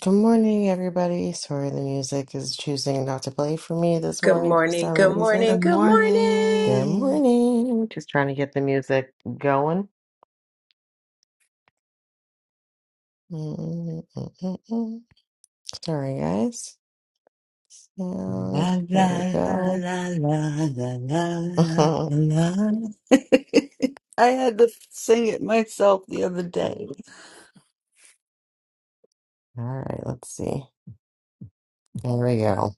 Good morning, everybody. Sorry, the music is choosing not to play for me this Good morning for morning, some good reason. morning, Good good morning. Good morning. morning. Just trying to get the music going. Mm-mm-mm-mm. Sorry, guys. And La there la we la go. la la la la la. All la. I had to sing it myself the other day. right, let's see. There we go.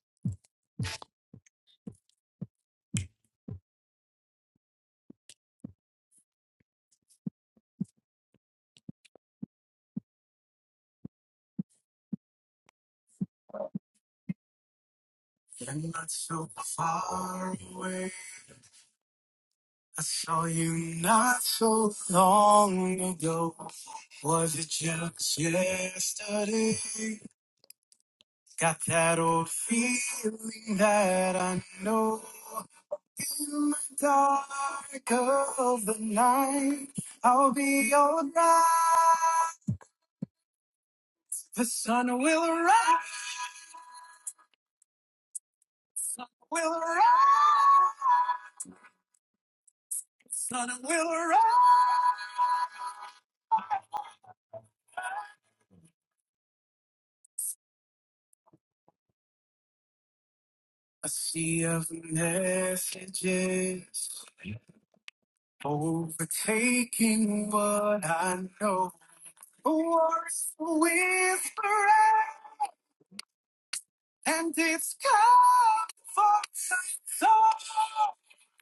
You're not so far away. I saw you not so long ago. Was it just yesterday? Got that old feeling that I know in the dark of the night I'll be alright. The sun will rise, sun will rise, sun will rise. A sea of messages overtaking what I know. A war is a whisper And it's come for thought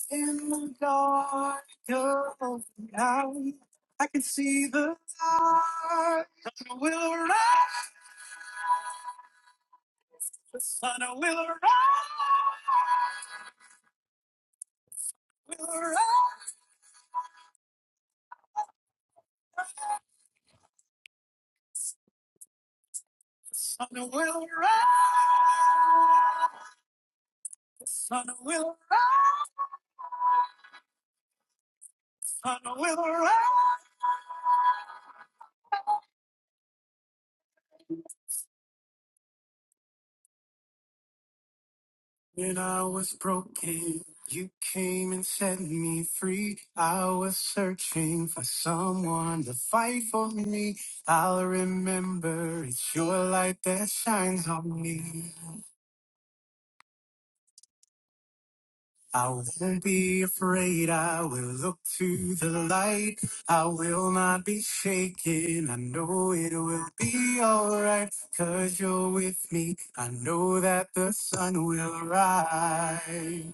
in the dark of the night. I can see the light. The sun will rise. The sun will rise. Will rise. The sun will rise. The sun will rise. The sun will rise. When I was broken, you came and set me free. I was searching for someone to fight for me. I'll remember it's your light that shines on me. I won't be afraid. I will look to the light. I will not be shaken. I know it will be alright you you're with me. I know that the sun will rise.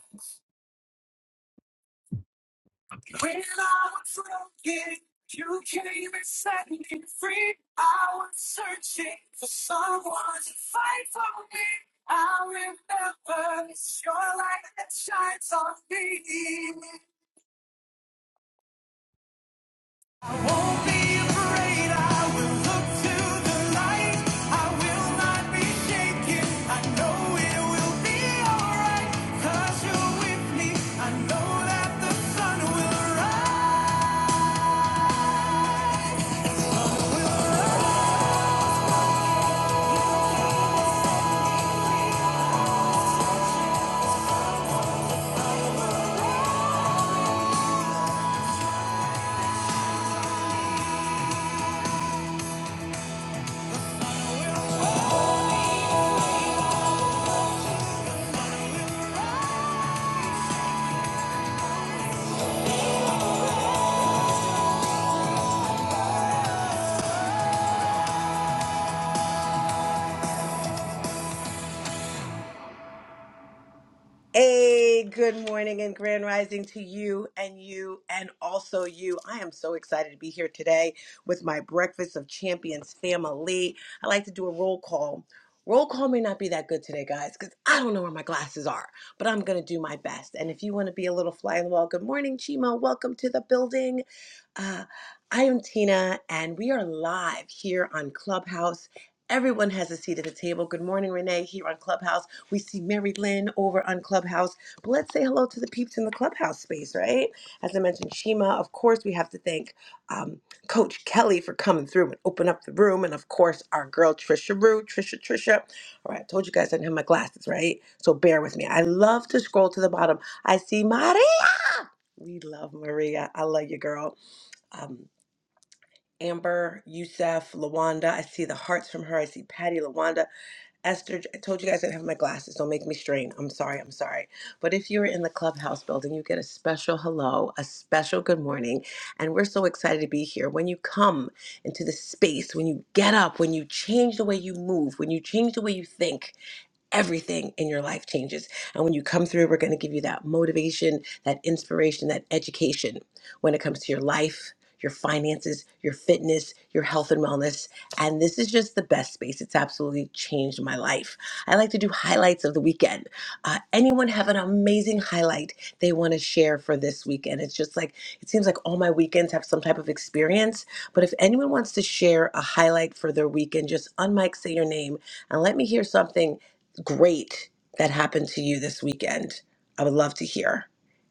When I was broken, you came and set me free. I was searching for someone to fight for me. I remember it's your light that shines on me. I won't be afraid. I will look to the light. I will not be shaken. I know it will be alright. you you're with me. I know that the sun will rise. Hey, good morning and grand rising to you and you and also you. I am so excited to be here today with my Breakfast of Champions family. I like to do a roll call. Roll call may not be that good today, guys, because I don't know where my glasses are, but I'm going to do my best. And if you want to be a little fly on the wall, good morning, Chima. Welcome to the building. Uh, I am Tina, and we are live here on Clubhouse. Everyone has a seat at the table. Good morning, Renee, here on Clubhouse. We see Mary Lynn over on Clubhouse. But let's say hello to the peeps in the Clubhouse space, right? As I mentioned, Shima, of course, we have to thank um, Coach Kelly for coming through and open up the room. And of course, our girl, Trisha Rue, Trisha, Trisha. All right, I told you guys I didn't have my glasses, right? So bear with me. I love to scroll to the bottom. I see Maria. We love Maria. I love you, girl. Um, Amber, Youssef, Lawanda. I see the hearts from her. I see Patty, Lawanda. Esther, I told you guys I didn't have my glasses. Don't make me strain. I'm sorry. I'm sorry. But if you're in the clubhouse building, you get a special hello, a special good morning. And we're so excited to be here. When you come into the space, when you get up, when you change the way you move, when you change the way you think, everything in your life changes. And when you come through, we're going to give you that motivation, that inspiration, that education when it comes to your life, your finances, your fitness, your health and wellness. And this is just the best space. It's absolutely changed my life. I like to do highlights of the weekend. Uh, anyone have an amazing highlight they want to share for this weekend? It's just like, it seems like all my weekends have some type of experience. But if anyone wants to share a highlight for their weekend, just unmic, say your name, and let me hear something great that happened to you this weekend. I would love to hear.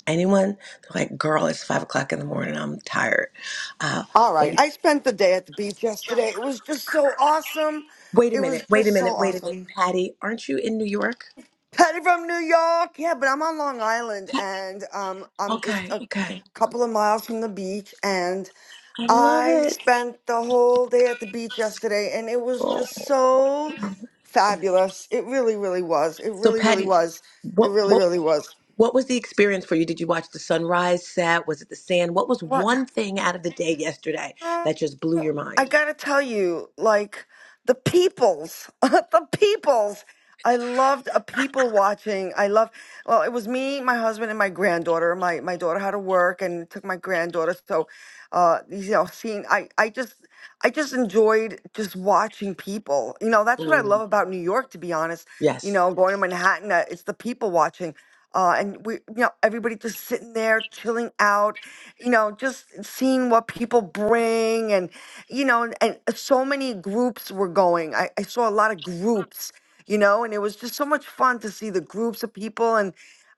Anyone? They're like, girl, it's five o'clock in the morning. I'm tired. Uh, All right. wait, I spent the day at the beach yesterday. It was just so awesome. wait a It was minute. Wait a just minute. so Wait a minute. awesome. Patty, aren't you in New York? Patty from New York. Yeah, but I'm on Long Island Pat- and um, I'm just okay. a Okay. couple of miles from the beach. And I love I it. spent the whole day at the beach yesterday and it was Oh. just so fabulous. It really, really was. It So, really, really Patty, was. It what, really, what, really was. what was the experience for you? Did you watch the sunrise set? Was it the sand? What was What? one thing out of the day yesterday that just blew your I mind? gotta tell you, like the peoples, the peoples. I loved a people watching. I love. Well, it was me, my husband, and my granddaughter. My my daughter had to work and took my granddaughter. So, uh, you know, seeing I I just I just enjoyed just watching people. You know, that's what I love Mm, about New York, to be honest. You Yes. know, going to Manhattan, uh, it's the people watching. Uh, and we, you know, everybody just sitting there, chilling out, you know, just seeing what people bring. And, you know, and, and so many groups were going. I, I saw a lot of groups, you know, and it was just so much fun to see the groups of people. And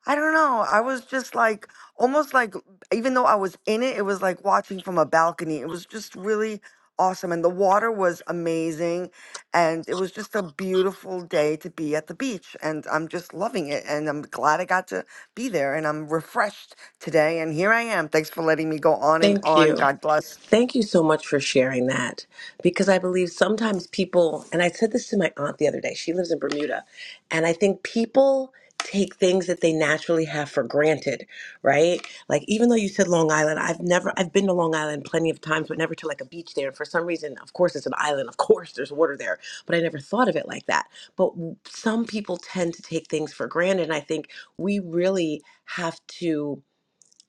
I don't know, I was just like, almost like, even though I was in it, it was like watching from a balcony. It was just really awesome and the water was amazing and it was just a beautiful day to be at the beach and I'm just loving it and I'm glad I got to be there and I'm refreshed today and here I am. Thanks for letting me go on and Thank on. you. God bless. Thank you so much for sharing that because I believe sometimes people, and I said this to my aunt the other day, she lives in Bermuda, and I think people take things that they naturally have for granted, right? Like, even though you said Long Island, I've never, I've been to Long Island plenty of times, but never to like a beach there. And for some reason, of course, it's an island, of course, there's water there, but I never thought of it like that. But w- some people tend to take things for granted, and I think we really have to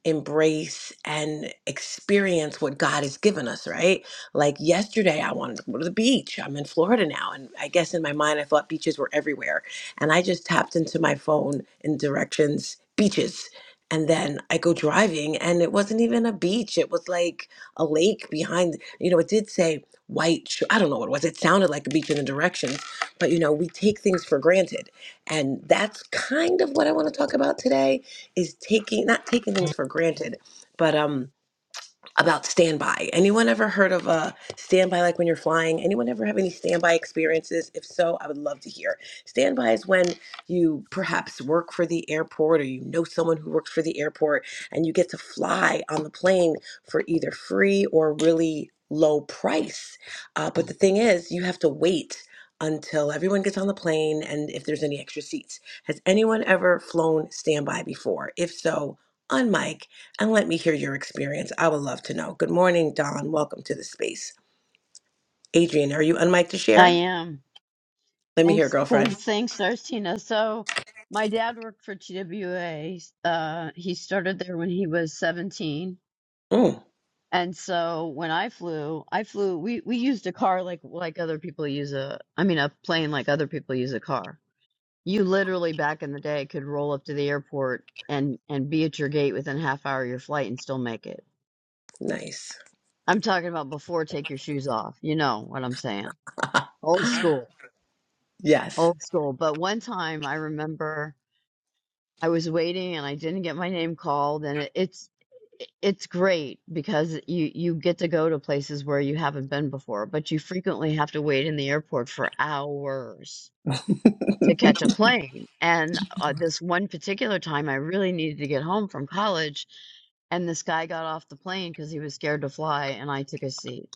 embrace and experience what God has given us, right? Like yesterday, I wanted to go to the beach. I'm in Florida now. And I guess in my mind, I thought beaches were everywhere. And I just tapped into my phone in directions, beaches. And then I go driving, and it wasn't even a beach. It was like a lake behind, you know, it did say white. sh- I don't know what it was. It sounded like a beach in the directions, but you know, we take things for granted. And that's kind of what I want to talk about today is taking not taking things for granted, but um about standby. Anyone ever heard of a standby like when you're flying? Anyone ever have any standby experiences? If so, I would love to hear. Standby is when you perhaps work for the airport or you know someone who works for the airport and you get to fly on the plane for either free or really low price. Uh, but the thing is, you have to wait until everyone gets on the plane and if there's any extra seats. Has anyone ever flown standby before? If so, on mic and let me hear your experience. I would love to know. Good morning, Don. Welcome to the space. Adrian, are you unmiked to I share? am. Let me hear, Thanks, girlfriend. thanks, thanks, Arcina. So, my dad worked for TWA. Uh, he started there when he was 17. Mm, And so when I flew, I flew, we, we used a car like like other people use a, I mean, a plane like other people use a car. You literally back in the day could roll up to the airport and and be at your gate within a half hour of your flight and still make it. nice. I'm talking about before take your shoes off. You know what I'm saying. Old school, yes, old school. But one time I remember. I was waiting and I didn't get my name called and it, it's it's great because you you get to go to places where you haven't been before, but you frequently have to wait in the airport for hours to catch a plane. And uh, this one particular time I really needed to get home from college and this guy got off the plane cuz he was scared to fly and I took a seat.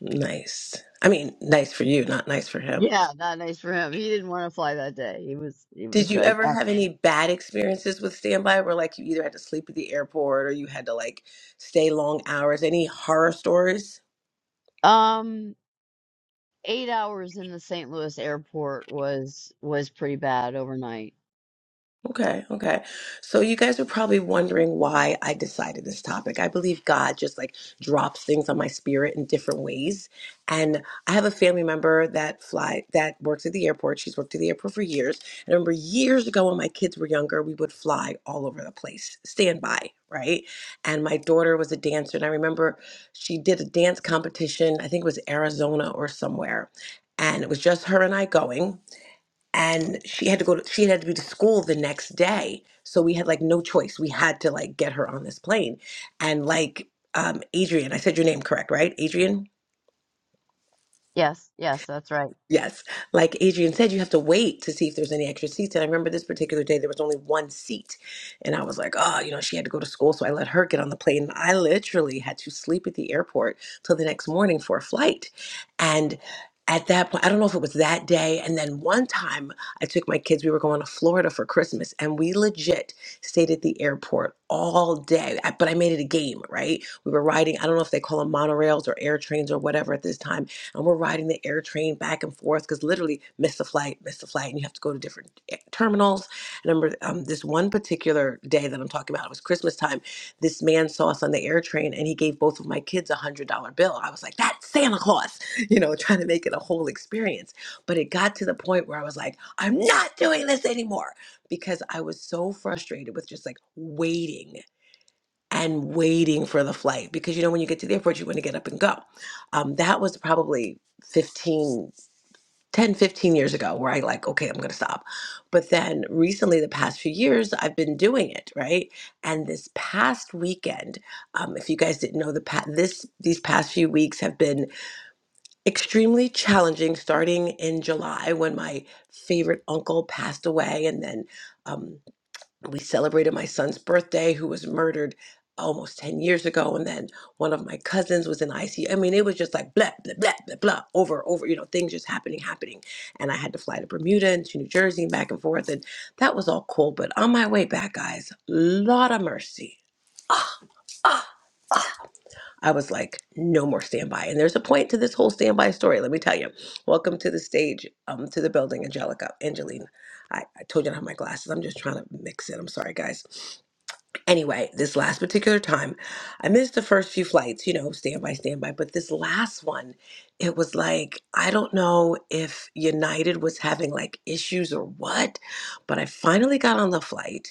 nice. I mean, nice for you, not nice for him. Yeah, not nice for him. He didn't want to fly that day. He was he Did was you like, ever have any bad experiences with standby where, like, you either had to sleep at the airport or you had to, like, stay long hours? Any horror stories? "Uh, um eight hours in the St. Louis airport was was pretty bad overnight. Okay, okay. So you guys are probably wondering why I decided this topic. I believe God just like drops things on my spirit in different ways. And I have a family member that fly that works at the airport. She's worked at the airport for years. And I remember years ago when my kids were younger, we would fly all over the place, standby, right? And my daughter was a dancer, and I remember she did a dance competition. I think it was Arizona or somewhere. And it was just her and I going and she had to go to she had to be to school the next day so we had like no choice we had to like get her on this plane and like um adrian i said your name correct right adrian Yes, yes, that's right. Yes. Like Adrian said, you have to wait to see if there's any extra seats. And I remember this particular day, there was only one seat. And I was like, oh, you know, she had to go to school. So I let her get on the plane. And I literally had to sleep at the airport till the next morning for a flight. And at that point, I don't know if it was that day. And then one time I took my kids, we were going to Florida for Christmas, and we legit stayed at the airport all day. I- But I made it a game, right? We were riding, I don't know if they call them monorails or air trains or whatever at this time and we're riding the air train back and forth because literally miss a flight, miss a flight, and you have to go to different eh, terminals. I remember um, this one particular day that I'm talking about, it was Christmas time. This man saw us on the air train and he gave both of my kids a one hundred dollar bill. I was like, that's Santa Claus, you know, trying to make it a whole experience. But it got to the point where I was like, I'm not doing this anymore because I was so frustrated with just like waiting and waiting for the flight because you know when you get to the airport you want to get up and go um, that was probably 15, 10, fifteen years ago where i like okay i'm going to stop but then recently the past few years i've been doing it right and this past weekend um, if you guys didn't know the pa- this these past few weeks have been extremely challenging starting in july when my favorite uncle passed away and then um, we celebrated my son's birthday who was murdered almost 10 years ago and then one of my cousins was in ICU. I mean it was just like blah blah blah blah blah over over you know things just happening happening and I had to fly to Bermuda and to New Jersey and back and forth and that was all cool but on my way back guys lot of mercy I was like no more standby and there's a point to this whole standby story let me tell you welcome to the stage um to the building Angelica Angeline I, I told you I don't have my glasses I'm just trying to mix it I'm sorry guys Anyway, this last particular time, I missed the first few flights, you know, standby, standby. But this last one, it was like, I don't know if United was having like issues or what, but I finally got on the flight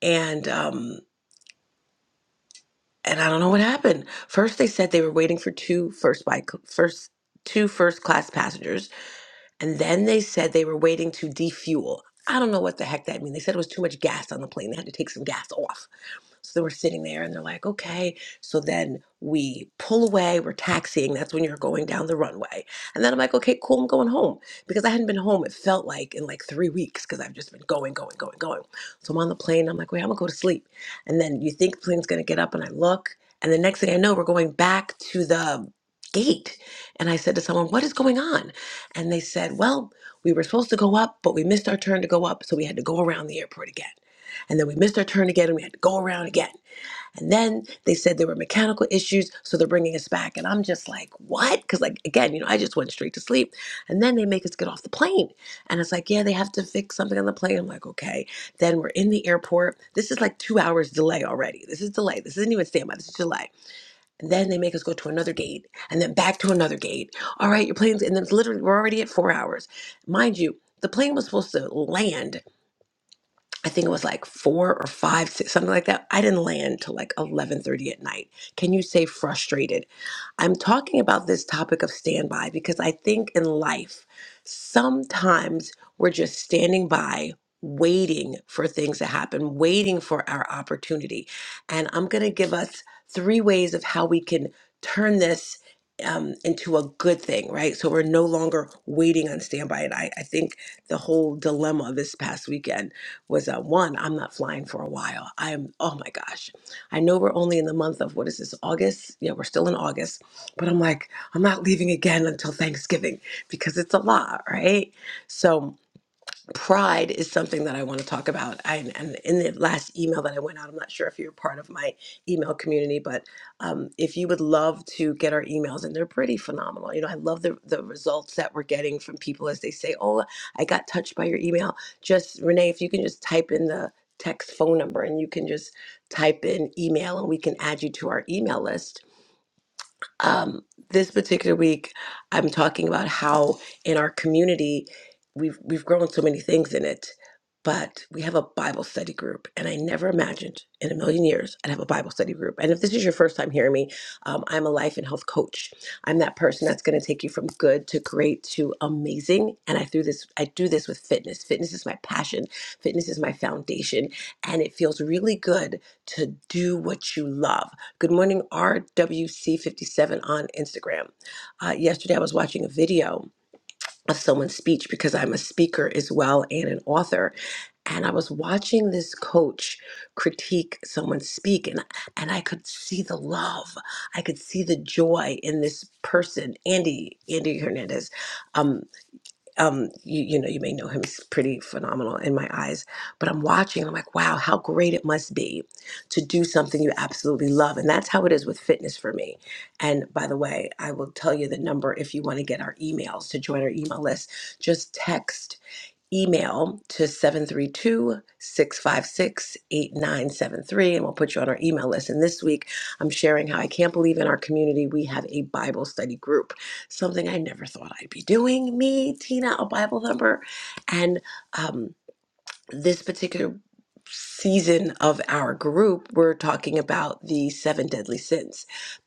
and, um, and I don't know what happened. First, they said they were waiting for two first by first two first class passengers, and then they said they were waiting to defuel. I don't know what the heck that means. They said it was too much gas on the plane. They had to take some gas off. So we're sitting there and they're like, okay. So then we pull away, we're taxiing. That's when you're going down the runway. And then I'm like, okay, cool, I'm going home. Because I hadn't been home, it felt like in like three weeks because I've just been going, going, going, going. So I'm on the plane. I'm like, wait, I'm going to go to sleep. And then you think the plane's going to get up and I look. And the next thing I know, we're going back to the gate. And I said to someone, what is going on? And they said, well, we were supposed to go up, but we missed our turn to go up. So we had to go around the airport again and then we missed our turn again and we had to go around again and then they said there were mechanical issues, so they're bringing us back. And I'm just like, what? Because, like, again, you know, I just went straight to sleep. And then they make us get off the plane. And it's like, yeah, they have to fix something on the plane. I'm like, okay. Then we're in the airport. This is like two hours delay already. This is delay. This isn't even standby. This is delay. And then they make us go to another gate and then back to another gate. All right, your plane's, and then it's literally, we're already at four hours. Mind you, the plane was supposed to land. I think it was like four or five, six, something like that. I didn't land till like eleven thirty at night. Can you say frustrated? I'm talking about this topic of standby because I think in life, sometimes we're just standing by, waiting for things to happen, waiting for our opportunity. And I'm going to give us three ways of how we can turn this. Um, into a good thing, right? So we're no longer waiting on standby. And I, I think the whole dilemma this past weekend was uh, one, I'm not flying for a while. I am, oh my gosh. I know we're only in the month of, what is this, August? Yeah, we're still in August. But I'm like, I'm not leaving again until Thanksgiving because it's a lot, right? So, pride is something that I want to talk about. I, and in the last email that I went out, I'm not sure if you're part of my email community, but um, if you would love to get our emails, and they're pretty phenomenal. You know, I love the, the results that we're getting from people as they say, Oh, I got touched by your email. Just, Renee, if you can just type in the text phone number and you can just type in email and we can add you to our email list um, this particular week, I'm talking about how in our community we've we've grown so many things in it, but we have a Bible study group, and I never imagined in a million years I'd have a Bible study group. And if this is your first time hearing me, um, I'm a life and health coach. I'm that person that's going to take you from good to great to amazing. And I threw this, I do this with fitness. Fitness is my passion. Fitness is my foundation, and it feels really good to do what you love. Good morning, RWC57 on Instagram. Uh, yesterday, I was watching a video of someone's speech because I'm a speaker as well and an author. And I was watching this coach critique someone speak, and, and I could see the love. I could see the joy in this person, Andy, Andy Hernandez. Um, um, you, you know, you may know him. He's pretty phenomenal in my eyes. But I'm watching. and I'm like, wow, how great it must be to do something you absolutely love. And that's how it is with fitness for me. And by the way, I will tell you the number if you want to get our emails to join our email list. Just text email to seven three two six five six eight nine seven three, and we'll put you on our email list and this week i'm sharing how i can't believe in our community we have a bible study group something i never thought i'd be doing me tina a bible thumper and um, this particular season of our group, we're talking about the seven deadly sins.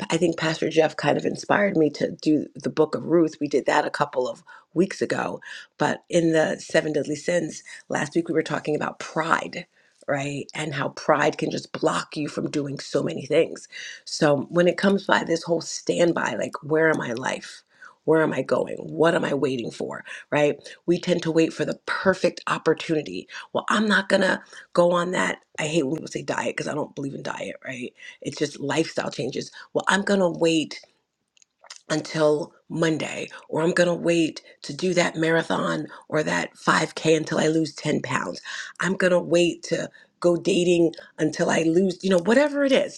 I think Pastor Jeff kind of inspired me to do the book of Ruth. We did that a couple of weeks ago. But in the seven deadly sins, last week we were talking about pride. Right, and how pride can just block you from doing so many things. So, when it comes by this whole standby, like, where am I life? Where am I going? What am I waiting for? Right? We tend to wait for the perfect opportunity well, I'm not gonna go on that. I hate when people say diet because I don't believe in diet, right? It's just lifestyle changes. Well, I'm gonna wait until Monday, or I'm gonna wait to do that marathon or that 5K until I lose 10 pounds. I'm gonna wait to go dating until I lose, you know, whatever it is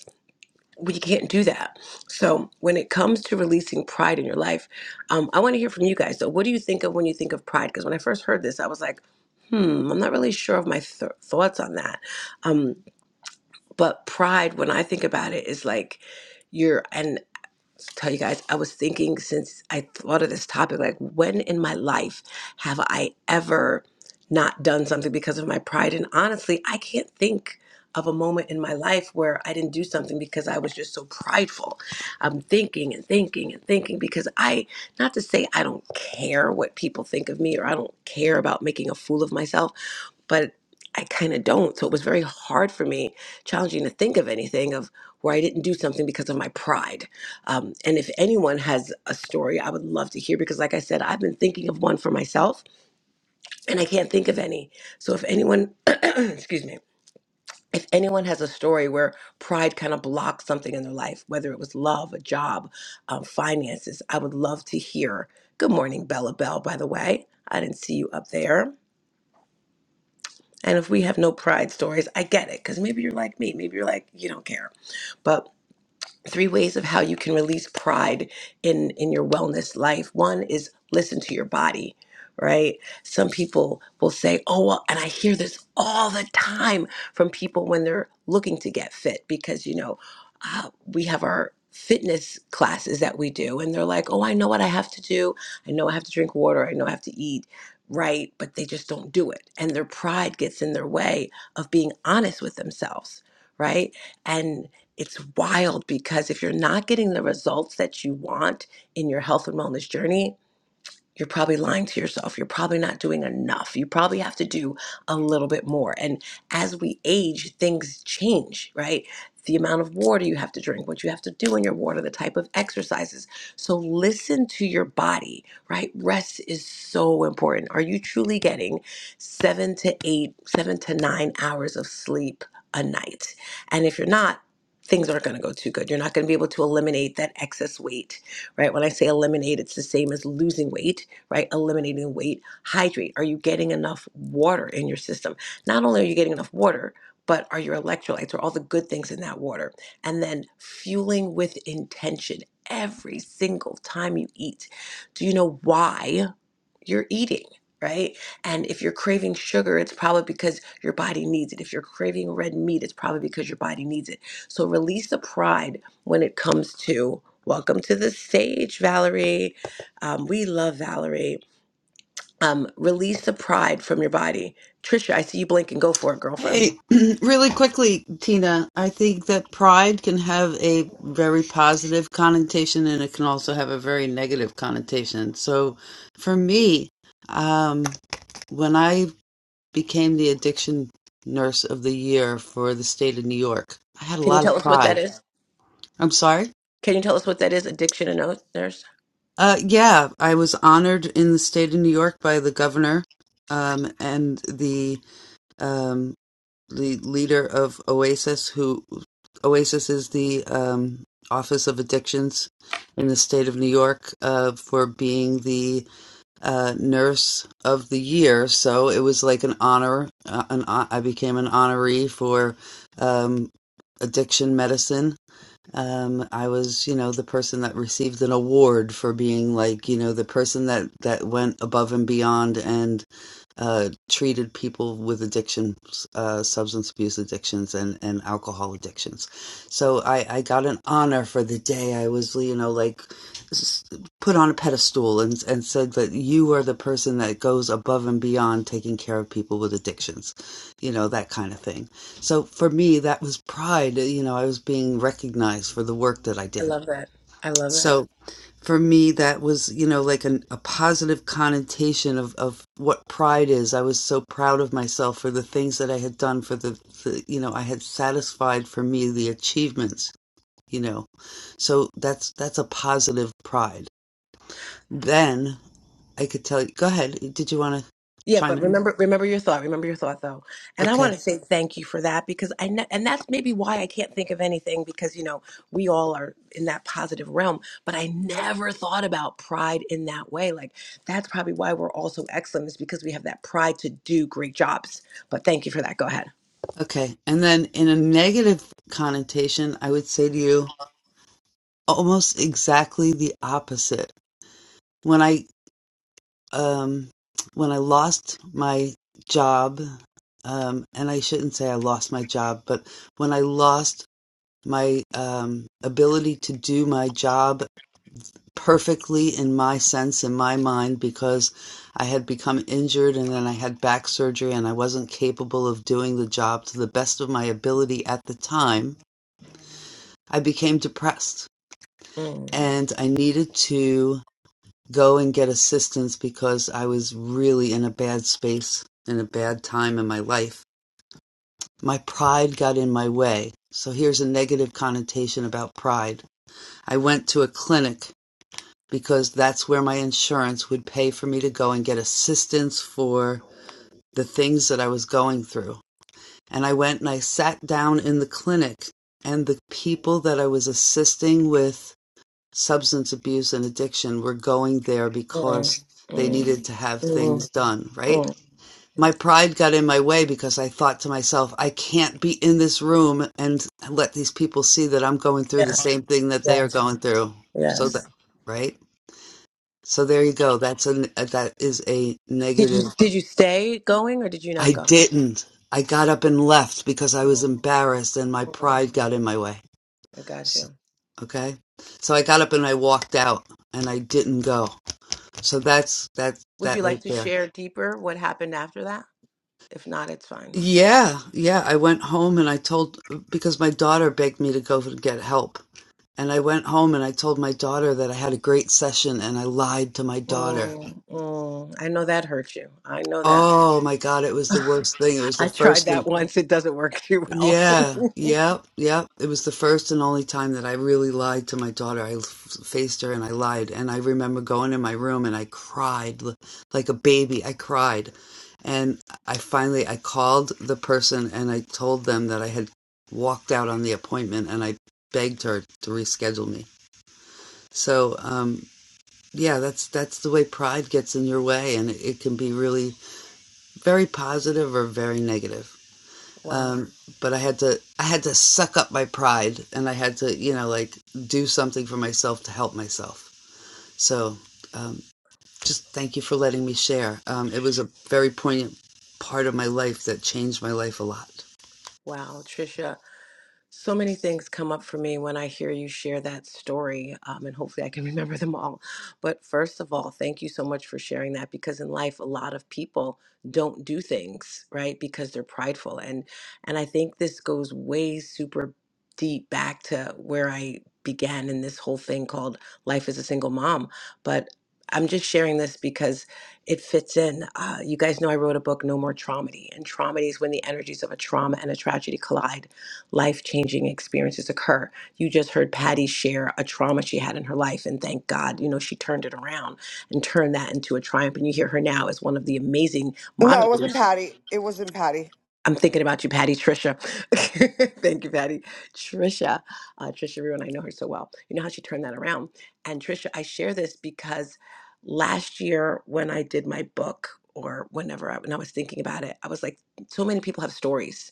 we can't do that. So when it comes to releasing pride in your life, um, I want to hear from you guys. So what do you think of when you think of pride? Because when I first heard this, I was like, hmm, I'm not really sure of my th- thoughts on that. Um, but pride, when I think about it, is like you're tell you guys, I was thinking since I thought of this topic, like when in my life have I ever not done something because of my pride? And honestly, I can't think of a moment in my life where I didn't do something because I was just so prideful. I'm thinking and thinking and thinking because I, not to say I don't care what people think of me or I don't care about making a fool of myself, but I kind of don't. So it was very hard for me, challenging to think of anything of where I didn't do something because of my pride. Um, and if anyone has a story, I would love to hear because, like I said, I've been thinking of one for myself and I can't think of any. So if anyone, excuse me, if anyone has a story where pride kind of blocked something in their life, whether it was love, a job, um, finances, I would love to hear. Good morning, Bella Bell, by the way. I didn't see you up there. And if we have no pride stories, I get it because maybe you're like me. Maybe you're like, you don't care. but. three ways of how you can release pride in in your wellness life one is listen to your body right some people will say oh well and i hear this all the time from people when they're looking to get fit because you know uh, we have our fitness classes that we do and they're like oh i know what i have to do i know i have to drink water i know i have to eat right but they just don't do it and their pride gets in their way of being honest with themselves right and it's wild because if you're not getting the results that you want in your health and wellness journey, you're probably lying to yourself. You're probably not doing enough. You probably have to do a little bit more. And as we age, things change, right? The amount of water you have to drink, what you have to do in your water, the type of exercises. So listen to your body, right? Rest is so important. Are you truly getting seven to eight, seven to nine hours of sleep a night? And if you're not, things aren't going to go too good. You're not going to be able to eliminate that excess weight right? When I say eliminate, it's the same as losing weight right? Eliminating weight, hydrate. Are you getting enough water in your system? Not only are you getting enough water, but are your electrolytes or all the good things in that water? And then fueling with intention every single time you eat. Do you know why you're eating? Right? And if you're craving sugar, it's probably because your body needs it. If you're craving red meat, it's probably because your body needs it. So release the pride when it comes to welcome to the stage, Valerie. Um, we love Valerie um, release the pride from your body. Trisha, I see you blink and go for it, girlfriend. Hey, really quickly, Tina, I think that pride can have a very positive connotation and it can also have a very negative connotation. So for me, um, when I became the addiction nurse of the year for the state of New York, I had a Can you lot tell of us what that pride is? I'm sorry. Can you tell us what that is? Addiction and oath, nurse. Uh, yeah, I was honored in the state of New York by the governor, um, and the um, the leader of Oasis, who Oasis is the um, Office of Addictions in the state of New York, uh, for being the uh, nurse of the year. So it was like an honor. Uh, an, hon- I became an honoree for um, addiction medicine Um, I was, you know, the person that received an award for being like, you know, the person that that went above and beyond and uh, treated people with addictions, uh, substance abuse addictions, and, and alcohol addictions. So I, I got an honor for the day I was, you know, like s- put on a pedestal and, and said that you are the person that goes above and beyond taking care of people with addictions, you know, that kind of thing. So for me, that was pride. You know, I was being recognized for the work that I I did. love that. I love that. So, for me that was you know like an, a positive connotation of, of what pride is i was so proud of myself for the things that i had done for the, the you know i had satisfied for me the achievements you know so that's that's a positive pride then i could tell you go ahead did you want to Yeah, chime but in remember, remember your thought. Remember your thought, though. And I okay want to say thank you for that because I know, and that's maybe why I can't think of anything because you know we all are in that positive realm. But I never thought about pride in that way. Like that's probably why we're all so excellent is because we have that pride to do great jobs. But thank you for that. Go ahead. okay and then in a negative connotation i would say to you almost exactly the opposite When I um, when I lost my job, um, and I shouldn't say I lost my job, but when I lost my um, ability to do my job perfectly in my sense, in my mind, because I had become injured and then I had back surgery and I wasn't capable of doing the job to the best of my ability at the time, I became depressed Mm, and I needed to. go and get assistance because I was really in a bad space in a bad time in my life. My pride got in my way. So here's a negative connotation about pride. I went to a clinic because that's where my insurance would pay for me to go and get assistance for the things that I was going through. And I went and I sat down in the clinic and the people that I was assisting with substance abuse and addiction were going there mm, because they mm, needed to have mm, things done, right? mm. My pride got in my way because I thought to myself, I can't be in this room and let these people see that I'm going through the Yes, same thing that they are yes, going through. So that, yes. right? So there you go. That's a that is a Did you negative. did you stay going or did you not I go? didn't. I got up and left because I was Mm, embarrassed and my mm. pride got in my way. I got you. Okay? So I got up and I walked out and I didn't go. So that's that Would that you like right to there. share deeper what happened after that? If not, it's fine. Yeah, yeah. I went home and I told because my daughter begged me to go and get help. And I went home and I told my daughter that I had a great session and I lied to my daughter. Mm, mm, I know that hurt you. I know that. Oh my God, it was the worst thing. It was the I tried first. that once. It doesn't work too well. Yeah, yeah, yeah. It was the first and only time that I really lied to my daughter. I f- faced her and I lied. And I remember going in my room and I cried l- like a baby. I cried. And I finally I called the person and I told them that I had walked out on the appointment and I begged her to reschedule me. So, um yeah, that's that's the way pride gets in your way and it, it can be really very positive or very negative Wow. um, but I had to I had to suck up my pride and I had to you know like do something for myself to help myself. So um, just thank you for letting me share. Um, it was a very poignant part of my life that changed my life a lot. Wow. Trisha, So many things come up for me when I hear you share that story, um, and hopefully I can remember them all. But first of all, thank you so much for sharing that because in life, a lot of people don't do things right because they're prideful, and and I think this goes way super deep back to where I began in this whole thing called life as a single mom. But I'm just sharing this because it fits in. Uh, you guys know I wrote a book, No More Traumedy, and traumedy is when the energies of a trauma and a tragedy collide life changing experiences occur. You just heard Patty share a trauma she had in her life, and thank God, you know, she turned it around and turned that into a triumph. And you hear her now as one of the amazing No, it wasn't moderators. Patty. It wasn't Patty. I'm thinking about you, Patty, Trisha. thank you, Patty. Trisha, uh, Trisha, everyone, I know her so well. You know how she turned that around. And Trisha, I share this because last year when I did my book, or whenever I, when I was thinking about it, I was like, so many people have stories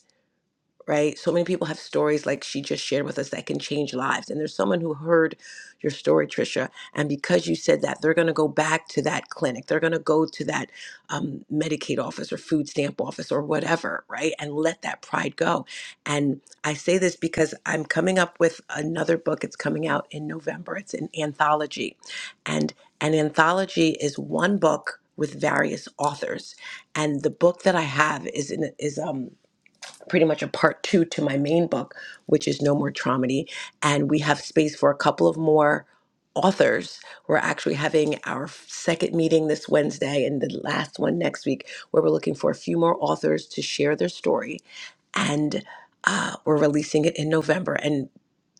right? So many people have stories like she just shared with us that can change lives. And there's someone who heard your story, Trisha, and because you said that, they're going to go back to that clinic. They're going to go to that um, Medicaid office or food stamp office or whatever, right? And let that pride go. And I say this because I'm coming up with another book. It's coming out in November. It's an anthology, and an anthology is one book with various authors. And the book that I have is in is um pretty much a part two to my main book, which is No More Traumedy. And we have space for a couple of more authors. We're actually having our second meeting this Wednesday and the last one next week, where we're looking for a few more authors to share their story. And uh, we're releasing it in November. And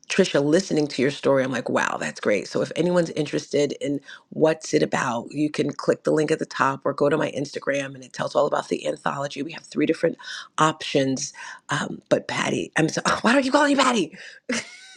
Trisha, listening to your story, I'm like, wow, that's great. So if anyone's interested in what's it about, you can click the link at the top or go to my Instagram and it tells all about the anthology. We have three different options. Um, but Patty, I'm so why don't you call me Patty?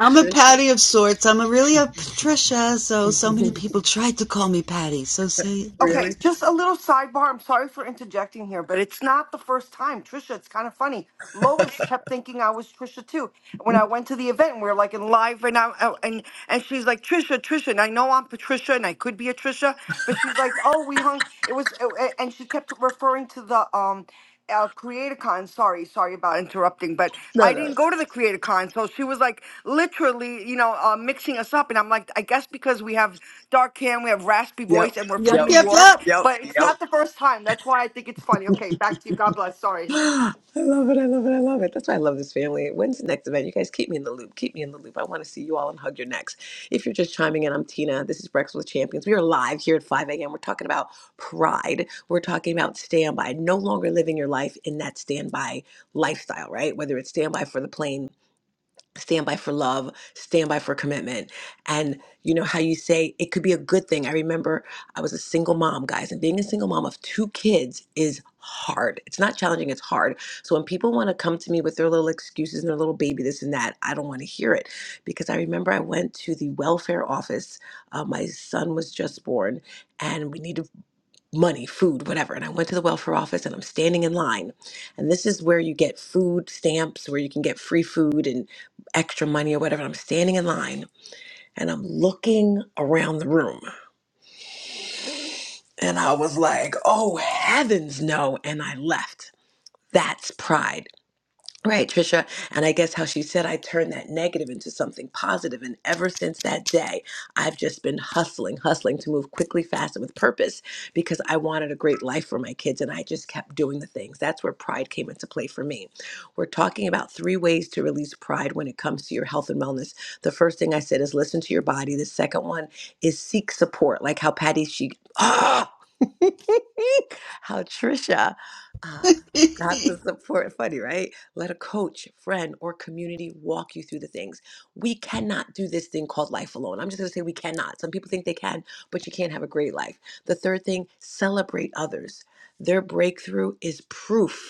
I'm a Patty of sorts. I'm a really a Patricia. So so many people tried to call me Patty. So say uh, Okay, really? just a little sidebar. I'm sorry for interjecting here, but it's not the first time. Trisha, it's kind of funny. Lois kept thinking I was Trisha too. When I went to the event, we were like in live, and I I- and and she's like Trisha, Trisha, and I know I'm Patricia, and I could be a Trisha, but she's like, oh, we hung. It was, uh, uh, and she kept referring to the um. Uh, CreatorCon, sorry, sorry about interrupting, but No, I no. didn't go to the CreatorCon, so she was like literally, you know, uh, mixing us up, and I'm like, I guess because we have dark hair and we have raspy Yep, voice and we're yep from yep, New yep York, yep. yep, but it's yep. not the first time. That's why I think it's funny. Okay, back to you. God bless. Sorry. I love it. I love it. I love it. That's why I love this family. When's the next event? You guys keep me in the loop. Keep me in the loop. I want to see you all and hug your necks. If you're just chiming in, I'm Tina. This is Breakfast with Champions. We are live here at 5 a.m. We're talking about pride. We're talking about standby, no longer living your life in that standby lifestyle, right? Whether it's standby for the plane, stand by for love stand by for commitment and you know how you say it could be a good thing i remember i was a single mom guys and being a single mom of two kids is hard it's not challenging it's hard so when people want to come to me with their little excuses and their little baby this and that i don't want to hear it because i remember i went to the welfare office uh, my son was just born and we needed money, food, whatever. And I went to the welfare office and I'm standing in line. And this is where you get food stamps, where you can get free food and extra money or whatever. And I'm standing in line and I'm looking around the room. And I was like, oh, heavens no. And I left. That's pride. Right, Trisha. And I guess how she said I turned that negative into something positive. And ever since that day, I've just been hustling, hustling to move quickly, fast, and with purpose because I wanted a great life for my kids. And I just kept doing the things. That's where pride came into play for me. We're talking about three ways to release pride when it comes to your health and wellness. The first thing I said is listen to your body. The second one is seek support, like how Patty, she, ah! How Trisha uh, got the support. Funny, right? Let a coach, friend, or community walk you through the things. We cannot do this thing called life alone. I'm just going to say we cannot. Some people think they can, but you can't have a great life. The third thing, celebrate others. Their breakthrough is proof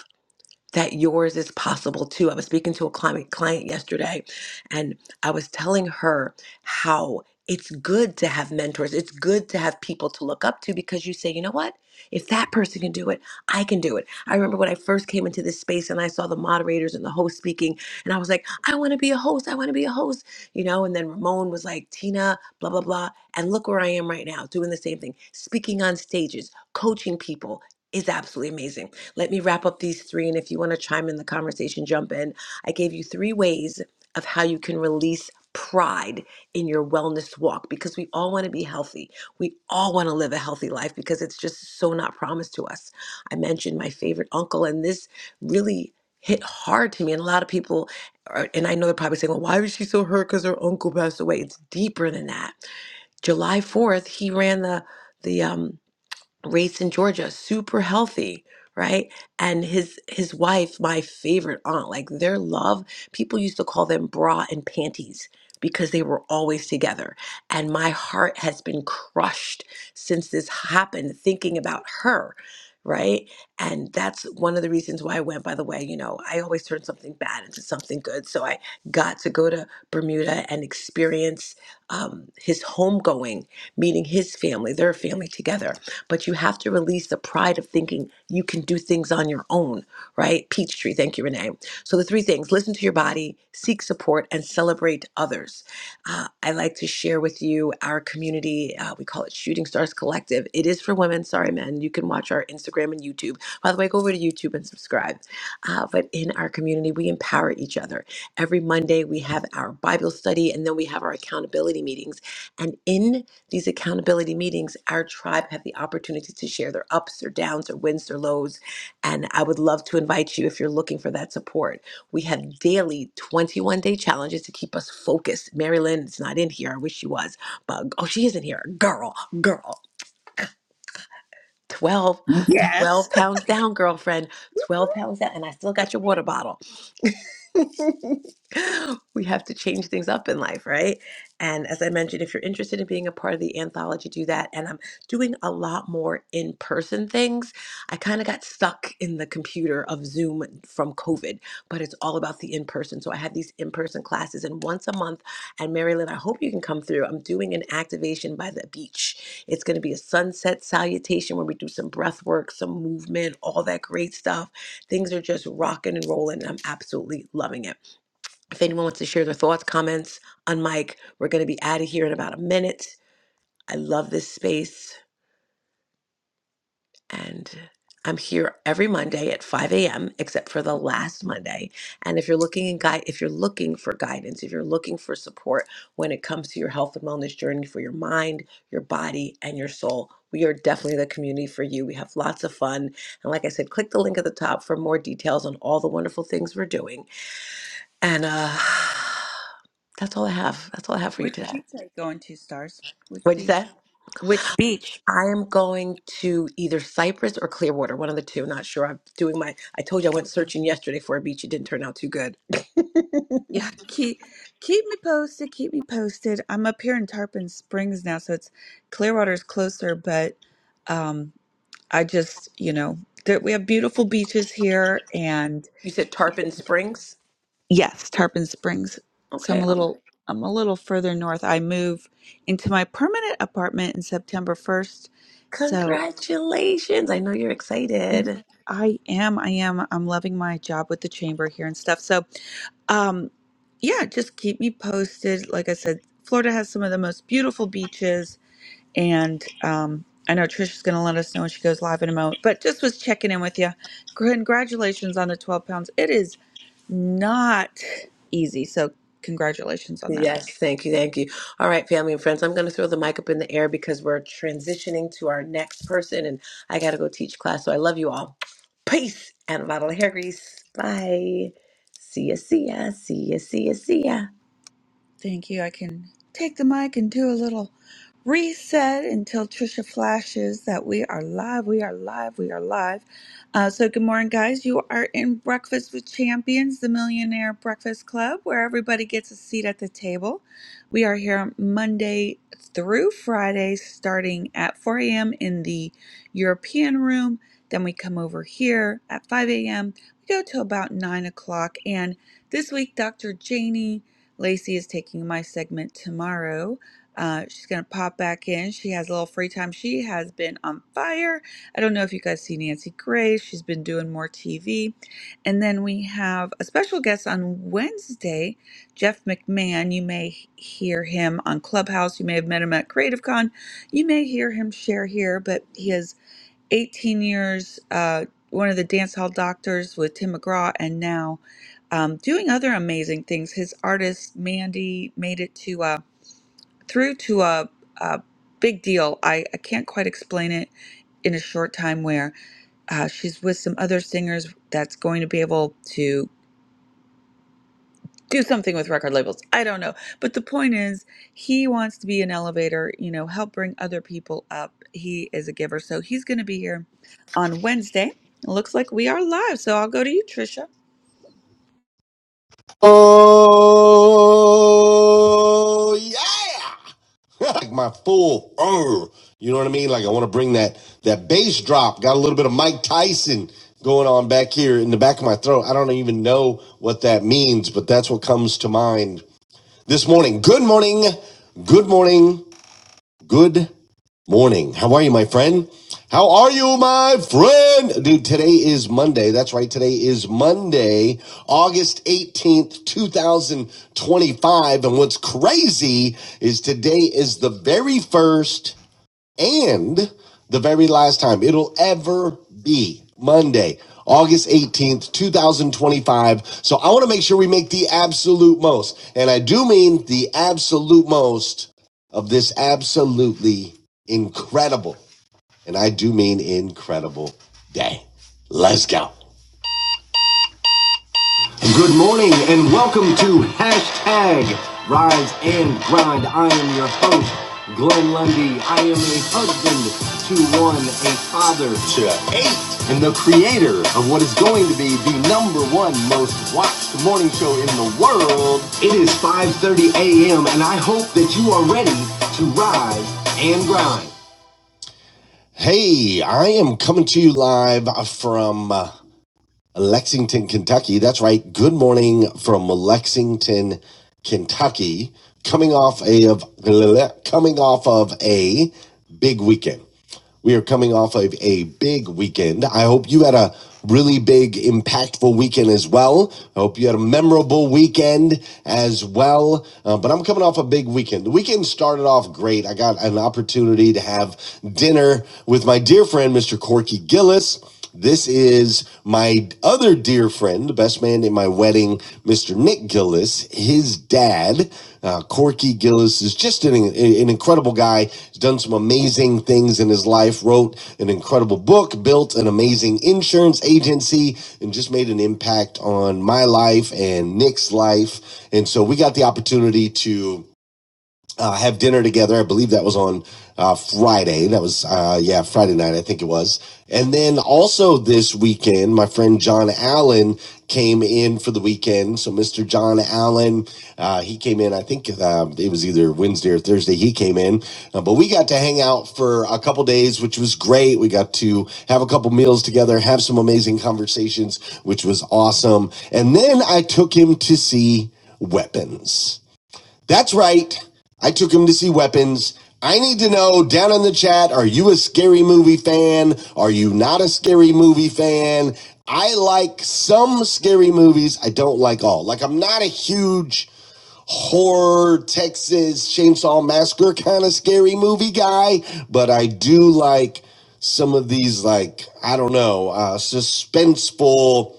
that yours is possible too. I was speaking to a client, client yesterday, and I was telling her how it's good to have mentors. It's good to have people to look up to because you say, you know what? If that person can do it, I can do it. I remember when I first came into this space and I saw the moderators and the host speaking, and I was like, I want to be a host. I want to be a host, you know. And then Ramon was like, Tina, blah blah blah, and look where I am right now, doing the same thing, speaking on stages, coaching people is absolutely amazing. Let me wrap up these three, and if you want to chime in the conversation, jump in. I gave you three ways of how you can release pride in your wellness walk because we all want to be healthy. We all want to live a healthy life because it's just so not promised to us. I mentioned my favorite uncle, and this really hit hard to me. And a lot of people, are, and I know they're probably saying, well, why was she so hurt because her uncle passed away? It's deeper than that. July 4th, he ran the the um raised in Georgia, super healthy, right? And his his wife, my favorite aunt, like their love, people used to call them bra and panties because they were always together. And my heart has been crushed since this happened thinking about her, right? And that's one of the reasons why I went, by the way, you know, I always turn something bad into something good. So I got to go to Bermuda and experience um, his homegoing, meeting his family, their family together but you have to release the pride of thinking you can do things on your own, right? Peachtree, thank you, Renee. So the three things listen to your body, seek support, and celebrate others. Uh, I like to share with you our community. Uh, we call it Shooting Stars Collective. It is for women, sorry, men. You can watch our Instagram and YouTube. By the way, go over to YouTube and subscribe. Uh, but in our community, we empower each other. Every Monday, we have our Bible study and then we have our accountability meetings. And in these accountability meetings, our tribe have the opportunity to share their ups or downs or wins or lows. And I would love to invite you if you're looking for that support. We have daily 21 day challenges to keep us focused. Mary Lynn is not in here. I wish she was, but oh, she is in here. Girl, girl. 12, 12 Yes. pounds down, girlfriend. 12 pounds down. And I still got your water bottle. we have to change things up in life, right? And as I mentioned, if you're interested in being a part of the anthology, do that. And I'm doing a lot more in person things. I kind of got stuck in the computer of Zoom from COVID, but it's all about the in person. So I have these in person classes, and once a month, and Mary Lynn, I hope you can come through. I'm doing an activation by the beach. It's going to be a sunset salutation where we do some breath work, some movement, all that great stuff Things are just rocking and rolling, and I'm absolutely loving it. If anyone wants to share their thoughts, comments on Mike, we're going to be out of here in about a minute. I love this space, and I'm here every Monday at 5 a.m. except for the last Monday. And if you're looking in guide, if you're looking for guidance, if you're looking for support when it comes to your health and wellness journey for your mind, your body, and your soul, we are definitely the community for you. We have lots of fun. And like I said, click the link at the top for more details on all the wonderful things we're doing. And uh, that's all I have. That's all I have for you Which today. beach are you going to, Stars? Which What'd you beach? say? Which beach? I am going to either Cyprus or Clearwater, one of the two. Not sure. I'm doing my. I told you I Okay. went searching yesterday for a beach. It didn't turn out too good. Yeah, keep keep me posted. Keep me posted. I'm up here in Tarpon Springs now, so it's Clearwater's closer, but um, I just you know there, we have beautiful beaches here, and you said Tarpon Springs. yes, Tarpon Springs. So I'm Okay. a little I'm a little further north. I move into my permanent apartment in September 1st, so Congratulations. I know you're Mhm. excited. I am. I am. I'm loving my job with the chamber here and stuff. So, um, yeah, just keep me posted. Like I said, Florida has some of the most beautiful beaches, and um, I know Trisha's going to let us know when she goes live in a moment. But just was checking in with you. Congratulations on the 12 pounds. It is not easy. So, congratulations on that. Yes, thank you, thank you. All right, family and friends, I'm going to throw the mic up in the air because we're transitioning to our next person, and I got to go teach class. So I love you all. Peace and a bottle of hair grease. Bye. See ya, see ya, see ya, see ya, see ya. Thank you. I can take the mic and do a little reset until Trisha flashes that we are live. We are live. We are live. Uh, so, good morning, guys. You are in Breakfast with Champions, the Millionaire Breakfast Club, where everybody gets a seat at the table. We are here Monday through Friday, starting at 4 a.m. in the European room. Then we come over here at 5 a.m. We go till about 9 o'clock. And this week, Dr. Janie. Lacey is taking my segment tomorrow. Uh, she's going to pop back in. She has a little free time. She has been on fire. I don't know if you guys see Nancy Grace. She's been doing more TV. And then we have a special guest on Wednesday, Jeff McMahon. You may hear him on Clubhouse. You may have met him at Creative Con. You may hear him share here, but he is. 18 years, uh, one of the dance hall doctors with Tim McGraw, and now um, doing other amazing things. His artist Mandy made it to a, through to a, a big deal. I, I can't quite explain it in a short time where uh, she's with some other singers that's going to be able to do something with record labels. I don't know. But the point is, he wants to be an elevator, you know, help bring other people up. He is a giver. So he's going to be here on Wednesday. It looks like we are live. So I'll go to you, Trisha. Oh yeah! like my full, uh, you know what I mean? Like I want to bring that that bass drop. Got a little bit of Mike Tyson going on back here in the back of my throat. I don't even know what that means, but that's what comes to mind this morning. Good morning, good morning. Good morning. How are you, my friend? How are you, my friend? Dude, today is Monday. That's right. Today is Monday, August 18th, 2025. And what's crazy is today is the very first and the very last time it'll ever be Monday, August 18th, 2025. So I want to make sure we make the absolute most, and I do mean the absolute most of this absolutely incredible, and I do mean incredible day. Let's go. Good morning and welcome to hashtag Rise and Grind. I am your host, Glenn Lundy. I am a husband to one, a father to eight, and the creator of what is going to be the number one most watched morning show in the world. It is 5.30 a.m. and I hope that you are ready to rise and grind. Hey, I am coming to you live from Uh, Lexington, Kentucky. That's right. Good morning from Lexington, Kentucky. Coming off a of coming off of a big weekend. We are coming off of a big weekend. I hope you had a really big, impactful weekend as well. I hope you had a memorable weekend as well. Uh, but I'm coming off a big weekend. The weekend started off great. I got an opportunity to have dinner with my dear friend, Mr. Corky Gillis. This is my other dear friend, the best man in my wedding, Mr. Nick Gillis. His dad, uh, Corky Gillis, is just an, an incredible guy. He's done some amazing things in his life, wrote an incredible book, built an amazing insurance agency, and just made an impact on my life and Nick's life. And so we got the opportunity to uh, have dinner together. I believe that was on uh, Friday. That was, uh, yeah, Friday night, I think it was. And then also this weekend, my friend John Allen came in for the weekend. So Mr. John Allen, uh, he came in, I think uh, it was either Wednesday or Thursday, he came in. Uh, but we got to hang out for a couple days, which was great. We got to have a couple meals together, have some amazing conversations, which was awesome. And then I took him to see weapons. That's right. I took him to see Weapons. I need to know down in the chat are you a scary movie fan? Are you not a scary movie fan? I like some scary movies, I don't like all. Like, I'm not a huge horror, Texas Chainsaw Massacre kind of scary movie guy, but I do like some of these, like, I don't know, uh, suspenseful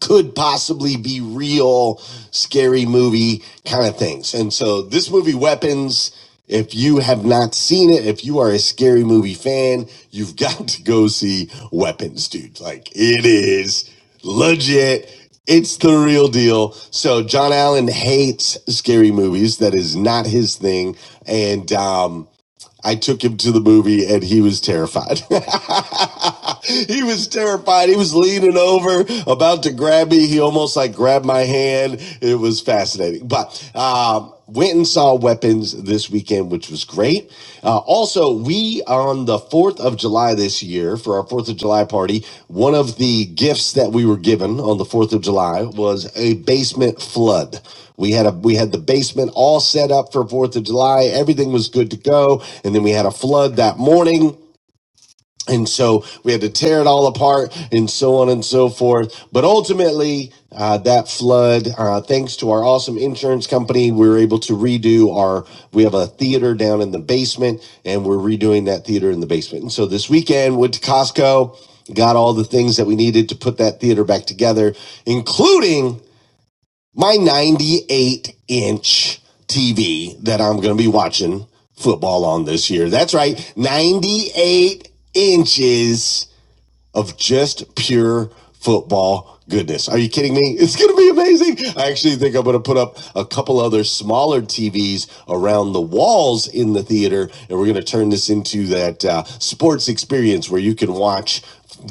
could possibly be real scary movie kind of things. And so this movie Weapons, if you have not seen it, if you are a scary movie fan, you've got to go see Weapons, dude. Like it is legit. It's the real deal. So John Allen hates scary movies. That is not his thing. And um I took him to the movie and he was terrified. he was terrified. He was leaning over, about to grab me. He almost like grabbed my hand. It was fascinating. But um, went and saw Weapons this weekend, which was great. Uh, also, we we on the 4th of July this year for our 4th of July party, one of the gifts that we were given on the 4th of July was a basement flood. We had a we had the basement all set up for 4th of July. Everything was good to go, and then we had a flood that morning and so we had to tear it all apart and so on and so forth but ultimately uh, that flood uh, thanks to our awesome insurance company we were able to redo our we have a theater down in the basement and we're redoing that theater in the basement and so this weekend went to costco got all the things that we needed to put that theater back together including my 98 inch TV that I'm going to be watching football on this year. That's right. 98 inches of just pure football goodness. Are you kidding me? It's going to be amazing. I actually think I'm going to put up a couple other smaller TVs around the walls in the theater, and we're going to turn this into that uh, sports experience where you can watch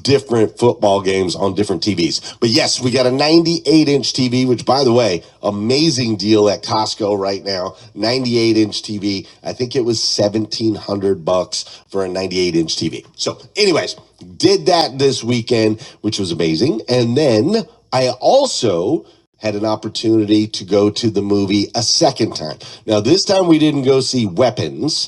different football games on different TVs. But yes, we got a 98 inch TV, which by the way, way, amazing deal at Costco right now. 98 inch TV. I think it was 1700 bucks for a 98 inch TV. So, anyways, did that this weekend, which was amazing. And then I also had an opportunity to go to the movie a second time. Now, this time we didn't go see Weapons.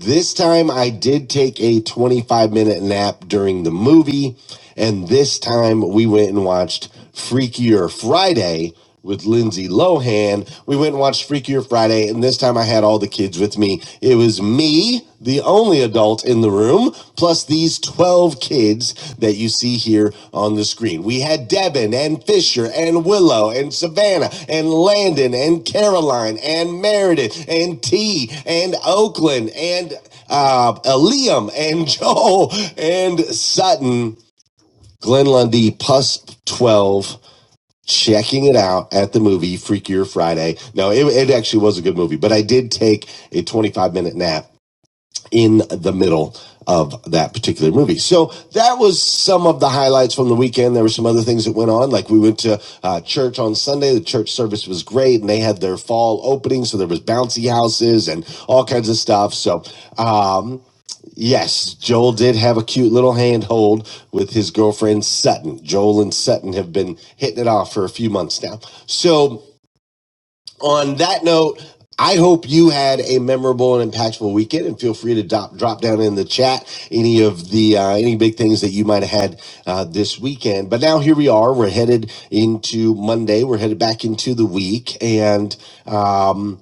This time I did take a 25 minute nap during the movie, and this time we went and watched Freakier Friday with Lindsay Lohan. We went and watched Freakier Friday, and this time I had all the kids with me. It was me, the only adult in the room plus these 12 kids that you see here on the screen. We had Devin and Fisher and Willow and Savannah and Landon and Caroline and Meredith and T and Oakland and uh, Liam and Joel and Sutton. Glenn Lundy plus 12 checking it out at the movie Freakier Friday. No, it, it actually was a good movie, but I did take a 25 minute nap in the middle of that particular movie. So that was some of the highlights from the weekend. There were some other things that went on. Like we went to uh, church on Sunday. The church service was great and they had their fall opening. So there was bouncy houses and all kinds of stuff. So, um, Yes, Joel did have a cute little handhold with his girlfriend Sutton. Joel and Sutton have been hitting it off for a few months now. So on that note, I hope you had a memorable and impactful weekend, and feel free to drop drop down in the chat any of the uh, any big things that you might have had uh, this weekend. But now here we are. We're headed into Monday. We're headed back into the week, and. Um,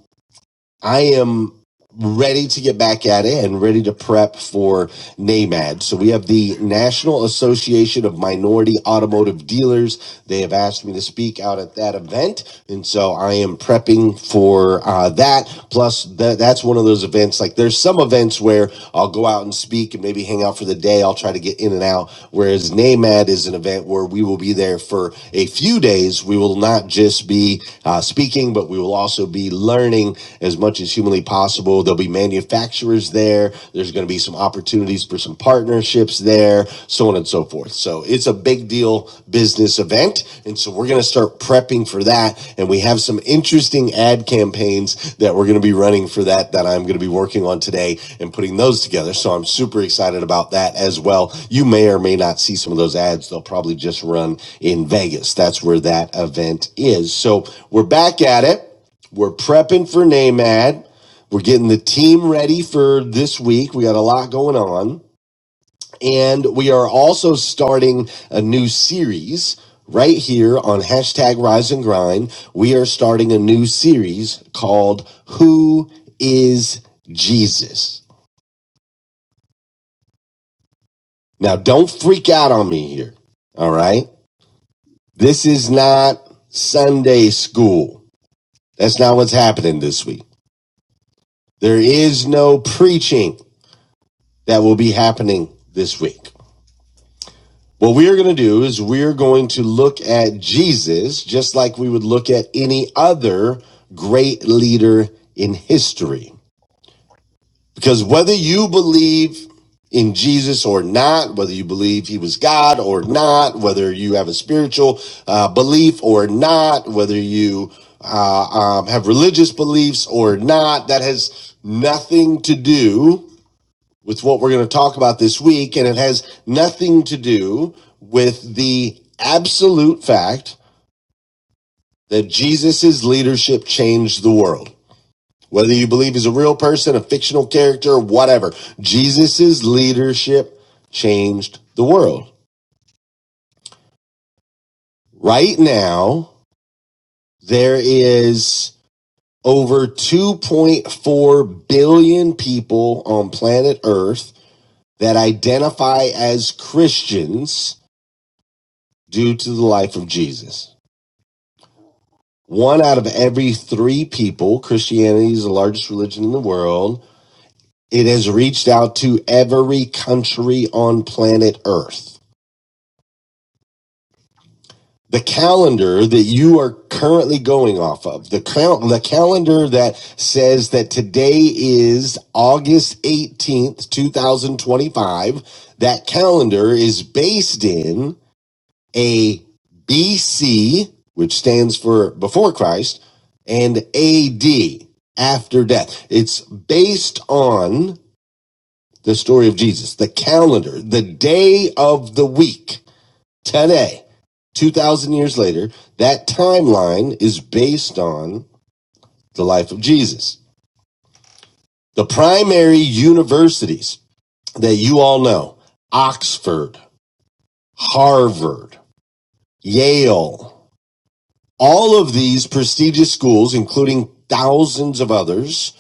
I am ready to get back at it and ready to prep for NAMAD. So we have the National Association of Minority Automotive Dealers. They have asked me to speak out at that event. And so I am prepping for uh, that. Plus tha- that's one of those events, like there's some events where I'll go out and speak and maybe hang out for the day. I'll try to get in and out. Whereas NAMAD is an event where we will be there for a few days. We will not just be uh, speaking, but we will also be learning as much as humanly possible. There'll be manufacturers there. There's going to be some opportunities for some partnerships there, so on and so forth. So it's a big deal business event. And so we're going to start prepping for that. And we have some interesting ad campaigns that we're going to be running for that, that I'm going to be working on today and putting those together. So I'm super excited about that as well. You may or may not see some of those ads. They'll probably just run in Vegas. That's where that event is. So we're back at it. We're prepping for NAMAD. We're getting the team ready for this week. We got a lot going on. And we are also starting a new series right here on hashtag Rise and Grind. We are starting a new series called Who is Jesus? Now, don't freak out on me here. All right. This is not Sunday school. That's not what's happening this week. There is no preaching. that will be happening this week. What we are going to do is we're going to look at Jesus just like we would look at any other great leader in history. Because whether you believe in Jesus or not, whether you believe he was God or not, whether you have a spiritual uh, belief or not, whether you uh, um, have religious beliefs or not, that has nothing to do with what we're going to talk about this week, and it has nothing to do with the absolute fact that Jesus's leadership changed the world. Whether you believe he's a real person, a fictional character, whatever, Jesus's leadership changed the world. Right now, there is over 2.4 billion people on planet Earth that identify as Christians due to the life of Jesus. One out of every three people, Christianity is the largest religion in the world. It has reached out to every country on planet Earth. The calendar that you are currently going off of, the, cal- the calendar that says that today is August 18th, 2025, that calendar is based in A B C, which stands for before Christ, and AD, after death. It's based on the story of Jesus, the calendar, the day of the week, today, 2,000 years later. That timeline is based on the life of Jesus. The primary universities that you all know Oxford, Harvard, Yale, All of these prestigious schools, including thousands of others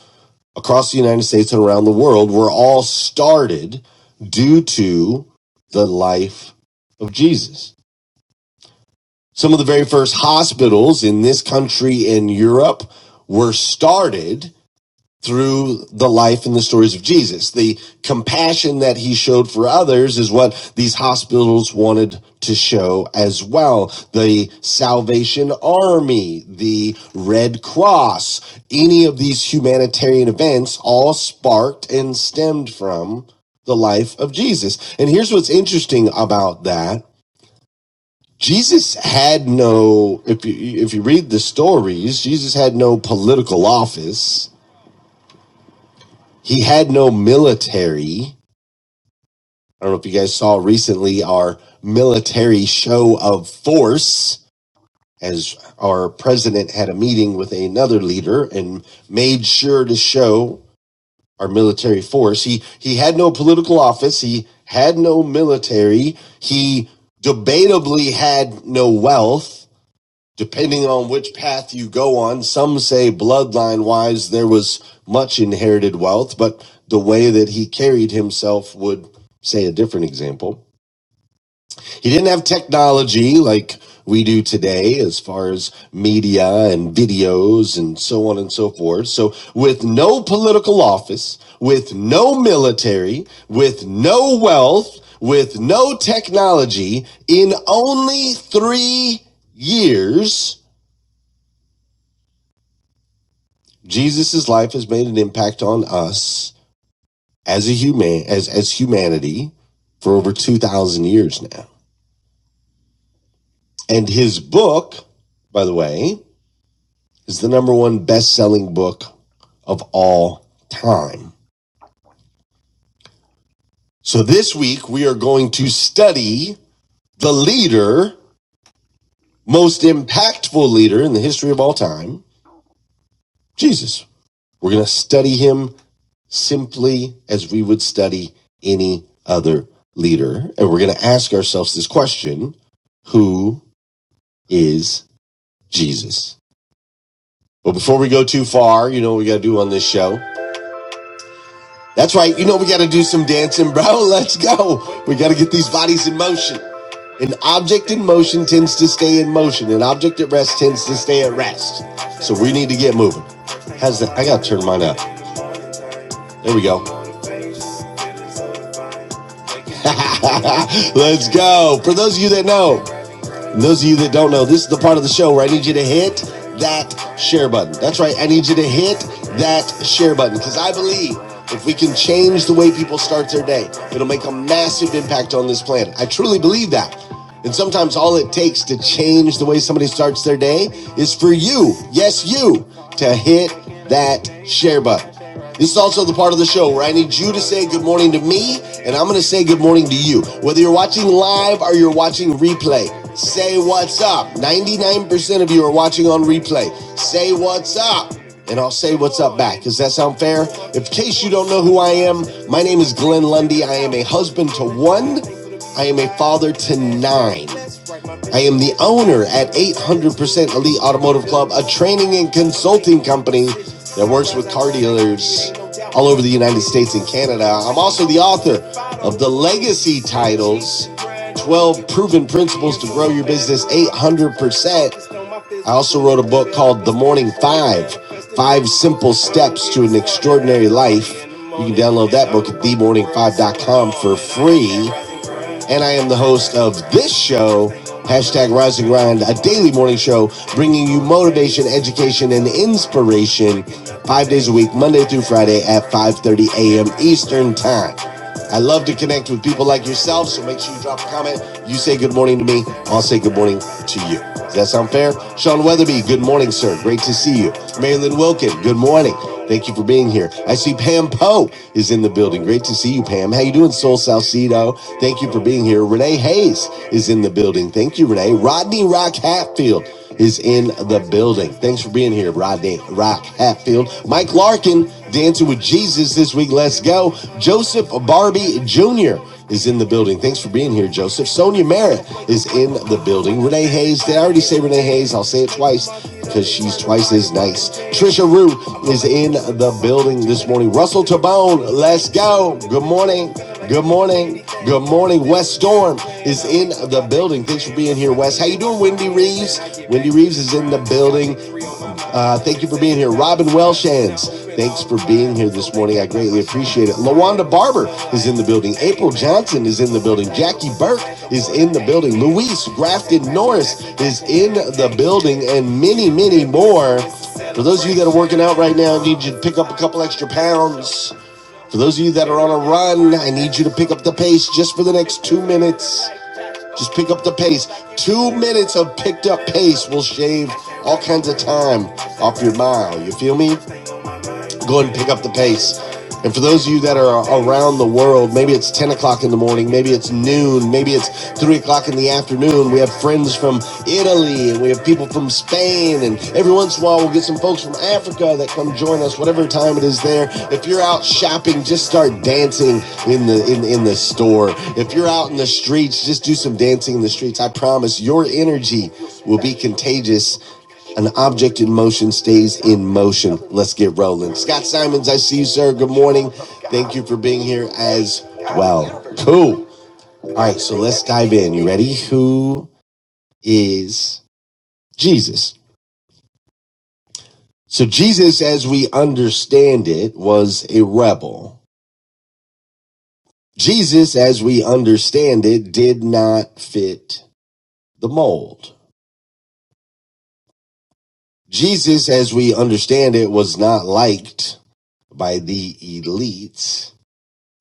across the United States and around the world, were all started due to the life of Jesus. Some of the very first hospitals in this country in Europe were started through the life and the stories of Jesus. The compassion that he showed for others is what these hospitals wanted to show as well. The Salvation Army, the Red Cross, any of these humanitarian events all sparked and stemmed from the life of Jesus. And here's what's interesting about that. Jesus had no, if you, if you read the stories, Jesus had no political office he had no military. I don't know if you guys saw recently our military show of force as our president had a meeting with another leader and made sure to show our military force. He he had no political office, he had no military, he debatably had no wealth depending on which path you go on, some say bloodline wise there was much inherited wealth, but the way that he carried himself would say a different example. He didn't have technology like we do today as far as media and videos and so on and so forth. So with no political office, with no military, with no wealth, with no technology, in only three years, Jesus' life has made an impact on us as a human as as humanity for over 2000 years now. And his book, by the way, is the number one best-selling book of all time. So this week we are going to study the leader, most impactful leader in the history of all time, Jesus. We're going to study him simply as we would study any other leader. And we're going to ask ourselves this question Who is Jesus? But before we go too far, you know what we got to do on this show? That's right, you know we got to do some dancing, bro. Let's go. We got to get these bodies in motion. An object in motion tends to stay in motion. An object at rest tends to stay at rest. So we need to get moving. How's that? I gotta turn mine up. There we go. Let's go. For those of you that know, Those of you that don't know, this is the part of the show where I need you to hit that share button. That's right, I need you to hit that share button because I believe if we can change the way people start their day, it'll make a massive impact on this planet. I truly believe that. And sometimes all it takes to change the way somebody starts their day is for you, yes, you, to hit that share button. This is also the part of the show where I need you to say good morning to me, and I'm going to say good morning to you. Whether you're watching live or you're watching replay, say what's up. 99% of you are watching on replay. Say what's up. And I'll say what's up back. Does that sound fair? If, in case you don't know who I am, my name is Glenn Lundy. I am a husband to one. I am a father to nine. I am the owner at 800% Elite Automotive Club, a training and consulting company that works with car dealers all over the United States and Canada. I'm also the author of the legacy titles 12 Proven Principles to Grow Your Business 800%. I also wrote a book called The Morning Five Five Simple Steps to an Extraordinary Life. You can download that book at the morning five dot com for free and I am the host of this show, hashtag Rise and Grind, a daily morning show bringing you motivation, education, and inspiration five days a week, Monday through Friday at 5.30 a.m. Eastern Time. I love to connect with people like yourself, so make sure you drop a comment. You say good morning to me, I'll say good morning to you. Does that sound fair? Sean Weatherby, good morning, sir. Great to see you. Marilyn Wilkin, good morning. Thank you for being here. I see Pam Poe is in the building. Great to see you, Pam. How you doing, Soul Salcido? Thank you for being here. Renee Hayes is in the building. Thank you, Renee. Rodney Rock Hatfield is in the building. Thanks for being here, Rodney Rock Hatfield. Mike Larkin, Dancing with Jesus this week. Let's go. Joseph Barbie Jr is in the building. Thanks for being here, Joseph. Sonia Merritt is in the building. Renee Hayes, did I already say Renee Hayes? I'll say it twice because she's twice as nice. Trisha Rue is in the building this morning. Russell Tabone, let's go. Good morning. Good morning. Good morning. Wes Storm is in the building. Thanks for being here, Wes. How you doing, Wendy Reeves? Wendy Reeves is in the building. Uh, thank you for being here. Robin Welshans, thanks for being here this morning. I greatly appreciate it. Lawanda Barber is in the building. April Johnson is in the building. Jackie Burke is in the building. Luis Grafton Norris is in the building, and many, many more. For those of you that are working out right now, I need you to pick up a couple extra pounds. For those of you that are on a run, I need you to pick up the pace just for the next two minutes. Just pick up the pace. Two minutes of picked up pace will shave all kinds of time off your mile. You feel me? go ahead and pick up the pace. And for those of you that are around the world, maybe it's 10 o'clock in the morning, maybe it's noon, maybe it's 3 o'clock in the afternoon. We have friends from Italy and we have people from Spain. And every once in a while, we'll get some folks from Africa that come join us, whatever time it is there. If you're out shopping, just start dancing in the, in, in the store. If you're out in the streets, just do some dancing in the streets. I promise your energy will be contagious an object in motion stays in motion. Let's get rolling. Scott Simons, I see you, sir. Good morning. Thank you for being here as well. Cool. All right, so let's dive in. You ready? Who is Jesus? So, Jesus, as we understand it, was a rebel. Jesus, as we understand it, did not fit the mold. Jesus, as we understand it, was not liked by the elites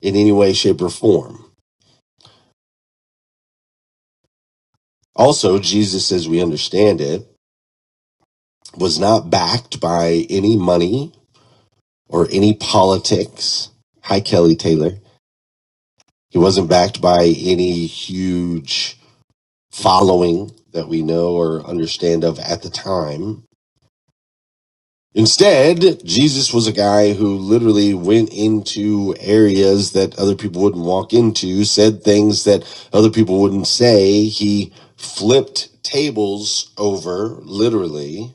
in any way, shape, or form. Also, Jesus, as we understand it, was not backed by any money or any politics. Hi, Kelly Taylor. He wasn't backed by any huge following that we know or understand of at the time. Instead, Jesus was a guy who literally went into areas that other people wouldn't walk into, said things that other people wouldn't say. He flipped tables over, literally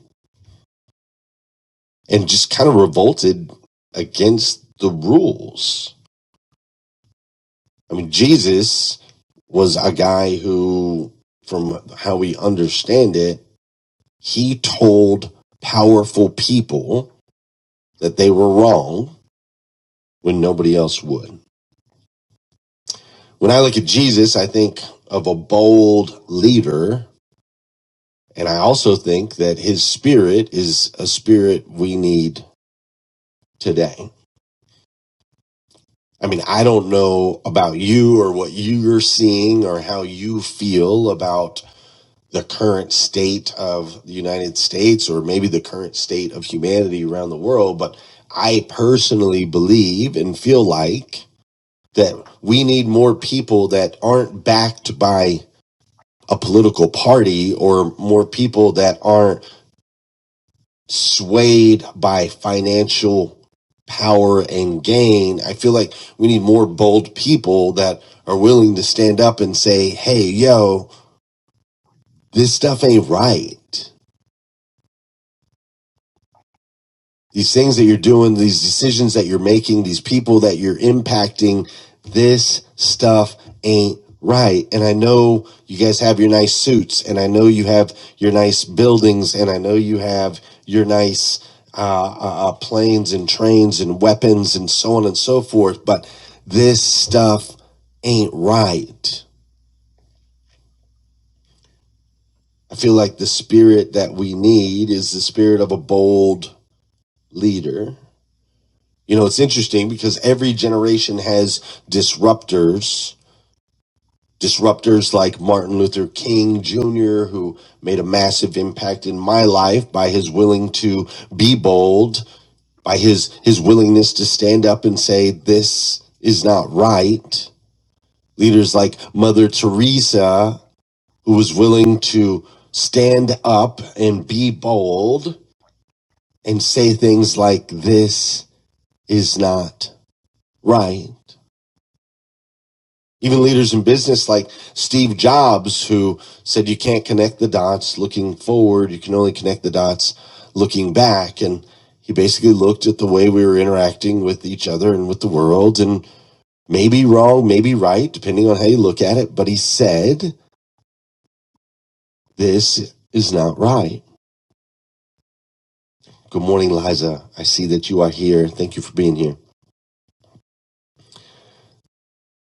and just kind of revolted against the rules. I mean, Jesus was a guy who, from how we understand it, he told powerful people that they were wrong when nobody else would. When I look at Jesus, I think of a bold leader, and I also think that his spirit is a spirit we need today. I mean, I don't know about you or what you're seeing or how you feel about the current state of the United States or maybe the current state of humanity around the world, but I personally believe and feel like that we need more people that aren't backed by a political party or more people that aren't swayed by financial power and gain. I feel like we need more bold people that are willing to stand up and say, hey, yo, this stuff ain't right. these things that you're doing, these decisions that you're making, these people that you're impacting, this stuff ain't right. And I know you guys have your nice suits, and I know you have your nice buildings, and I know you have your nice uh, uh, uh, planes and trains and weapons and so on and so forth, but this stuff ain't right. I feel like the spirit that we need is the spirit of a bold leader You know, it's interesting because every generation has disruptors, disruptors like Martin Luther King Jr., who made a massive impact in my life by his willing to be bold, by his, his willingness to stand up and say, this is not right. Leaders like Mother Teresa, who was willing to stand up and be bold and say things like, this is not right. even leaders in business like Steve Jobs, who said you can't connect the dots looking forward, you can only connect the dots looking back. And he basically looked at the way we were interacting with each other and with the world, and maybe wrong, maybe right, depending on how you look at it. But he said, This is not right. Good morning, Liza. I see that you are here. Thank you for being here.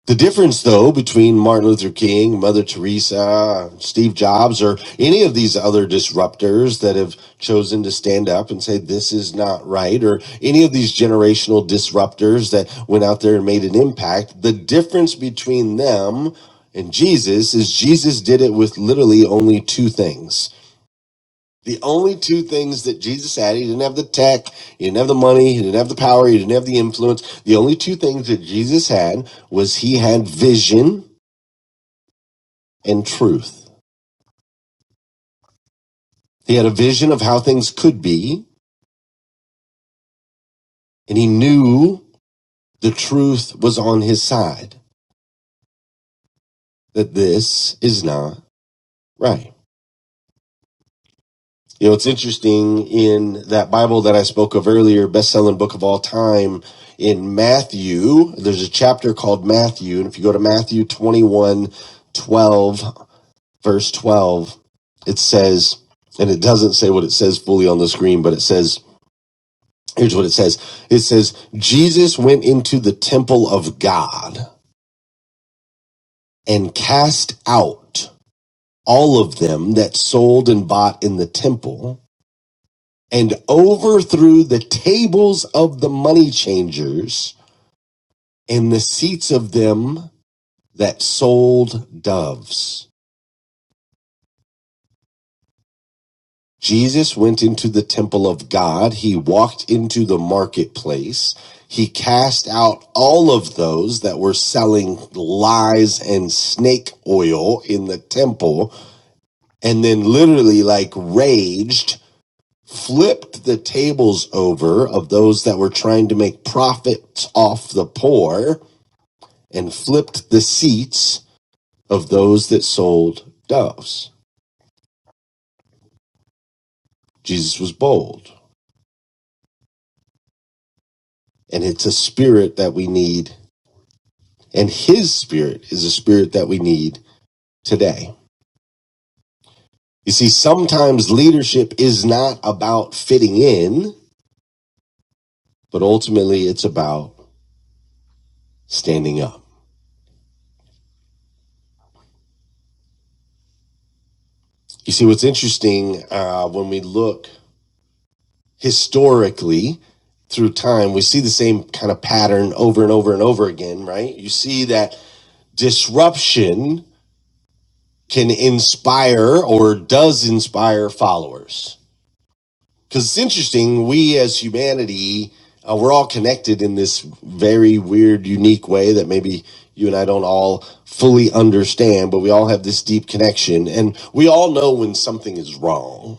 The difference, though, between Martin Luther King, Mother Teresa, Steve Jobs, or any of these other disruptors that have chosen to stand up and say, this is not right, or any of these generational disruptors that went out there and made an impact, the difference between them and Jesus is Jesus did it with literally only two things. The only two things that Jesus had, he didn't have the tech, he didn't have the money, he didn't have the power, he didn't have the influence. The only two things that Jesus had was he had vision and truth. He had a vision of how things could be, and he knew the truth was on his side, that this is not right. You know, it's interesting in that Bible that I spoke of earlier, best selling book of all time in Matthew. There's a chapter called Matthew. And if you go to Matthew 21, 12, verse 12, it says, and it doesn't say what it says fully on the screen, but it says, here's what it says. It says, Jesus went into the temple of God and cast out all of them that sold and bought in the temple and overthrew the tables of the money changers and the seats of them that sold doves. Jesus went into the temple of God. He walked into the marketplace. He cast out all of those that were selling lies and snake oil in the temple and then literally like raged flipped the tables over of those that were trying to make profits off the poor and flipped the seats of those that sold doves. Jesus was bold. And it's a spirit that we need. And his spirit is a spirit that we need today. You see, sometimes leadership is not about fitting in, but ultimately it's about standing up. You see, what's interesting uh, when we look historically through time, we see the same kind of pattern over and over and over again, right? You see that disruption can inspire or does inspire followers. Because it's interesting, we as humanity, uh, we're all connected in this very weird, unique way that maybe you and I don't all fully understand, but we all have this deep connection. And we all know when something is wrong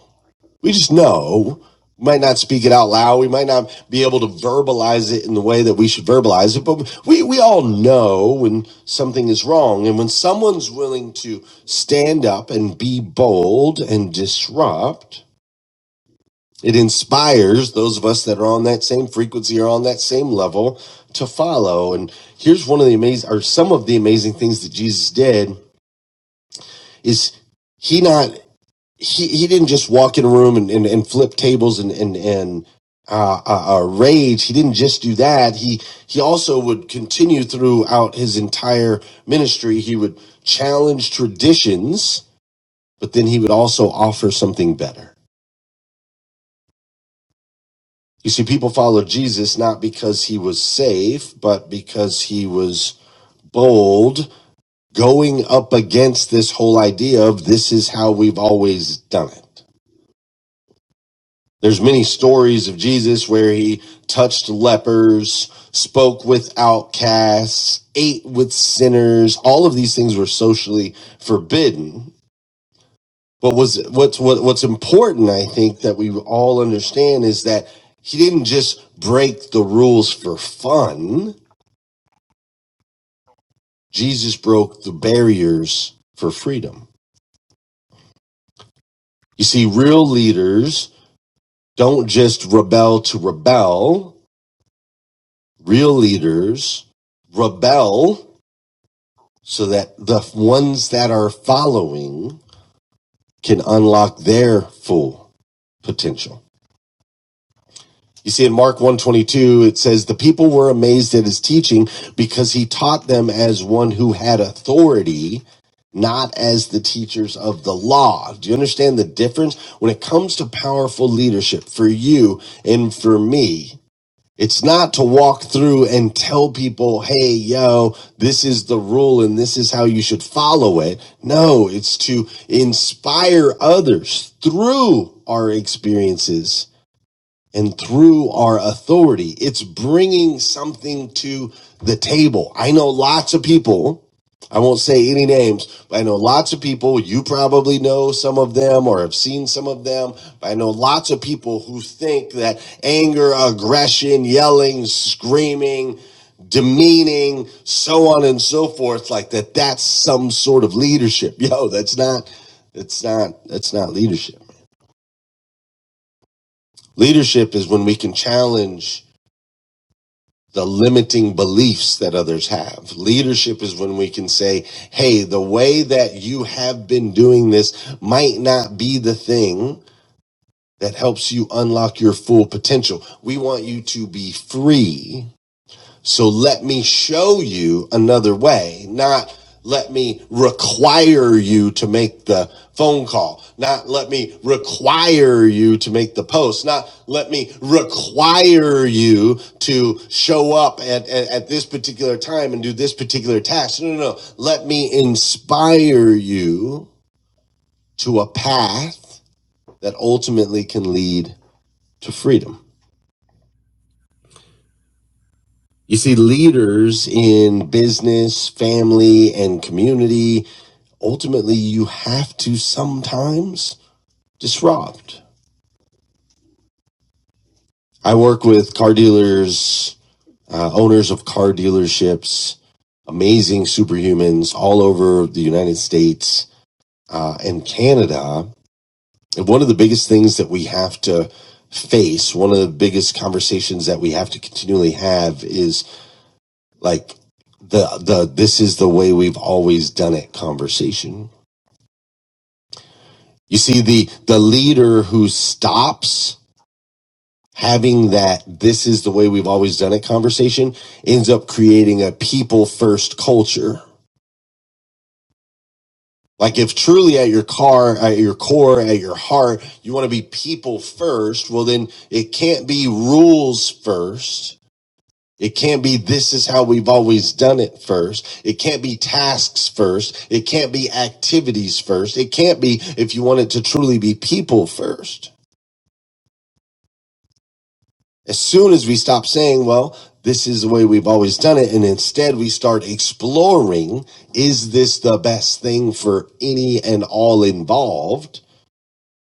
we just know we might not speak it out loud we might not be able to verbalize it in the way that we should verbalize it but we, we all know when something is wrong and when someone's willing to stand up and be bold and disrupt it inspires those of us that are on that same frequency or on that same level to follow and here's one of the amazing or some of the amazing things that jesus did is he not he he didn't just walk in a room and, and, and flip tables and and and uh, uh, uh, rage. He didn't just do that. He he also would continue throughout his entire ministry. He would challenge traditions, but then he would also offer something better. You see, people followed Jesus not because he was safe, but because he was bold, going up against this whole idea of this is how we've always done it. There's many stories of Jesus where he touched lepers, spoke with outcasts, ate with sinners. All of these things were socially forbidden. But was what's what, what's important, I think, that we all understand is that he didn't just break the rules for fun. Jesus broke the barriers for freedom. You see, real leaders don't just rebel to rebel. Real leaders rebel so that the ones that are following can unlock their full potential. You see in Mark 122 it says the people were amazed at his teaching because he taught them as one who had authority not as the teachers of the law. Do you understand the difference when it comes to powerful leadership for you and for me? It's not to walk through and tell people, hey, yo, this is the rule and this is how you should follow it. No, it's to inspire others through our experiences and through our authority. It's bringing something to the table. I know lots of people, I won't say any names, but I know lots of people, you probably know some of them or have seen some of them, but I know lots of people who think that anger, aggression, yelling, screaming, demeaning, so on and so forth, like that that's some sort of leadership. Yo, that's not, It's not, that's not leadership. Leadership is when we can challenge the limiting beliefs that others have. Leadership is when we can say, hey, the way that you have been doing this might not be the thing that helps you unlock your full potential. We want you to be free so let me show you another way, not let me require you to make the phone call, not let me require you to make the post, not let me require you to show up at, at, at this particular time and do this particular task. No, no, no. Let me inspire you to a path that ultimately can lead to freedom. You see, leaders in business, family, and community, ultimately, you have to sometimes disrupt. I work with car dealers, uh, owners of car dealerships, amazing superhumans all over the United States uh, and Canada. And one of the biggest things that we have to face, one of the biggest conversations that we have to continually have is like the the this is the way we've always done it conversation you see the the leader who stops having that this is the way we've always done it conversation ends up creating a people first culture like if truly at your car at your core at your heart you want to be people first well then it can't be rules first It can't be this is how we've always done it first. It can't be tasks first. It can't be activities first. It can't be if you want it to truly be people first. As soon as we stop saying, well, this is the way we've always done it, and instead we start exploring, is this the best thing for any and all involved?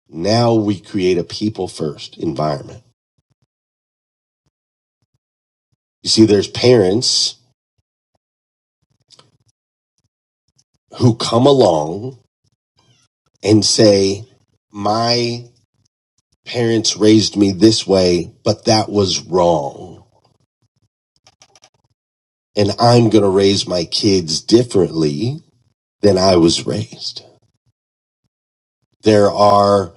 Now we create a people first environment. You see, there's parents who come along and say, my parents raised me this way, but that was wrong. And I'm going to raise my kids differently than I was raised. There are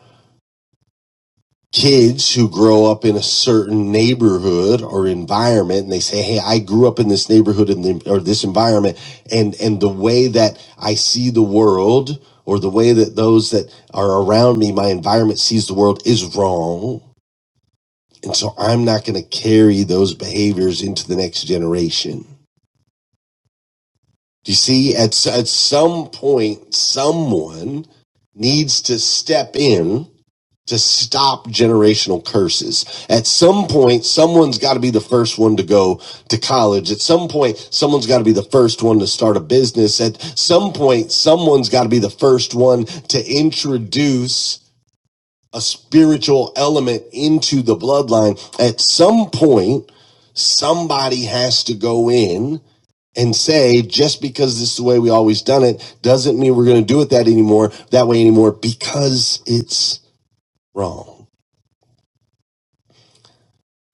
kids who grow up in a certain neighborhood or environment and they say, Hey, I grew up in this neighborhood and the, or this environment. And, and the way that I see the world or the way that those that are around me, my environment sees the world is wrong. And so I'm not going to carry those behaviors into the next generation Do you see? At, at some point, someone needs to step in to stop generational curses. At some point, someone's got to be the first one to go to college. At some point, someone's got to be the first one to start a business. At some point, someone's got to be the first one to introduce a spiritual element into the bloodline. At some point, somebody has to go in and say just because this is the way we always done it doesn't mean we're going to do it that anymore that way anymore because it's wrong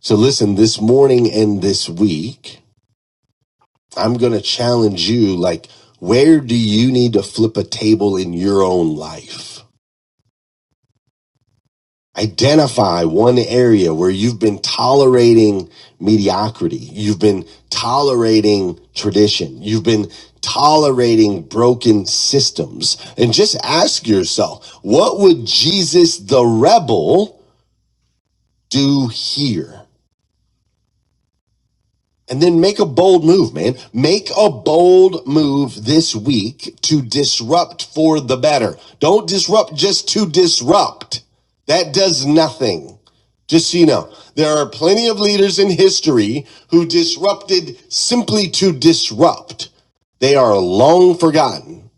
so listen this morning and this week i'm going to challenge you like where do you need to flip a table in your own life Identify one area where you've been tolerating mediocrity. You've been tolerating tradition. You've been tolerating broken systems. And just ask yourself, what would Jesus the rebel do here? And then make a bold move, man. Make a bold move this week to disrupt for the better. Don't disrupt just to disrupt. That does nothing. Just so you know, there are plenty of leaders in history who disrupted simply to disrupt. They are long forgotten.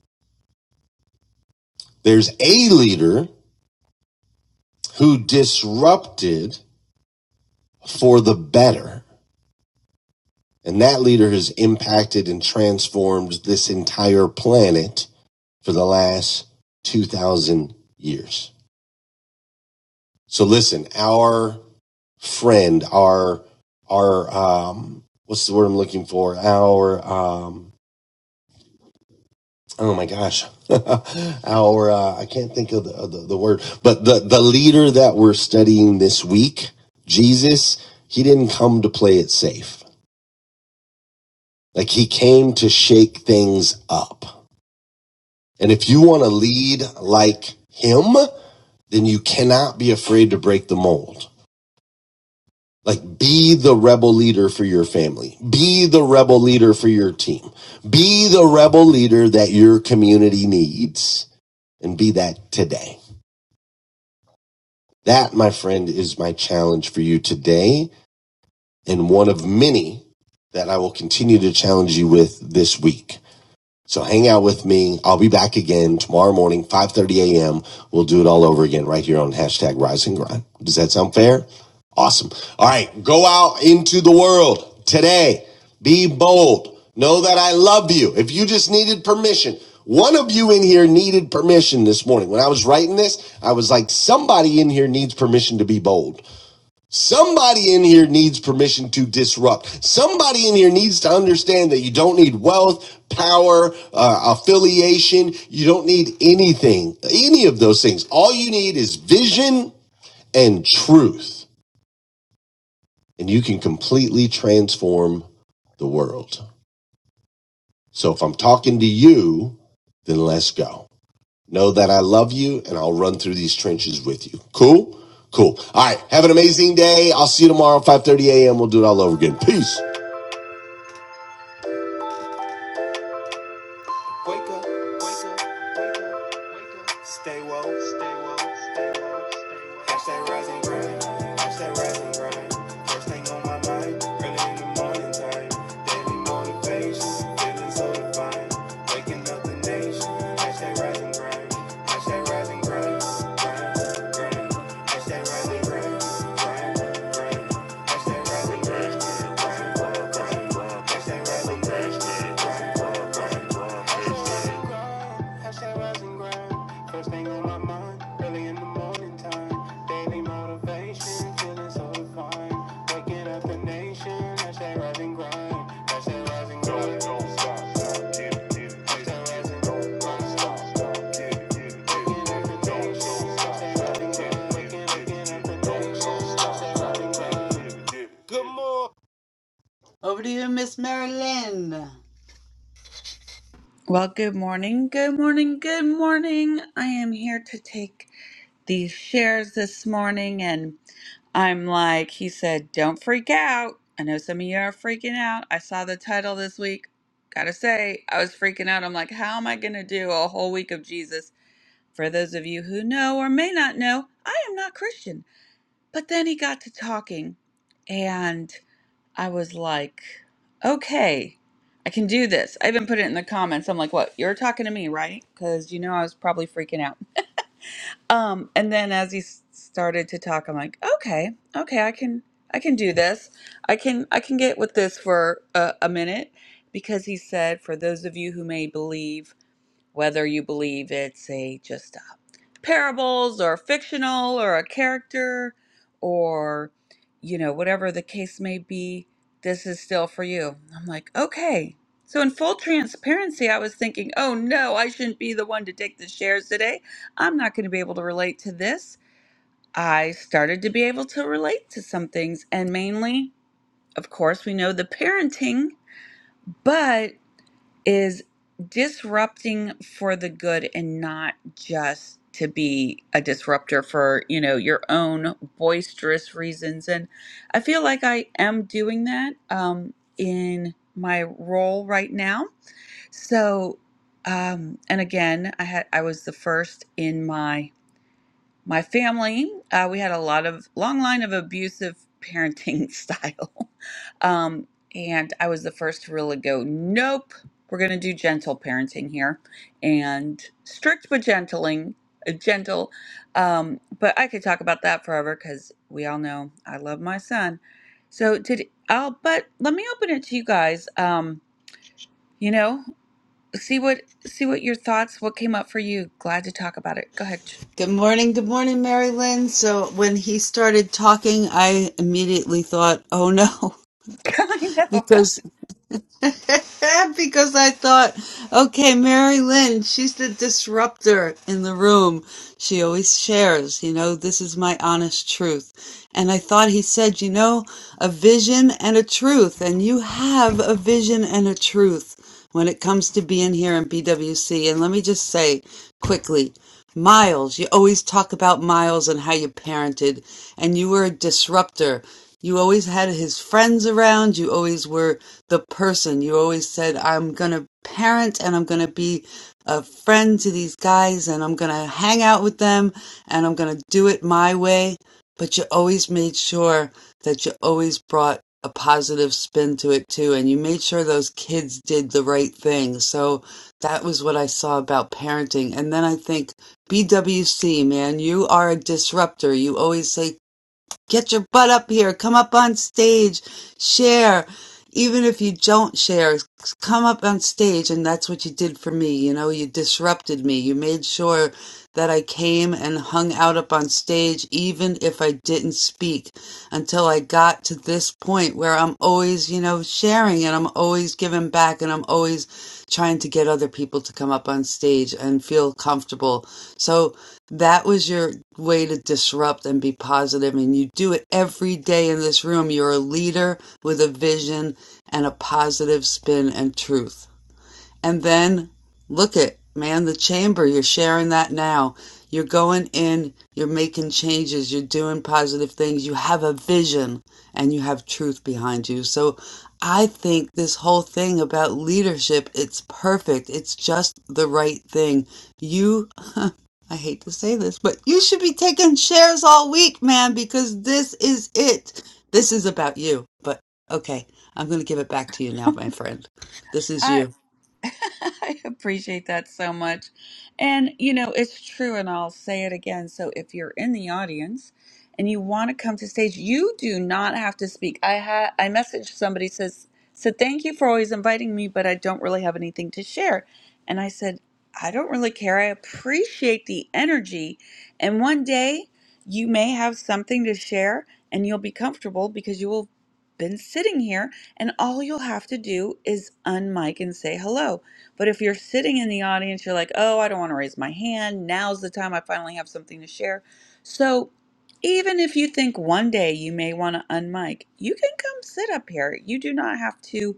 There's a leader who disrupted for the better. And that leader has impacted and transformed this entire planet for the last 2000 years. So listen, our friend, our, our, um, what's the word I'm looking for? Our, um, oh my gosh, our, uh, I can't think of the, of the, the word, but the, the leader that we're studying this week, Jesus, he didn't come to play it safe. Like he came to shake things up. And if you want to lead like him, then you cannot be afraid to break the mold Like be the rebel leader for your family. Be the rebel leader for your team. Be the rebel leader that your community needs and be that today. That, my friend, is my challenge for you today and one of many that I will continue to challenge you with this week. So hang out with me. I'll be back again tomorrow morning, 5.30 a.m. We'll do it all over again right here on hashtag rise and grind. Does that sound fair? Awesome. All right. Go out into the world today. Be bold. Know that I love you. If you just needed permission, one of you in here needed permission this morning. When I was writing this, I was like, somebody in here needs permission to be bold. Somebody in here needs permission to disrupt. Somebody in here needs to understand that you don't need wealth, power, uh, affiliation. You don't need anything, any of those things. All you need is vision and truth, and you can completely transform the world. So if I'm talking to you, then let's go. Know that I love you, and I'll run through these trenches with you. Cool? Cool. All right. Have an amazing day. I'll see you tomorrow, 5.30 a.m. We'll do it all over again. Peace. Over to you, Miss Marilyn. Well, good morning. Good morning. Good morning. I am here to take these shares this morning. And I'm like, he said, don't freak out. I know some of you are freaking out. I saw the title this week gotta say, I was freaking out. I'm like, how am I gonna do a whole week of Jesus? For those of you who know or may not know, I am not Christian. But then he got to talking, and I was like, okay, I can do this. I even put it in the comments. I'm like, what? You're talking to me, right? Because you know I was probably freaking out. Um, and then as he s- started to talk, I'm like, okay, okay, I can, I can do this. I can, I can get with this for a, a minute, because he said, for those of you who may believe whether you believe it's a just uh parables or fictional or a character or you know whatever the case may be this is still for you i'm like okay so in full transparency i was thinking oh no i shouldn't be the one to take the shares today i'm not going to be able to relate to this i started to be able to relate to some things and mainly of course we know the parenting but is disrupting for the good and not just to be a disruptor for you know your own boisterous reasons and i feel like i am doing that um, in my role right now so um, and again i had i was the first in my my family uh, we had a lot of long line of abusive parenting style um, and i was the first to really go nope we're going to do gentle parenting here and strict but gentling uh, gentle um, but i could talk about that forever because we all know i love my son so did i'll but let me open it to you guys um, you know see what see what your thoughts what came up for you glad to talk about it go ahead Good morning, good morning, Mary Lynn. So when he started talking, I immediately thought, "Oh no," i know because because I thought, "Okay, Mary Lynn, she's the disruptor in the room. She always shares, you know, this is my honest truth." And I thought he said, "You know, a vision and a truth, and you have a vision and a truth." when it comes to being here in BWC. And let me just say quickly Miles, you always talk about Miles and how you parented, and you were a disruptor. You always had his friends around. You always were the person. You always said, I'm going to parent and I'm going to be a friend to these guys and I'm going to hang out with them and I'm going to do it my way but you always made sure that you always brought a positive spin to it too, and you made sure those kids did the right thing. So that was what I saw about parenting. And then I think BWC, man, you are a disruptor. You always say get your butt up here come up on stage share even if you don't share come up on stage and that's what you did for me you know you disrupted me you made sure that i came and hung out up on stage even if i didn't speak until i got to this point where i'm always you know sharing and i'm always giving back and i'm always trying to get other people to come up on stage and feel comfortable. So that was your way to disrupt and be positive, positive. and you do it every day in this room. You're a leader with a vision and a positive spin and truth. And then look at, man, the chamber, you're sharing that now. You're going in, you're making changes, you're doing positive things, you have a vision, and you have truth behind you. So I think this whole thing about leadership, it's perfect. It's just the right thing. You, I hate to say this, but you should be taking shares all week, man, because this is it. This is about you. But okay, I'm going to give it back to you now, my friend. This is you. I appreciate that so much. And, you know, it's true, and I'll say it again. So, if you're in the audience and you want to come to stage, you do not have to speak. I had I messaged somebody says said thank you for always inviting me, but I don't really have anything to share. And I said, I don't really care. I appreciate the energy. And one day you may have something to share and you'll be comfortable because you will have been sitting here and all you'll have to do is unmic and say hello. But if you're sitting in the audience, you're like, oh, I don't want to raise my hand. Now's the time I finally have something to share. So even if you think one day you may want to unmic, you can come sit up here. You do not have to,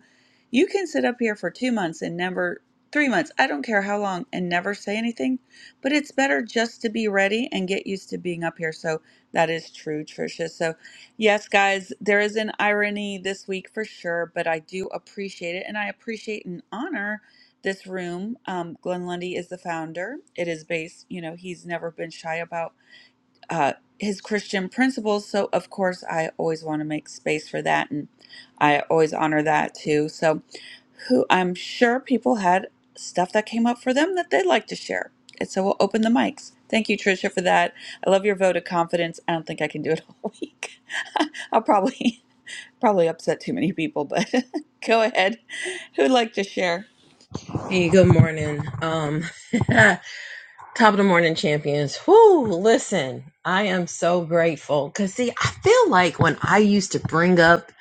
you can sit up here for two months and never, three months, I don't care how long, and never say anything. But it's better just to be ready and get used to being up here. So that is true, Tricia. So Yes, guys, there is an irony this week for sure, but I do appreciate it. And I appreciate and honor this room. Um, Glenn Lundy is the founder. It is based, you know, he's never been shy about uh, his Christian principles. So, of course, I always want to make space for that. And I always honor that too. So, who I'm sure people had stuff that came up for them that they'd like to share. And so we'll open the mics. Thank you, Tricia, for that. I love your vote of confidence. I don't think I can do it all week. I'll probably probably upset too many people, but go ahead. Who'd like to share? Hey, good morning. Um, top of the morning, champions. Whoo, listen, I am so grateful because see, I feel like when I used to bring up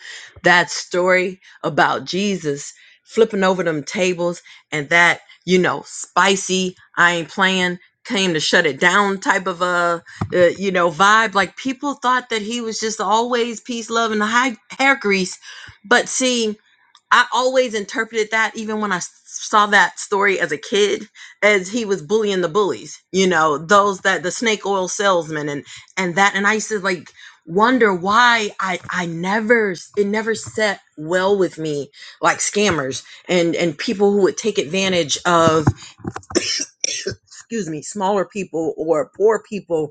that story about Jesus flipping over them tables and that, you know, spicy, I ain't playing, came to shut it down type of a, uh, you know, vibe. Like people thought that he was just always peace, love, and high hair grease. But see, I always interpreted that, even when I saw that story as a kid, as he was bullying the bullies. You know, those that the snake oil salesman and and that. And I used to like wonder why I I never it never set well with me like scammers and and people who would take advantage of excuse me smaller people or poor people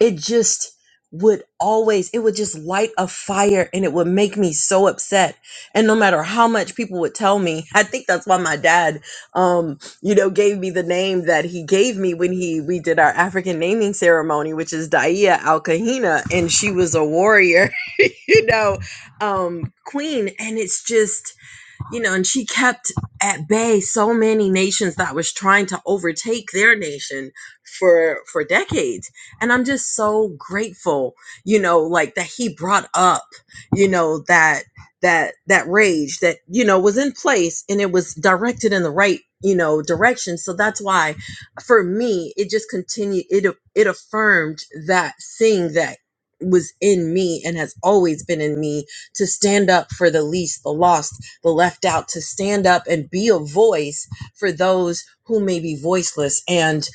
it just would always it would just light a fire and it would make me so upset and no matter how much people would tell me i think that's why my dad um you know gave me the name that he gave me when he we did our african naming ceremony which is daia al kahina and she was a warrior you know um queen and it's just you know, and she kept at bay so many nations that was trying to overtake their nation for for decades. And I'm just so grateful, you know, like that he brought up, you know, that that that rage that you know was in place and it was directed in the right you know direction so that's why for me it just continued it it affirmed that thing that was in me and has always been in me to stand up for the least the lost the left out to stand up and be a voice for those who may be voiceless. And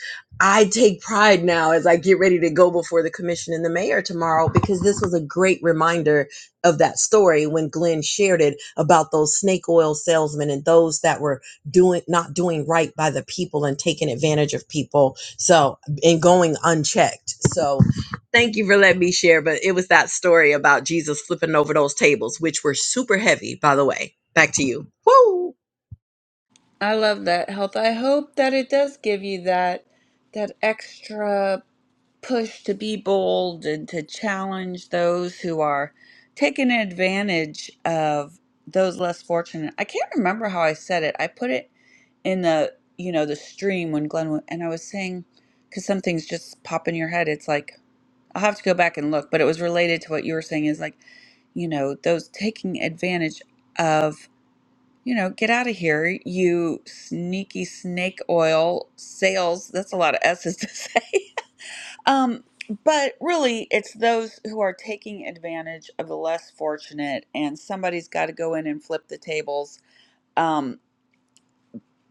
I take pride now as I get ready to go before the commission and the mayor tomorrow because this was a great reminder of that story when Glenn shared it about those snake oil salesmen and those that were doing not doing right by the people and taking advantage of people. So and going unchecked. So Thank you for letting me share, but it was that story about Jesus flipping over those tables, which were super heavy, by the way. Back to you. Woo! I love that health. I hope that it does give you that that extra push to be bold and to challenge those who are taking advantage of those less fortunate. I can't remember how I said it. I put it in the you know the stream when Glenn wa- and I was saying because some things just pop in your head. It's like I'll have to go back and look, but it was related to what you were saying. Is like you know those taking advantage of you know get out of here you sneaky snake oil sales. That's a lot of S's to say. Um, but really, it's those who are taking advantage of the less fortunate, and somebody's got to go in and flip the tables. Um,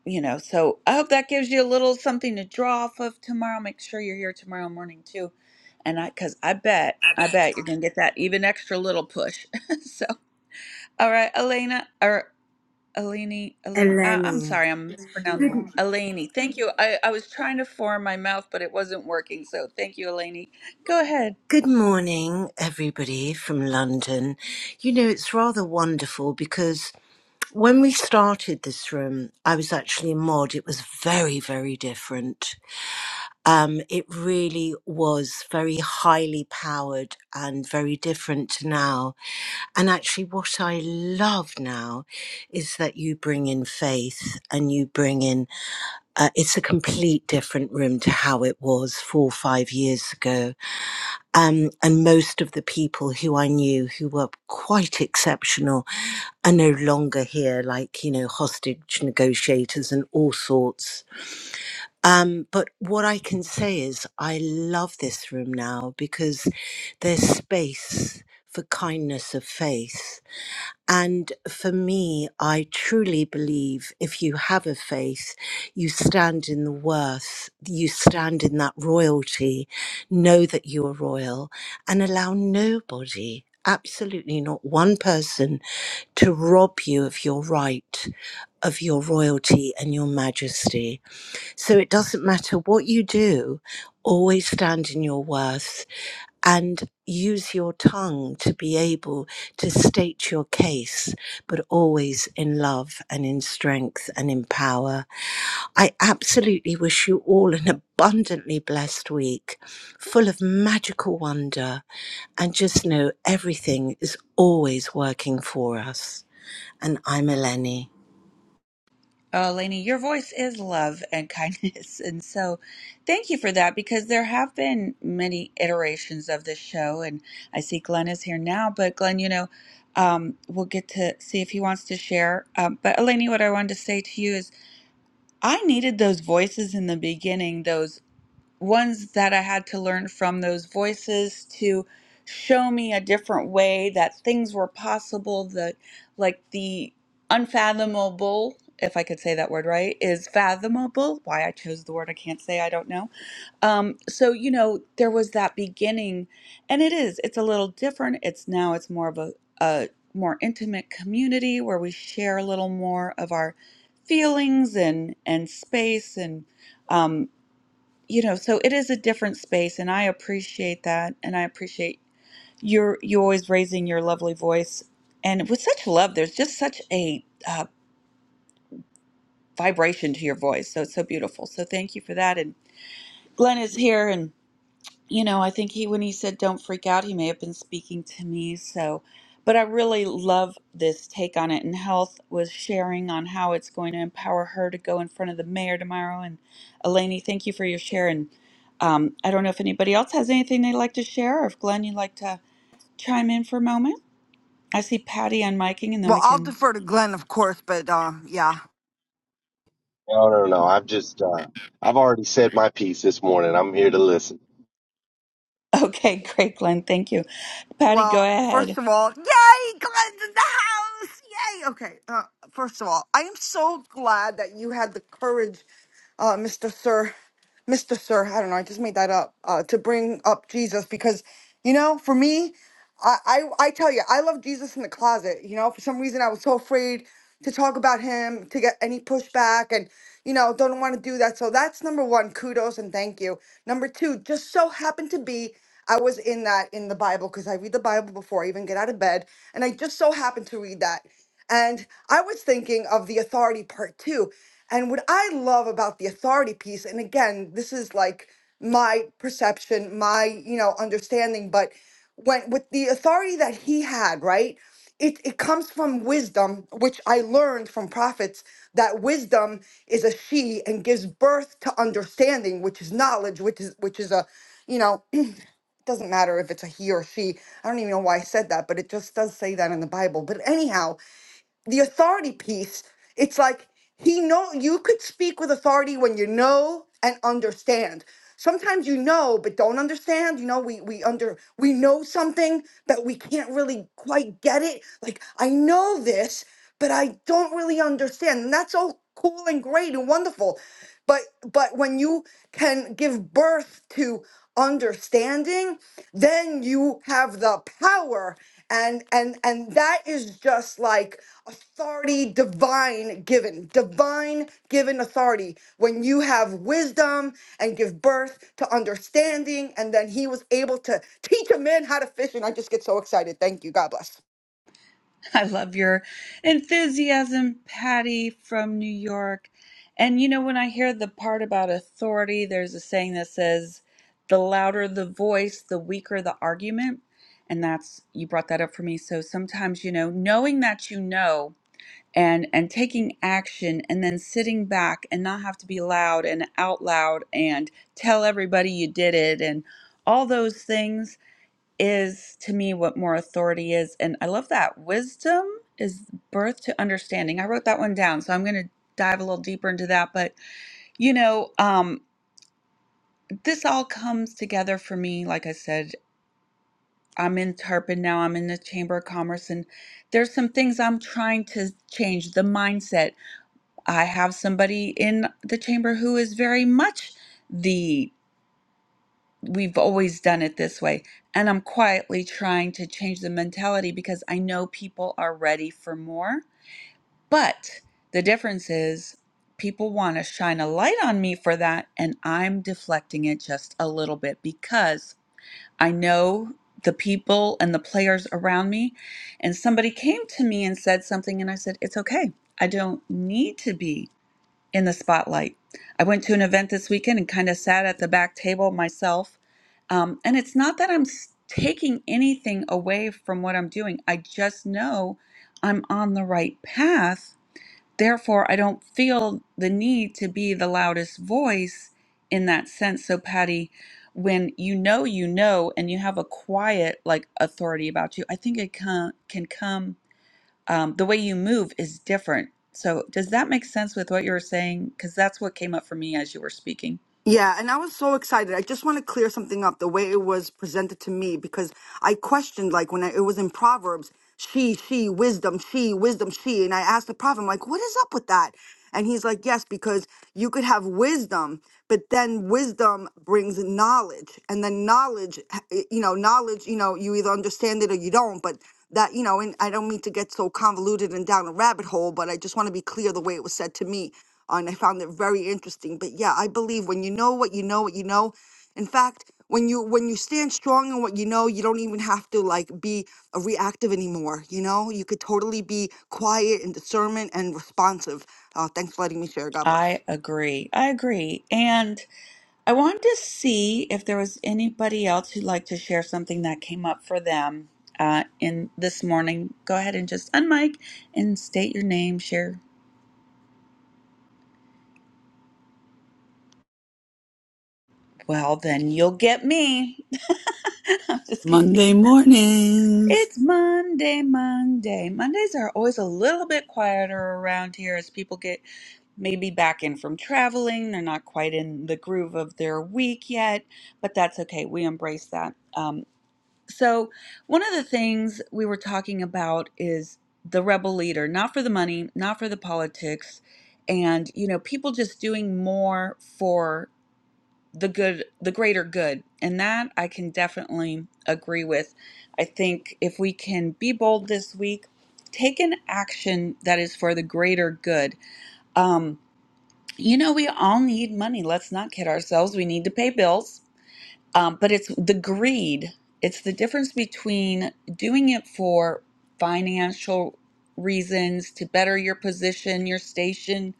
you know, so I hope that gives you a little something to draw off of tomorrow. Make sure you're here tomorrow morning too, and I because I bet I bet you're gonna get that even extra little push. so, all right, Elena or Eleni, Elene. I, I'm Eleni. sorry, I'm Good, mispronouncing. Eleni, thank you. I, I was trying to form my mouth, but it wasn't working. So thank you, Eleni. Go ahead. good morning, everybody from London. You know, it's rather wonderful because when we started this room, I was actually a mod. It was very, very different. Um, it really was very highly powered and very different to now. And actually, what I love now is that you bring in faith and you bring in, uh, it's a complete different room to how it was four or five years ago Um, and most of the people who I knew who were quite exceptional are no longer here, like, you know, hostage negotiators and all sorts. Um, but what I can say is I love this room now because there's space for kindness of faith and for me, I truly believe if you have a faith, you stand in the worth, you stand in that royalty, know that you are royal, and allow nobody, absolutely not one person, to rob you of your right, of your royalty and your majesty. So it doesn't matter what you do, always stand in your worth and use your tongue to be able to state your case, but always in love and in strength and in power. I absolutely wish you all an abundantly blessed week, full of magical wonder, and just know everything is always working for us. And I'm Eleni. Oh, Lainey, your voice is love and kindness. And so thank you for that because there have been many iterations of this show. And I see Glenn is here now, but Glenn, you know, um, we'll get to see if he wants to share. Um, but Lainey, what I wanted to say to you is I needed those voices in the beginning, Those ones that I had to learn from those voices to show me a different way that things were possible, that like the unfathomable, if I could say that word right, is fathomable. Why I chose the word I can't say, I don't know. Um, so, you know, there was that beginning, and it is, it's a little different. It's now, it's more of a, a more intimate community where we share a little more of our feelings and and space and um, you know, so it is a different space, and I appreciate that, and I appreciate your you always raising your lovely voice, and with such love, there's just such a uh, vibration to your voice, so it's so beautiful. So thank you for that. And Glenn is here, and. you know, I think he, when he said don't freak out, he may have been speaking to me. So, but I really love this take on it. And Health was sharing on how it's going to empower her to go in front of the mayor tomorrow. And Elaney, thank you for your share. And um, I don't know if anybody else has anything they'd like to share, or if Glenn, you'd like to chime in for a moment. I see Patty unmiking, and then Well, we I'll can. defer to Glenn, of course, but um, yeah. No, no, no. I've just, uh, I've already said my piece this morning. I'm here to listen. Okay, great, Glenn. Thank you. Patty, go Well, ahead. first of all, yay, Glenn's in the house! Yay! Okay, uh, first of all, I am so glad that you had the courage, uh, Mr. Sir, Mr. Sir, I don't know, I just made that up, uh, to bring up Jesus because, you know, for me, I, I I tell you, I love Jesus in the closet. You know, for some reason, I was so afraid to talk about him, to get any pushback, and you know, don't want to do that. So that's number one. Kudos and thank you. Number two, just so happened to be I was in that in the Bible because I read the Bible before I even get out of bed, and I just so happened to read that. And I was thinking of the authority part too. And what I love about the authority piece, and again, this is like my perception, my, you know, understanding, but when with the authority that he had, right? It it comes from wisdom, which I learned from prophets that wisdom is a she and gives birth to understanding, which is knowledge, which is which is a you know, it doesn't matter if it's a he or she. I don't even know why I said that, but it just does say that in the Bible. But anyhow, the authority piece it's like he know you could speak with authority when you know and understand sometimes you know but don't understand you know we we under we know something but we can't really quite get it like i know this but I don't really understand. And that's all cool and great and wonderful. But but when you can give birth to understanding, then you have the power and and and that is just like authority divine given divine given authority when you have wisdom and give birth to understanding and then he was able to teach a man how to fish and i just get so excited thank you god bless I love your enthusiasm, Patty from New York. And you know, when I hear the part about authority, there's a saying that says, the louder the voice, the weaker the argument. And that's, you brought that up for me. So sometimes, you know, knowing that you know and and taking action and then sitting back and not have to be loud and out loud and tell everybody you did it and all those things is to me what more authority is. And I love that. Wisdom is birth to understanding. I wrote that one down, so I'm going to dive a little deeper into that. But, you know, um, this all comes together for me. Like I said, I'm in Tarpon now, I'm in the Chamber of Commerce, and there's some things I'm trying to change the mindset. I have somebody in the chamber who is very much. the. we've always done it this way. And I'm quietly trying to change the mentality because I know people are ready for more. But the difference is people want to shine a light on me for that. And I'm deflecting it just a little bit because I know the people and the players around me. And somebody came to me and said something, and I said, It's okay. I don't need to be in the spotlight. I went to an event this weekend and kind of sat at the back table myself. Um, and it's not that I'm s- taking anything away from what I'm doing, I just know I'm on the right path. Therefore, I don't feel the need to be the loudest voice in that sense. So, Patty, when you know you know and you have a quiet like authority about you, I think it can, can come um, the way you move is different. So, does that make sense with what you were saying? Because that's what came up for me as you were speaking. Yeah, and I was so excited. I just want to clear something up the way it was presented to me because I questioned like when I, it was in Proverbs, she, she, wisdom, she, wisdom, she, and I asked the prophet, I'm like, what is up with that? And he's like, yes, because you could have wisdom, but then wisdom brings knowledge, and then knowledge, eh, you know, knowledge, you know, you either understand it or you don't, but that you know and i don't mean to get so convoluted and down a rabbit hole but i just want to be clear the way it was said to me uh, and i found it very interesting but yeah i believe when you know what you know what you know in fact when you when you stand strong in what you know you don't even have to like be a reactive anymore you know you could totally be quiet and discernment and responsive uh, thanks for letting me share god bless I agree. I agree. And I wanted to see if there was anybody else who'd like to share something that came up for them uh, in this morning. Go ahead and just unmic and state your name, share. Well, then you'll get me. I'm just kidding. Monday mornings. It's Monday, Monday. Mondays are always a little bit quieter around here as people get maybe back in from traveling. They're not quite in the groove of their week yet, but that's okay. We embrace that. Um, so, one of the things we were talking about is the rebel leader, not for the money, not for the politics, and you know, people just doing more for the good the greater good and that i can definitely agree with i think if we can be bold this week take an action that is for the greater good um you know we all need money let's not kid ourselves we need to pay bills um but it's the greed it's the difference between doing it for financial reasons to better your position your station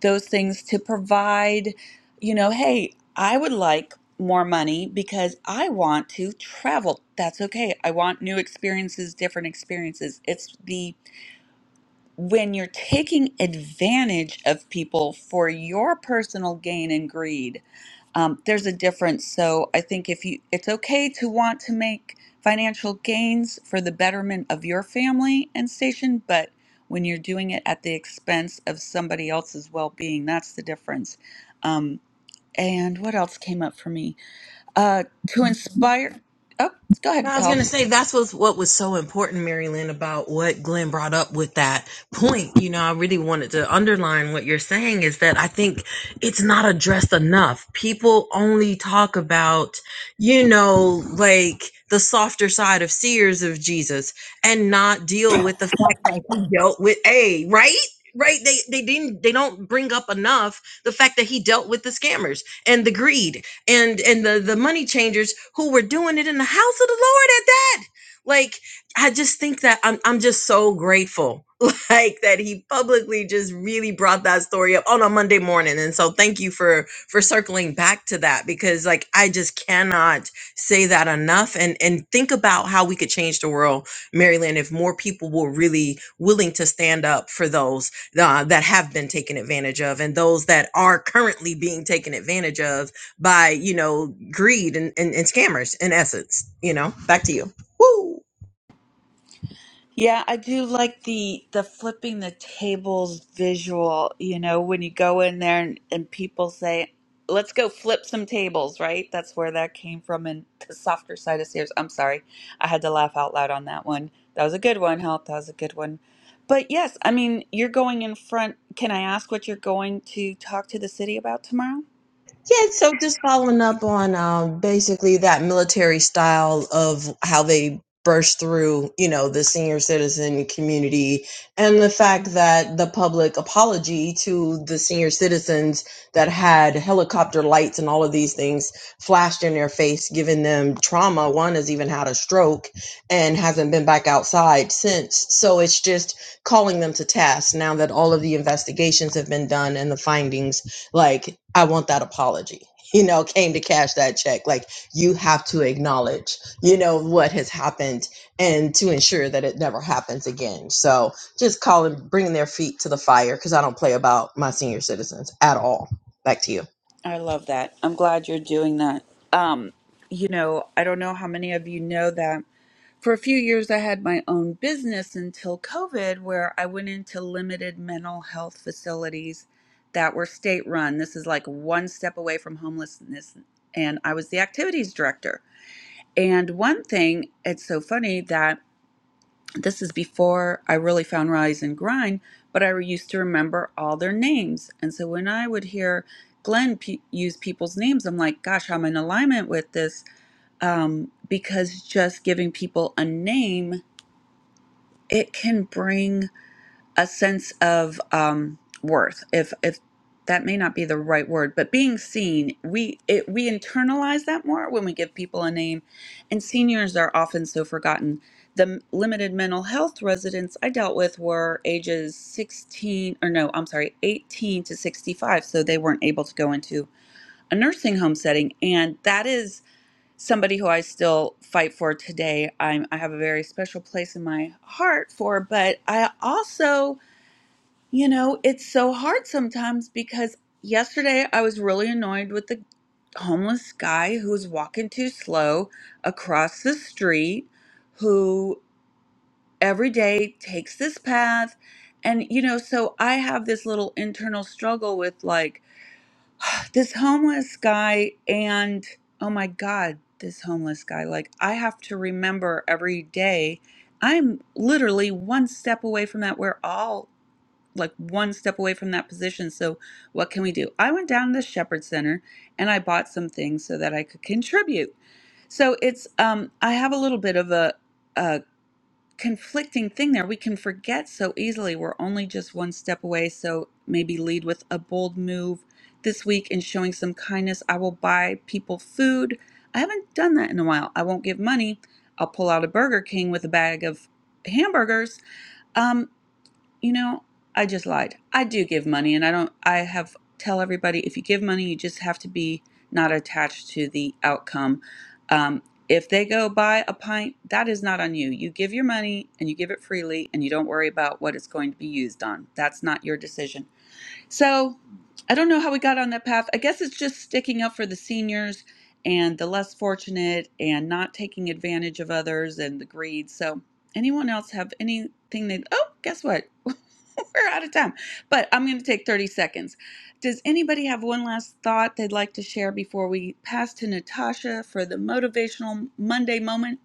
those things to provide, you know, hey, I would like more money because I want to travel. That's okay. I want new experiences, different experiences. It's the when you're taking advantage of people for your personal gain and greed um, there's a difference. So I think if you, it's okay to want to make financial gains for the betterment of your family and station, but when you're doing it at the expense of somebody else's well-being, that's the difference. Um, and what else came up for me? Uh, to inspire. Oh, go ahead, I was health. gonna say that's what what was so important, Marilyn, about what Glenn brought up with that point. You know, I really wanted to underline what you're saying is that I think it's not addressed enough. People only talk about, you know, like the softer side of seers of Jesus and not deal with the fact that he dealt with a right? Right? They they didn't they don't bring up enough the fact that he dealt with the scammers and the greed and and the the money changers who were doing it in the house of the Lord at that. Like I just think that I'm I'm just so grateful like that he publicly just really brought that story up on a Monday morning. And so thank you for for circling back to that because like I just cannot say that enough and and think about how we could change the world, Maryland, if more people were really willing to stand up for those uh, that have been taken advantage of and those that are currently being taken advantage of by you know greed and, and, and scammers in essence you know back to you Woo! Yeah, I do like the the flipping the tables visual, you know, when you go in there and, and people say, "Let's go flip some tables," right? That's where that came from and the softer side of Sears. I'm sorry. I had to laugh out loud on that one. That was a good one, help. That was a good one. But yes, I mean, you're going in front. Can I ask what you're going to talk to the city about tomorrow? Yeah, so just following up on um, basically that military style of how they burst through, you know, the senior citizen community and the fact that the public apology to the senior citizens that had helicopter lights and all of these things flashed in their face, giving them trauma. One has even had a stroke and hasn't been back outside since. So it's just calling them to task now that all of the investigations have been done and the findings like i want that apology you know came to cash that check like you have to acknowledge you know what has happened and to ensure that it never happens again so just calling bringing their feet to the fire because i don't play about my senior citizens at all back to you I love that. I'm glad you're doing that. Um, you know, I don't know how many of you know that for a few years I had my own business until COVID, where I went into limited mental health facilities that were state run. This is like one step away from homelessness. And I was the activities director. And one thing, it's so funny that this is before I really found Rise and Grind, but I used to remember all their names. And so when I would hear Glenn p- use people's names, I'm like, gosh, I'm in alignment with this um, because just giving people a name, it can bring a sense of um, worth if if that may not be the right word but being seen we it, we internalize that more when we give people a name and seniors are often so forgotten the m- limited mental health residents i dealt with were ages 16 or no i'm sorry 18 to 65 so they weren't able to go into a nursing home setting and that is somebody who i still fight for today I'm, i have a very special place in my heart for but i also you know, it's so hard sometimes because yesterday I was really annoyed with the homeless guy who was walking too slow across the street, who every day takes this path. And, you know, so I have this little internal struggle with like this homeless guy and, oh my God, this homeless guy. Like, I have to remember every day I'm literally one step away from that. We're all like one step away from that position. So, what can we do? I went down to the Shepherd Center and I bought some things so that I could contribute. So, it's, um, I have a little bit of a, a conflicting thing there. We can forget so easily. We're only just one step away. So, maybe lead with a bold move this week in showing some kindness. I will buy people food. I haven't done that in a while. I won't give money. I'll pull out a Burger King with a bag of hamburgers. Um, you know, I just lied. I do give money and I don't I have tell everybody if you give money you just have to be not attached to the outcome. Um if they go buy a pint, that is not on you. You give your money and you give it freely and you don't worry about what it's going to be used on. That's not your decision. So I don't know how we got on that path. I guess it's just sticking up for the seniors and the less fortunate and not taking advantage of others and the greed. So, anyone else have anything they, oh, guess what? We're out of time, but I'm going to take 30 seconds. Does anybody have one last thought they'd like to share before we pass to Natasha for the motivational Monday moment?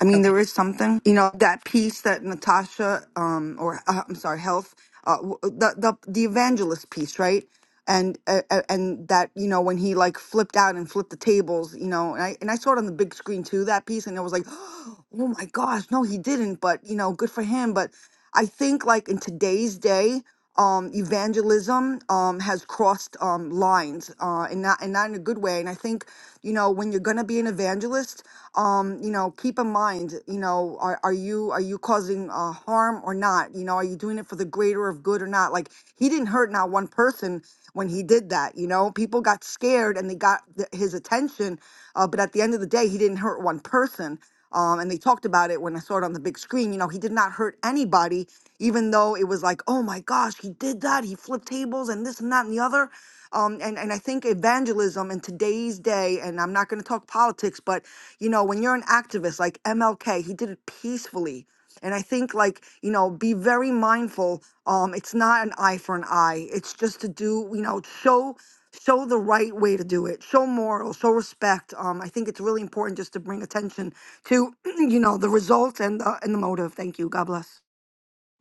I mean, Okay. there is something, you know, that piece that Natasha, um, or uh, I'm sorry, Health, uh, w- uh, the the the evangelist piece, right? And uh, uh, and that you know when he like flipped out and flipped the tables, you know, and I and I saw it on the big screen too that piece, and I was like, oh my gosh, no, he didn't, but you know, good for him. But I think like in today's day um, evangelism um, has crossed um, lines uh, and not and not in a good way. And I think you know when you're gonna be an evangelist, um, you know, keep in mind, you know, are, are you are you causing uh, harm or not? You know, are you doing it for the greater of good or not? Like he didn't hurt not one person when he did that. You know, people got scared and they got th- his attention, uh, but at the end of the day, he didn't hurt one person. Um, and they talked about it when I saw it on the big screen. You know, he did not hurt anybody, even though it was like, oh my gosh, he did that. He flipped tables and this and that and the other. Um, and, and I think evangelism in today's day, and I'm not going to talk politics, but you know, when you're an activist like MLK, he did it peacefully. And I think, like, you know, be very mindful. Um, it's not an eye for an eye. It's just to do, you know, show show the right way to do it. Show morals. show respect. Um, I think it's really important just to bring attention to you know the result and the and the motive. Thank you. God bless.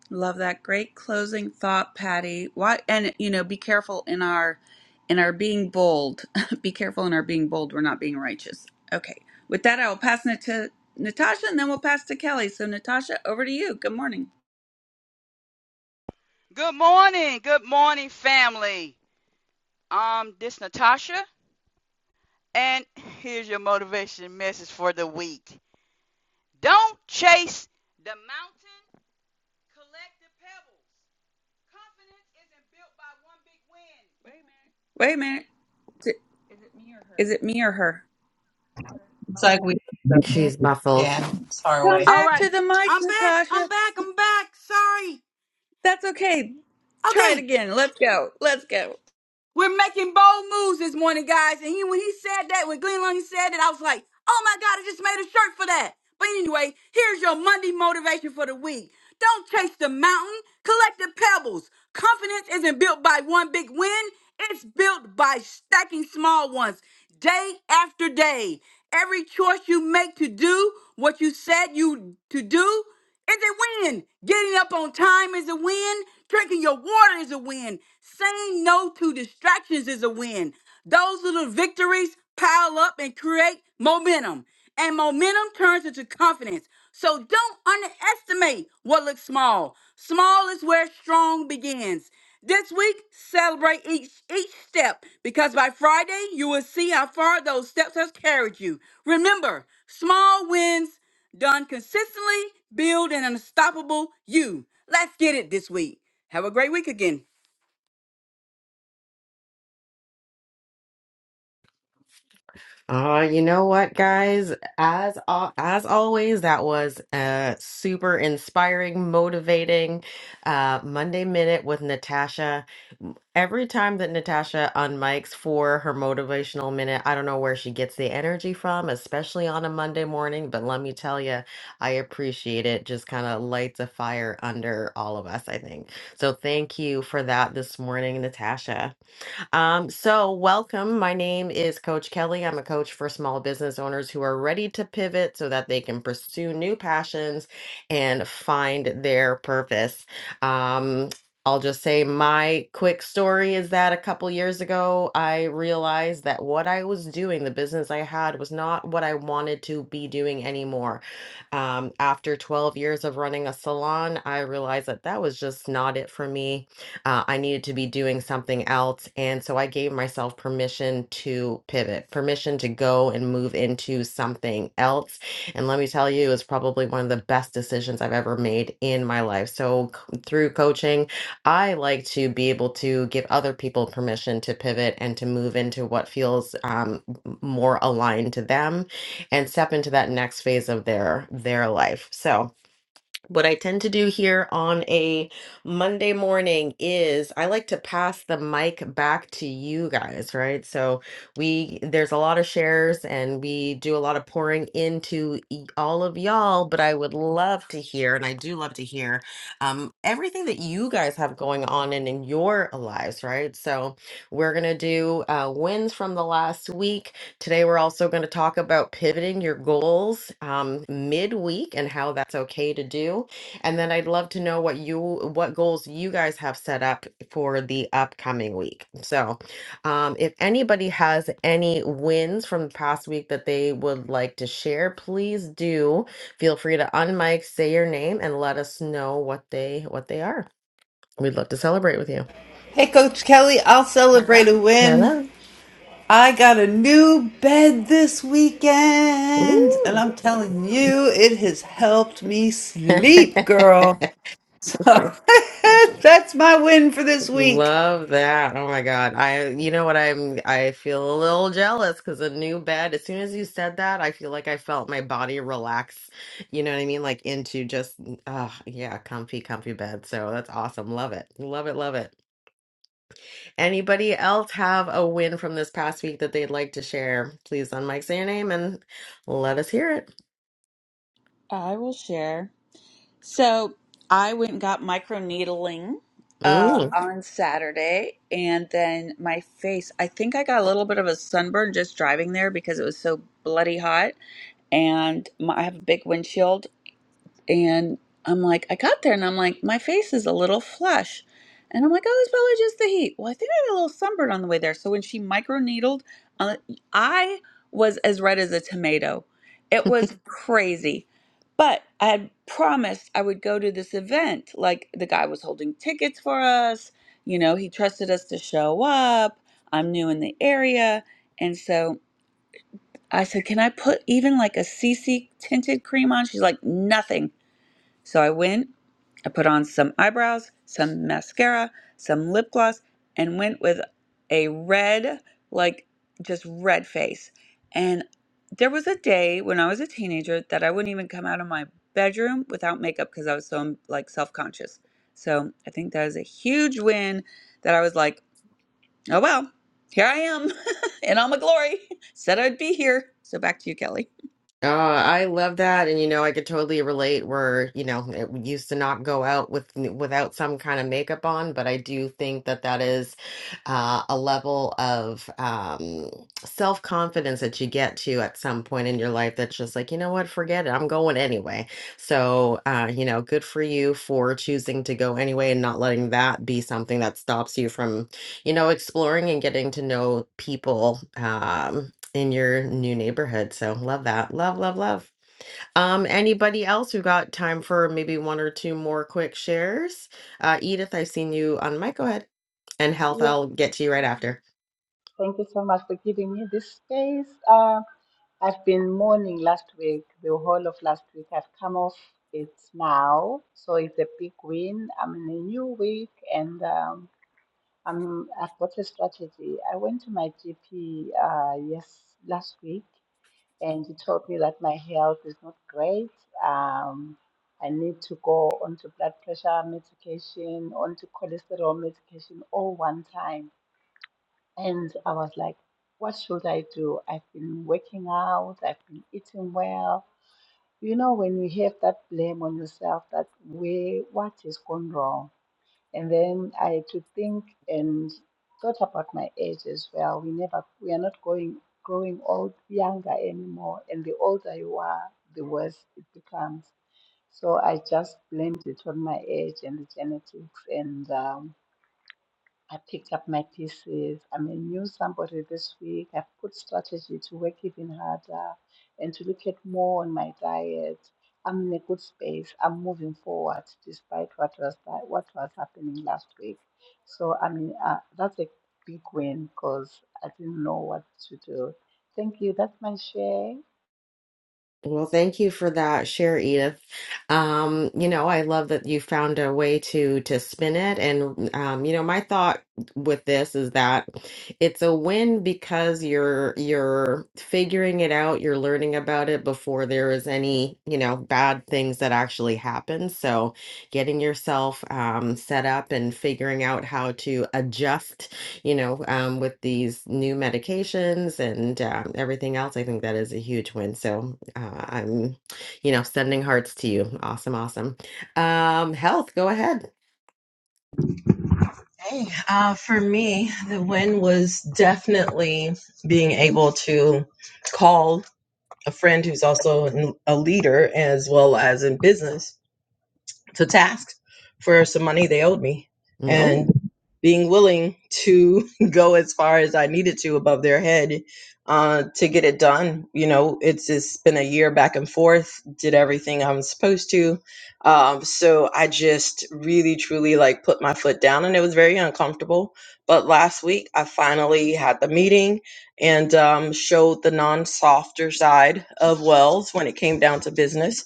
Love that great closing thought, Patty. Why and you know, be careful in our in our being bold. be careful in our being bold. We're not being righteous. Okay. With that, I will pass it to Natasha, and then we'll pass to Kelly. So, Natasha, over to you. Good morning. Good morning. Good morning, family. Um, this is Natasha, and here's your motivation message for the week. Don't chase the mountain, collect the pebbles. Confidence isn't built by one big win. Wait a minute. Wait a minute. T- Is it me or her? It's like we, Jeez, muffled. yeah, it's far Come away. All back right. to the mic, I'm back. I'm Natasha. back. I'm back. Sorry. That's okay. Try Okay. it again. Let's go. Let's go. We're making bold moves this morning, guys. And he, when he said that, when Glenn Lundy said that, I was like, oh my God, I just made a shirt for that. But anyway, here's your Monday motivation for the week. Don't chase the mountain, collect the pebbles. Confidence isn't built by one big win, it's built by stacking small ones day after day. Every choice you make to do what you said you to do is a win. Getting up on time is a win. Drinking your water is a win. Saying no to distractions is a win. Those little victories pile up and create momentum. And momentum turns into confidence. So don't underestimate what looks small. Small is where strong begins. This week, celebrate each each step because by Friday you will see how far those steps has carried you. Remember, small wins done consistently build an unstoppable you. Let's get it this week. Have a great week again. Uh, you know what, guys? As al- as always, that was a super inspiring, motivating uh, Monday Minute with Natasha. Every time that Natasha unmics for her motivational minute, I don't know where she gets the energy from, especially on a Monday morning. But let me tell you, I appreciate it. Just kind of lights a fire under all of us, I think. So thank you for that this morning, Natasha. Um, so, welcome. My name is Coach Kelly. I'm a coach for small business owners who are ready to pivot so that they can pursue new passions and find their purpose. Um, I'll just say my quick story is that a couple years ago, I realized that what I was doing, the business I had, was not what I wanted to be doing anymore. Um, after 12 years of running a salon, I realized that that was just not it for me uh, I needed to be doing something else. And so I gave myself permission to pivot, permission to go and move into something else. And let me tell you, it's probably one of the best decisions I've ever made in my life. So c- through coaching, I like to be able to give other people permission to pivot and to move into what feels um, m- more aligned to them and step into that next phase of their their life. So what I tend to do here on a Monday morning is I like to pass the mic back to you guys, right? So we there's a lot of shares and we do a lot of pouring into e- all of y'all, but I would love to hear, and I do love to hear um, everything that you guys have going on and in your lives, right? So we're gonna do uh, wins from the last week. Today, we're also going to talk about pivoting your goals um, midweek and how that's okay to do. And then I'd love to know what you what goals you guys have set up for the upcoming week. So, um, if anybody has any wins from the past week that they would like to share, please do feel free to unmic, say your name, and let us know what they what they are. We'd love to celebrate with you. Hey, Coach Kelly, I'll celebrate a win. Hello. I got a new bed this weekend, and I'm Ooh. telling you, it has helped me sleep, girl. So that's my win for this week. Love that. Oh my God. I, you know what? I'm, I feel a little jealous because a new bed, as soon as you said that, I feel like I felt my body relax. You know what I mean? Like into just, uh, yeah, comfy, comfy bed. So that's awesome. Love it. Love it. Love it. Anybody else have a win from this past week that they'd like to share? Please unmic, say your name and let us hear it. I will share. So I went and got microneedling Mm. uh, on Saturday, and then my face, I think I got a little bit of a sunburn just driving there because it was so bloody hot. And my, I have a big windshield, and I'm like, I got there and I'm like, my face is a little flush. And I'm like, oh, it's probably just the heat. Well, I think I had a little sunburn on the way there. So when she microneedled, uh, I was as red as a tomato. It was crazy. But I had promised I would go to this event. Like the guy was holding tickets for us. You know, he trusted us to show up. I'm new in the area. And so I said, can I put even like a CC tinted cream on? She's like, nothing. So I went, I put on some eyebrows, some mascara, some lip gloss, and went with a red, like just red face. And there was a day when I was a teenager that I wouldn't even come out of my bedroom without makeup because I was so like self-conscious. So I think that is a huge win that I was like, oh well, here I am in all my glory. Said I'd be here. So back to you, Kelly. Uh, I love that, and you know, I could totally relate where, you know, it we used to not go out with without some kind of makeup on, but I do think that that is uh, a level of um, self-confidence that you get to at some point in your life that's just like, you know what, forget it, I'm going anyway. So, uh, you know, good for you for choosing to go anyway and not letting that be something that stops you from, you know, exploring and getting to know people, um, in your new neighborhood. So love that. Love, love, love. Um, anybody else who got time for maybe one or two more quick shares? Uh, Edith, I've seen you on mic. Go ahead. And health, Yes, I'll get to you right thank after. you. Thank you so much for giving me this space. Uh, I've been mourning last week, the whole of last week. I've come off it now, so it's a big win. I'm in a new week, and um, I'm. I've got a strategy. I went to my GP uh, yes last week, and he told me that my health is not great. Um, I need to go onto blood pressure medication, onto cholesterol medication, all one time and I was like, what should I do? I've been working out, I've been eating well. You know, when you have that blame on yourself, that way, what is gone wrong? And then I had to think and thought about my age as well. We never, we are not going growing old, younger anymore. And the older you are, the worse it becomes. So I just blamed it on my age and the genetics and um, I picked up my pieces. I may knew somebody this week. I've put strategy to work even harder and to look at more on my diet. I'm in a good space. I'm moving forward despite what was that, what was happening last week. So I mean uh, that's a big win because I didn't know what to do. Thank you. That's my share. Well, thank you for that share, Edith. Um, you know, I love that you found a way to to spin it. And um, you know, my thought with this is that it's a win because you're you're figuring it out, you're learning about it before there is any, you know, bad things that actually happen. So getting yourself um, set up and figuring out how to adjust you know, um, with these new medications and um, everything else, I think that is a huge win. So uh, I'm, you know, sending hearts to you. Awesome, awesome. Um, health, go ahead. Hey, uh, for me, the win was definitely being able to call a friend who's also a leader as well as in business to task for some money they owed me and Oh, being willing to go as far as I needed to above their head uh, to get it done. You know, it's it's been a year back and forth, did everything I was supposed to. Um, so I just really, truly like put my foot down and it was very uncomfortable. But last week, I finally had the meeting and um, showed the non softer side of Wells when it came down to business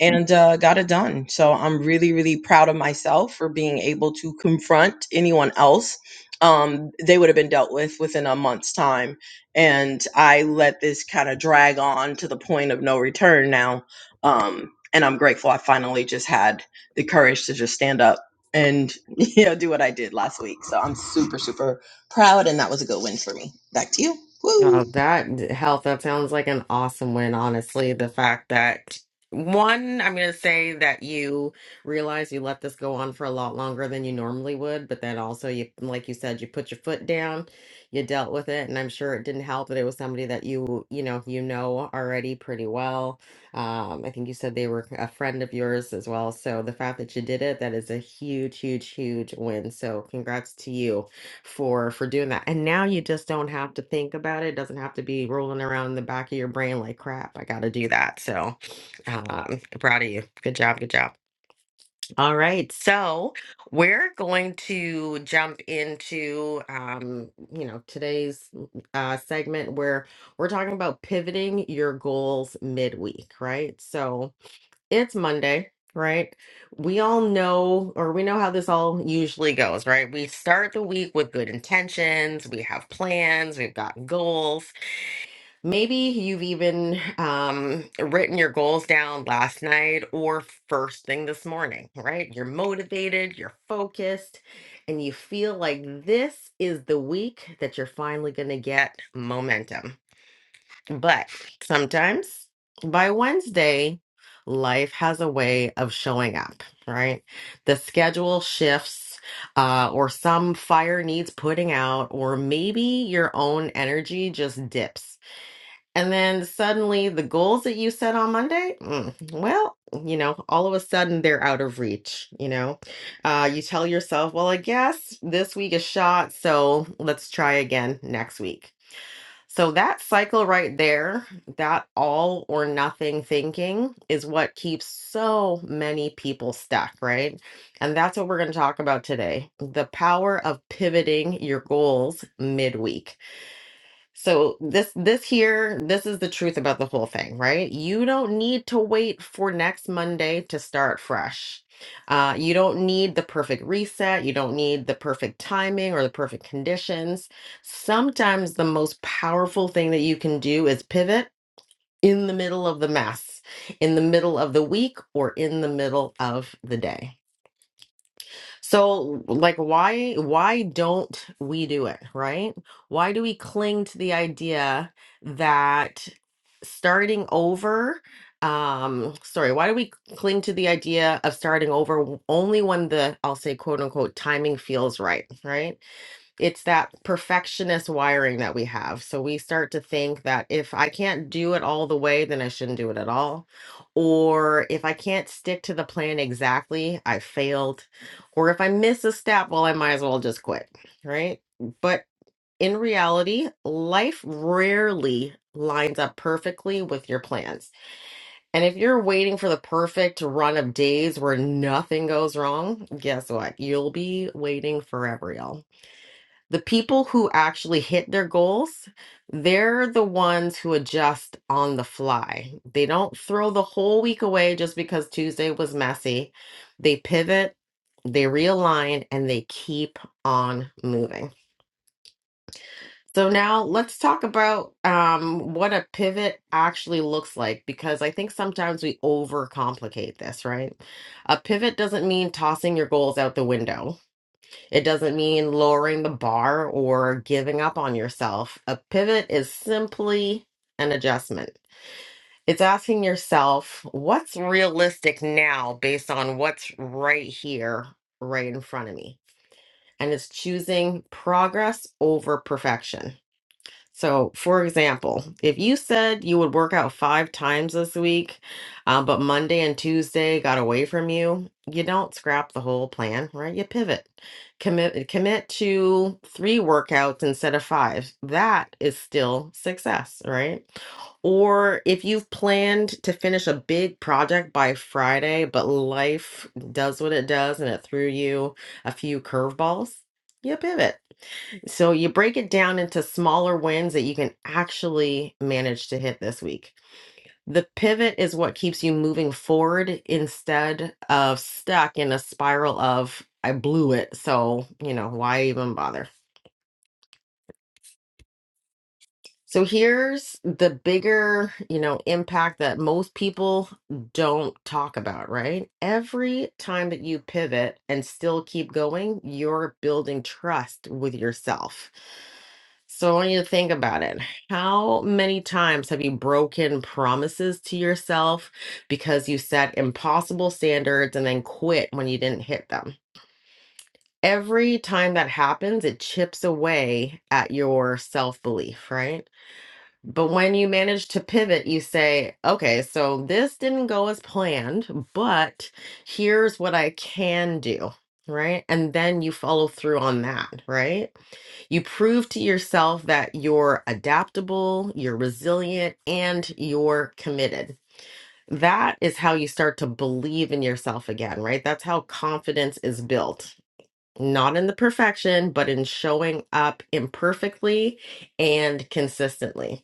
and uh, got it done. So I'm really, really proud of myself for being able to confront anyone else. Um, they would have been dealt with within a month's time. And I let this kind of drag on to the point of no return now. Um, and I'm grateful I finally just had the courage to just stand up and you know do what I did last week. So I'm super, super proud and that was a good win for me. Back to you. Oh, Woo! that health, that sounds like an awesome win, honestly. The fact that one, I'm going to say that you realize you let this go on for a lot longer than you normally would, but then also you, like you said, you put your foot down, you dealt with it, and I'm sure it didn't help that it was somebody that you, you know, you know already pretty well. Um, I think you said they were a friend of yours as well. So the fact that you did it, that is a huge, huge, huge win. So congrats to you for for doing that. And now you just don't have to think about it. It doesn't have to be rolling around in the back of your brain like crap, I gotta do that. So um proud of you. Good job, good job. All right. So we're going to jump into um, you know, today's uh segment where we're talking about pivoting your goals midweek, right? So it's Monday, right? We all know, or we know how this all usually goes, right? We start the week with good intentions, we have plans, we've got goals. Maybe you've even um, written your goals down last night or first thing this morning, right? You're motivated, you're focused, and you feel like this is the week that you're finally going to get momentum. But sometimes by Wednesday, life has a way of showing up, right? The schedule shifts, uh, or some fire needs putting out, or maybe your own energy just dips. And then suddenly the goals that you set on Monday, mm, well, you know, all of a sudden they're out of reach. You know, uh, you tell yourself, well, I guess this week is shot, so let's try again next week so that cycle right there, that all or nothing thinking is what keeps so many people stuck, right? And that's what we're going to talk about today the power of pivoting your goals midweek. So this this here this is the truth about the whole thing, right? You don't need to wait for next Monday to start fresh. Uh, you don't need the perfect reset. You don't need the perfect timing or the perfect conditions. Sometimes the most powerful thing that you can do is pivot in the middle of the mess, in the middle of the week, or in the middle of the day. So like why why don't we do it, right? Why do we cling to the idea that starting over um sorry, why do we cling to the idea of starting over w- only when the I'll say quote unquote timing feels right, right? it's that perfectionist wiring that we have. So we start to think that if I can't do it all the way, then I shouldn't do it at all. Or if I can't stick to the plan exactly, I failed. Or if I miss a step, well, I might as well just quit. Right. But in reality, life rarely lines up perfectly with your plans. And if you're waiting for the perfect run of days where nothing goes wrong, guess what? You'll be waiting forever, y'all the people who actually hit their goals, they're the ones who adjust on the fly. They don't throw the whole week away just because Tuesday was messy. They pivot, they realign, and they keep on moving. So now let's talk about um, what a pivot actually looks like because I think sometimes we overcomplicate this, right? A pivot doesn't mean tossing your goals out the window it doesn't mean lowering the bar or giving up on yourself. A pivot is simply an adjustment. It's asking yourself what's realistic now based on what's right here, right in front of me. And it's choosing progress over perfection. So, for example, if you said you would work out five times this week, um, but Monday and Tuesday got away from you, you don't scrap the whole plan, right? You pivot, commit, commit to three workouts instead of five. That is still success, right? Or if you've planned to finish a big project by Friday, but life does what it does and it threw you a few curveballs, you pivot. So you break it down into smaller wins that you can actually manage to hit this week. The pivot is what keeps you moving forward instead of stuck in a spiral of, I blew it. So, you know, why even bother? So here's the bigger, you know, impact that most people don't talk about, right? Every time that you pivot and still keep going, you're building trust with yourself. So I want you to think about it. How many times have you broken promises to yourself because you set impossible standards and then quit when you didn't hit them? Every time that happens, it chips away at your self belief, right? But when you manage to pivot, you say, okay, so this didn't go as planned, but here's what I can do, right? And then you follow through on that, right? You prove to yourself that you're adaptable, you're resilient, and you're committed. That is how you start to believe in yourself again, right? That's how confidence is built. Not in the perfection, but in showing up imperfectly and consistently.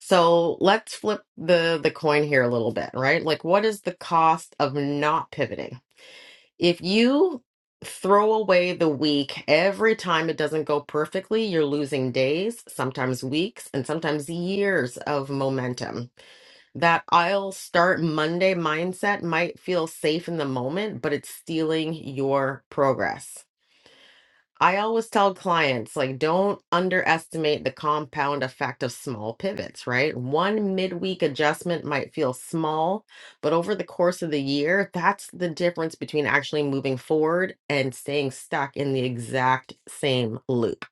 So let's flip the the coin here a little bit, right? Like what is the cost of not pivoting? If you throw away the week every time it doesn't go perfectly, you're losing days, sometimes weeks, and sometimes years of momentum. That I'll start Monday mindset might feel safe in the moment, but it's stealing your progress. I always tell clients, like, don't underestimate the compound effect of small pivots, right? One midweek adjustment might feel small, but over the course of the year, that's the difference between actually moving forward and staying stuck in the exact same loop.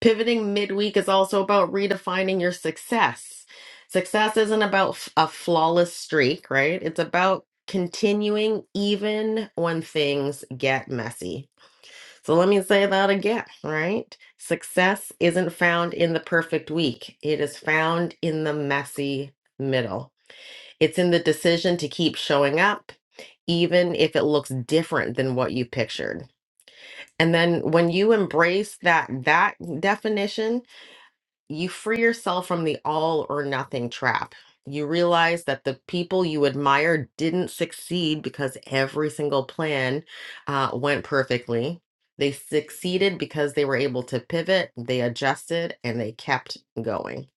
Pivoting midweek is also about redefining your success. Success isn't about f- a flawless streak, right? It's about continuing even when things get messy so let me say that again, right? Success isn't found in the perfect week, it is found in the messy middle. It's in the decision to keep showing up, even if it looks different than what you pictured. And then when you embrace that that definition, you free yourself from the all or nothing trap. You realize that the people you admire didn't succeed because every single plan uh, went perfectly. They succeeded because they were able to pivot, they adjusted, and they kept going.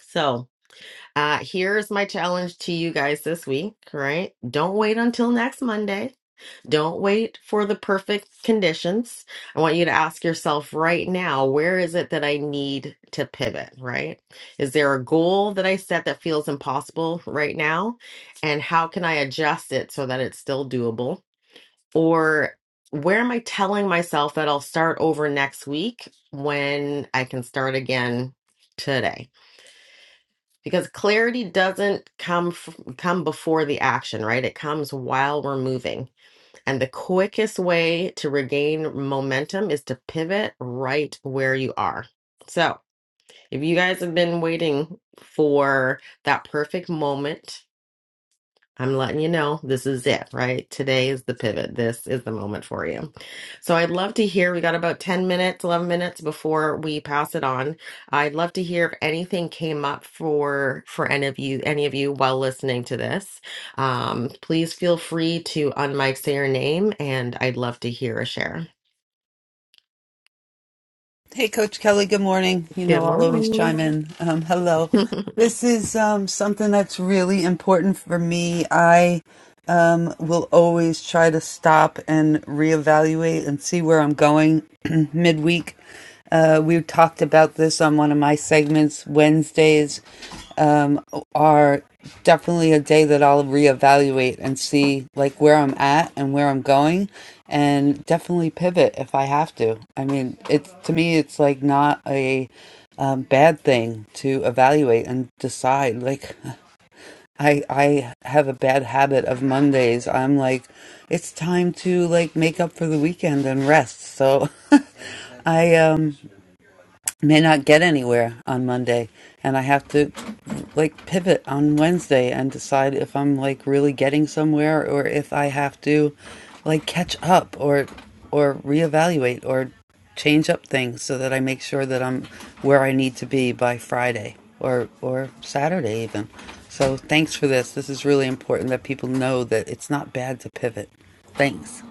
So, uh, here's my challenge to you guys this week, right? Don't wait until next Monday don't wait for the perfect conditions. I want you to ask yourself right now, where is it that I need to pivot, right? Is there a goal that I set that feels impossible right now? And how can I adjust it so that it's still doable? Or where am I telling myself that I'll start over next week when I can start again today? Because clarity doesn't come f- come before the action, right? It comes while we're moving. And the quickest way to regain momentum is to pivot right where you are. So, if you guys have been waiting for that perfect moment I'm letting you know this is it, right? Today is the pivot. This is the moment for you. So I'd love to hear, we got about 10 minutes, 11 minutes before we pass it on. I'd love to hear if anything came up for for any of you, any of you while listening to this. Um, please feel free to unmic say your name and I'd love to hear a share. Hey, Coach Kelly. Good morning. You know, Good I'll always morning. chime in. Um, hello. This is um, something that's really important for me. I um, will always try to stop and reevaluate and see where I'm going midweek. Uh, we talked about this on one of my segments Wednesdays um, are definitely a day that I'll reevaluate and see like where I'm at and where I'm going, and definitely pivot if I have to. I mean, it's to me, it's like not a um, bad thing to evaluate and decide. Like, I I have a bad habit of Mondays. I'm like, it's time to like make up for the weekend and rest. So. I um may not get anywhere on Monday and I have to like pivot on Wednesday and decide if I'm like really getting somewhere or if I have to like catch up or or reevaluate or change up things so that I make sure that I'm where I need to be by Friday or or Saturday even. So thanks for this. This is really important that people know that it's not bad to pivot. Thanks.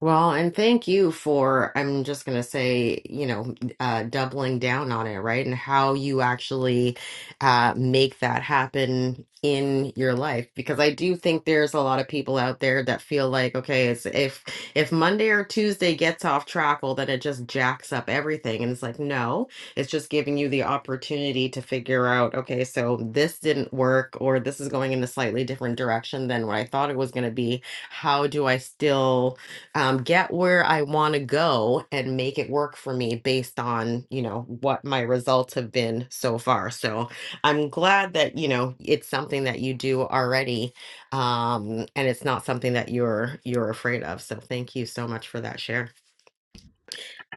Well, and thank you for, I'm just going to say, you know, uh, doubling down on it, right? And how you actually uh, make that happen in your life. Because I do think there's a lot of people out there that feel like, okay, it's, if if Monday or Tuesday gets off track, well, then it just jacks up everything. And it's like, no, it's just giving you the opportunity to figure out, okay, so this didn't work, or this is going in a slightly different direction than what I thought it was going to be. How do I still um, get where I want to go and make it work for me based on, you know, what my results have been so far. So I'm glad that, you know, it's something that you do already. Um, and it's not something that you're you're afraid of. So thank you so much for that share.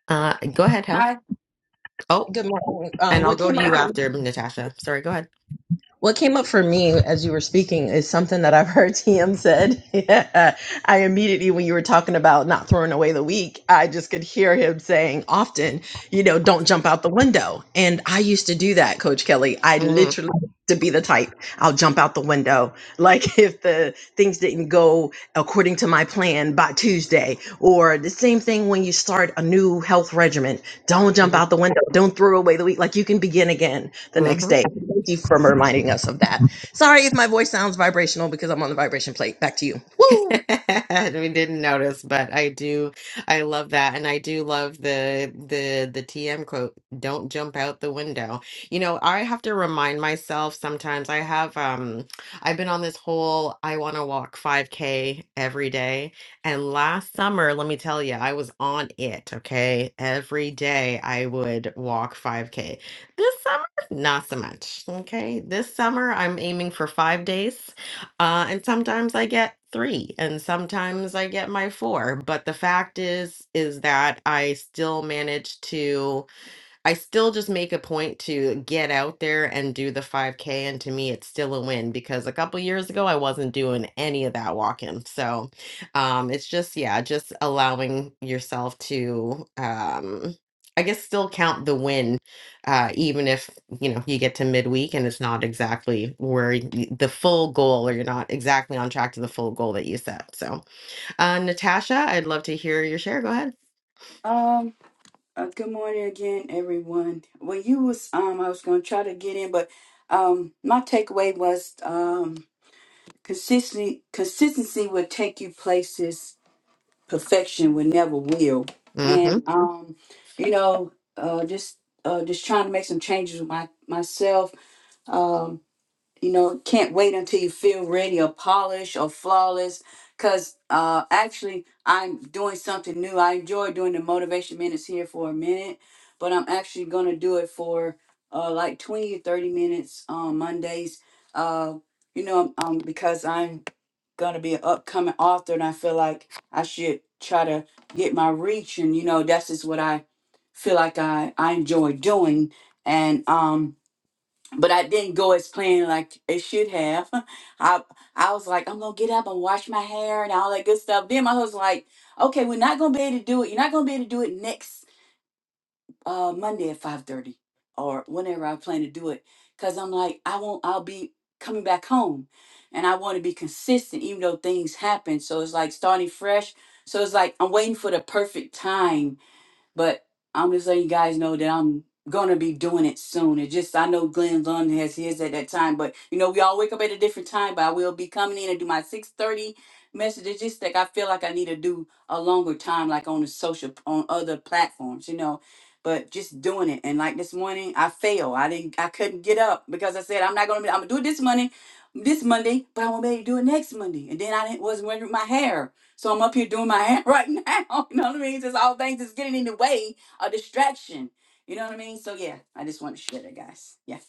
Uh, go ahead, Hel. Oh, Good morning. Um, and I'll what go came to you up? after Natasha. Sorry, go ahead. What came up for me as you were speaking is something that I've heard TM said. Yeah. I immediately, when you were talking about not throwing away the week, I just could hear him saying often, you know, don't jump out the window. And I used to do that, Coach Kelly. I Mhm, literally used to be the type I'll jump out the window. Like if the things didn't go according to my plan by Tuesday, or the same thing when you start a new health regimen, don't jump mhm, out the window, don't throw away the week. Like you can begin again the next mhm. day. Thank you for reminding us of that. Sorry if my voice sounds vibrational because I'm on the vibration plate. Back to you. Woo! we didn't notice, but I do. I love that, and I do love the the the TM quote. Don't jump out the window. You know, I have to remind myself sometimes. I have um, I've been on this whole I want to walk 5K every day, and last summer, let me tell you, I was on it. Okay, every day I would walk 5K. This summer, not so much. Okay, this summer I'm aiming for five days. Uh, and sometimes I get three, and sometimes I get my four. But the fact is, is that I still manage to I still just make a point to get out there and do the 5K. And to me, it's still a win because a couple years ago, I wasn't doing any of that walking. So um, it's just, yeah, just allowing yourself to, um, I guess, still count the win, uh, even if, you know, you get to midweek and it's not exactly where y- the full goal or you're not exactly on track to the full goal that you set. So, uh, Natasha, I'd love to hear your share. Go ahead. Um, I was going to try to get in, but um, my takeaway was um, consistency. Consistency will take you places perfection will never will. Mm-hmm. And um, you know, uh, just uh, just trying to make some changes with my myself. Um. you know can't wait until you feel ready or polished or flawless because uh actually i'm doing something new i enjoy doing the motivation minutes here for a minute but i'm actually going to do it for uh like 20 to 30 minutes on mondays uh you know um because i'm going to be an upcoming author and i feel like i should try to get my reach and you know that's just what i feel like i i enjoy doing and um but I didn't go as planned like it should have. I I was like, I'm gonna get up and wash my hair and all that good stuff. Then my husband's like, okay, we're not gonna be able to do it. You're not gonna be able to do it next uh, Monday at 5:30 or whenever I plan to do it, because I'm like, I won't. I'll be coming back home, and I want to be consistent, even though things happen. So it's like starting fresh. So it's like I'm waiting for the perfect time but I'm just letting you guys know that I'm gonna be doing it soon. It just I know Glenn Lund has his at that time, but you know we all wake up at a different time. But I will be coming in and do my six thirty message. It's just like I feel like I need to do a longer time, like on the social on other platforms, you know. But just doing it, and like this morning, I failed. I didn't. I couldn't get up because I said I'm not gonna. Be, I'm gonna do it this Monday, this Monday, but I won't be able to do it next Monday. And then I didn't, wasn't wearing my hair. So I'm up here doing my hand right now. You know what I mean? Just all things is getting in the way, a distraction. You know what I mean? So yeah, I just want to share that, guys. Yes.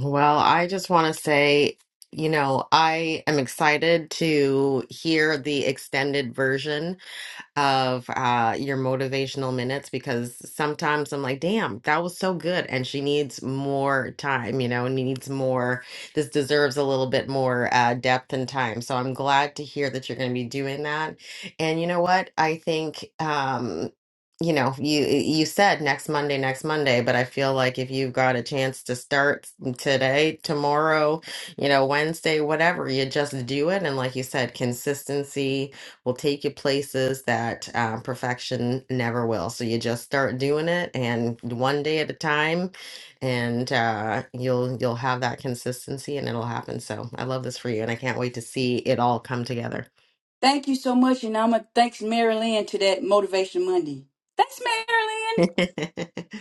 Well, I just want to say, you know, I am excited to hear the extended version of uh, your motivational minutes because sometimes I'm like, damn, that was so good. And she needs more time, you know, needs more. This deserves a little bit more uh, depth and time. So I'm glad to hear that you're going to be doing that. And you know what? I think. Um, you know, you you said next Monday, next Monday, but I feel like if you've got a chance to start today, tomorrow, you know, Wednesday, whatever, you just do it. And like you said, consistency, will take you places that um, perfection never will. So you just start doing it, and one day at a time, and uh, you'll you'll have that consistency, and it'll happen. So I love this for you, and I can't wait to see it all come together. Thank you so much. And I'm going to thanks Mary Lynn to that Motivation Monday. Thanks, Mary Lynn.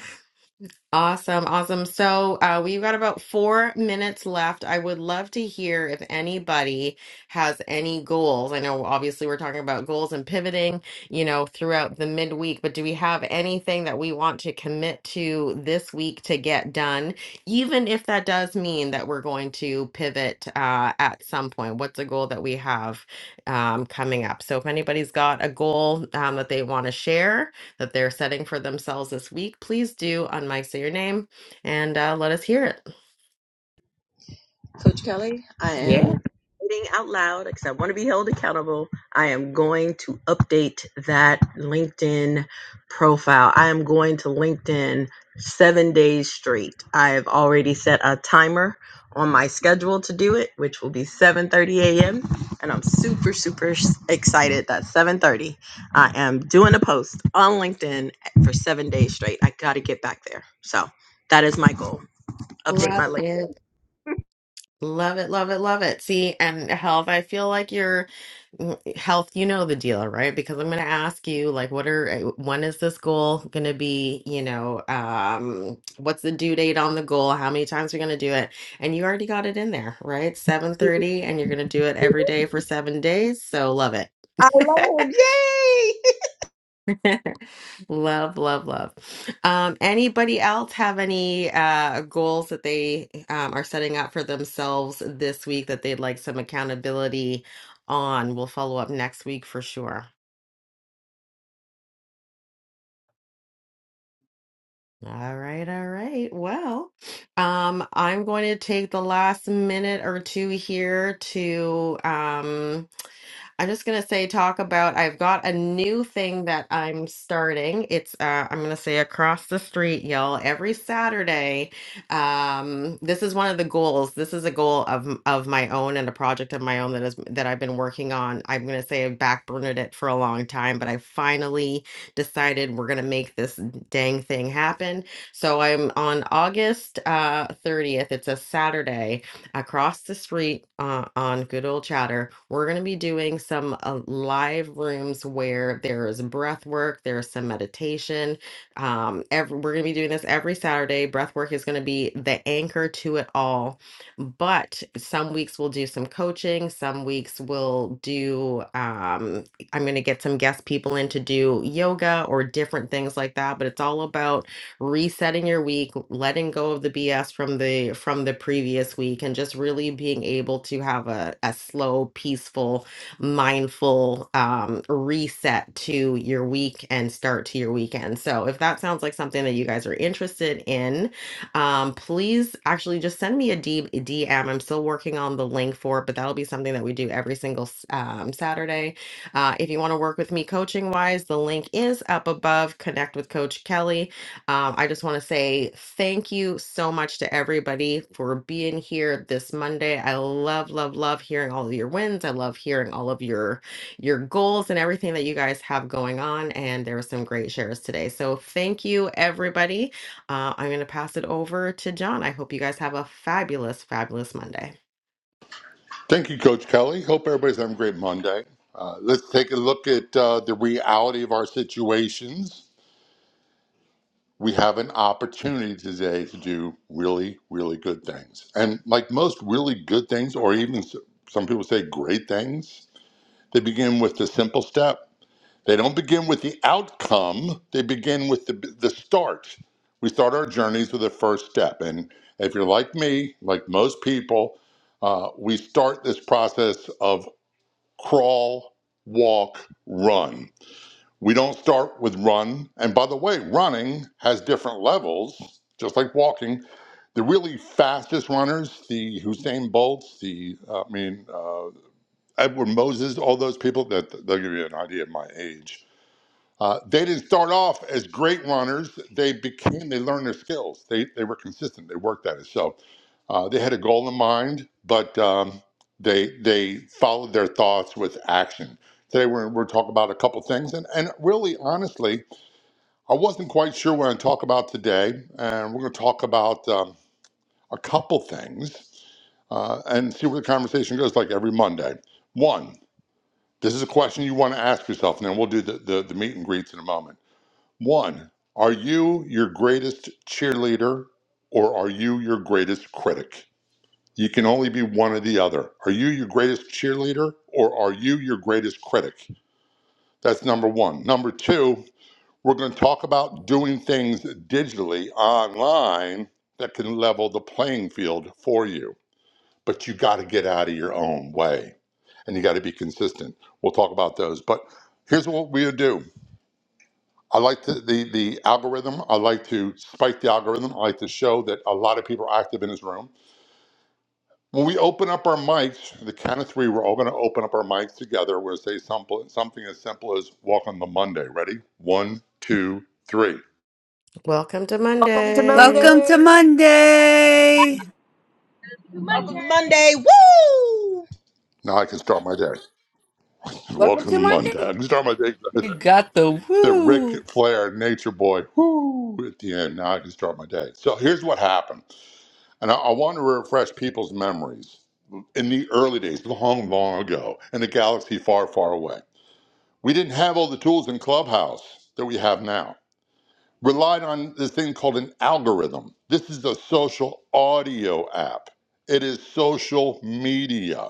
Awesome, awesome. So uh, we've got about four minutes left. I would love to hear if anybody has any goals. I know obviously we're talking about goals and pivoting, you know, throughout the midweek, but do we have anything that we want to commit to this week to get done, even if that does mean that we're going to pivot uh, at some point? What's a goal that we have um, coming up? So if anybody's got a goal um, that they want to share, that they're setting for themselves this week, please do on Mike Say Your Name and uh, let us hear it. Coach Kelly, I Yeah. am reading out loud because I want to be held accountable. I am going to update that LinkedIn profile. I am going to LinkedIn seven days straight. I have already set a timer on my schedule to do it, which will be 7:30 a.m. And I'm super, super s- excited that 7:30 I am doing a post on LinkedIn for seven days straight. I got to get back there. So that is my goal. Update my Love LinkedIn. it. Love it, love it, love it. See, and health, I feel like your mm, health, you know the deal, right? Because I'm going to ask you, like, what are, uh, when is this goal going to be? You know, um, what's the due date on the goal? How many times are going to do it? And you already got it in there, right? 7:30, and you're going to do it every day for seven days. So love it. Oh, yay! Love, love, love. Um, anybody else have any uh goals that they um are setting up for themselves this week that they'd like some accountability on? We'll follow up next week for sure. All right, all right. Well, um, I'm going to take the last minute or two here to um I'm just gonna say talk about I've got a new thing that I'm starting. It's uh I'm gonna say across the street, y'all, every Saturday. Um this is one of the goals. This is a goal of m- of my own and a project of my own that is that I've been working on. I'm gonna say I've backburnered it for a long time, but I finally decided we're gonna make this dang thing happen. So I'm on August uh 30th. It's a Saturday across the street uh, on good old chatter we're going to be doing some uh, live rooms where there is breath work there's some meditation um every, we're going to be doing this every saturday breath work is going to be the anchor to it all but some weeks we'll do some coaching some weeks we'll do um i'm going to get some guest people in to do yoga or different things like that but it's all about resetting your week, letting go of the BS from the from the previous week and just really being able to have a, a slow, peaceful, mindful um, reset to your week and start to your weekend. So if that sounds like something that you guys are interested in, um, please actually just send me a D- DM. I'm still working on the link for it, but that'll be something that we do every single s- um, Saturday. Uh, if you want to work with me coaching wise, the link is up above. Connect with Coach Kelly um, I just want to say thank you so much to everybody for being here this Monday. I love, love, love hearing all of your wins. I love hearing all of your your goals and everything that you guys have going on. And there were some great shares today. So thank you, everybody. Uh, I'm going to pass it over to John. I hope you guys have a fabulous, fabulous Monday. Thank you, Coach Kelly. Hope everybody's having a great Monday. Uh, let's take a look at uh, the reality of our situations. We have an opportunity today to do really, really good things. And like most really good things, or even s- some people say great things, they begin with the simple step. They don't begin with the outcome, they begin with the, the start. We start our journeys with the first step. And if you're like me, like most people, uh, we start this process of crawl, walk, run. We don't start with run. And by the way, running has different levels, just like walking. The really fastest runners, the Usain Bolts, the uh, I mean uh, Edward Moses, all those people that they'll give you an idea of my age. Uh, they didn't start off as great runners. They became, they learned their skills. They, they were consistent. They worked at it. So uh, they had a goal in mind, but um, they they followed their thoughts with action. Today we're, we're talking about a couple things, and, and really honestly, I wasn't quite sure what I'm going to talk about today, and we're going to talk about um, a couple things uh, and see where the conversation goes. Like every Monday, one, this is a question you want to ask yourself, and then we'll do the, the, the meet and greets in a moment. One, are you your greatest cheerleader, or are you your greatest critic? You can only be one or the other. Are you your greatest cheerleader or are you your greatest critic? That's number one. Number two, we're going to talk about doing things digitally online that can level the playing field for you. But you got to get out of your own way and you got to be consistent. We'll talk about those. But here's what we do. I like to, the the algorithm. I like to spike the algorithm. I like to show that a lot of people are active in this room. When we open up our mics, the count of three, we're all going to open up our mics together. We're going to say simple, something as simple as Welcome to Monday. Ready? One, two, three. Welcome to Welcome to Monday. Welcome to Monday. Monday. Welcome Monday to Monday. Woo! Now I can start my day. Welcome Welcome to to Monday. Monday. I can start my day. You got the The Ric woo. Flair Nature Boy, whoo, at the end. Now I can start my day. So here's what happened. And I, I want to refresh people's memories. In the early days, long, long ago, in a galaxy far, far away, we didn't have all the tools in Clubhouse that we have now. relied on this thing called an algorithm. This is a social audio app, it is social media.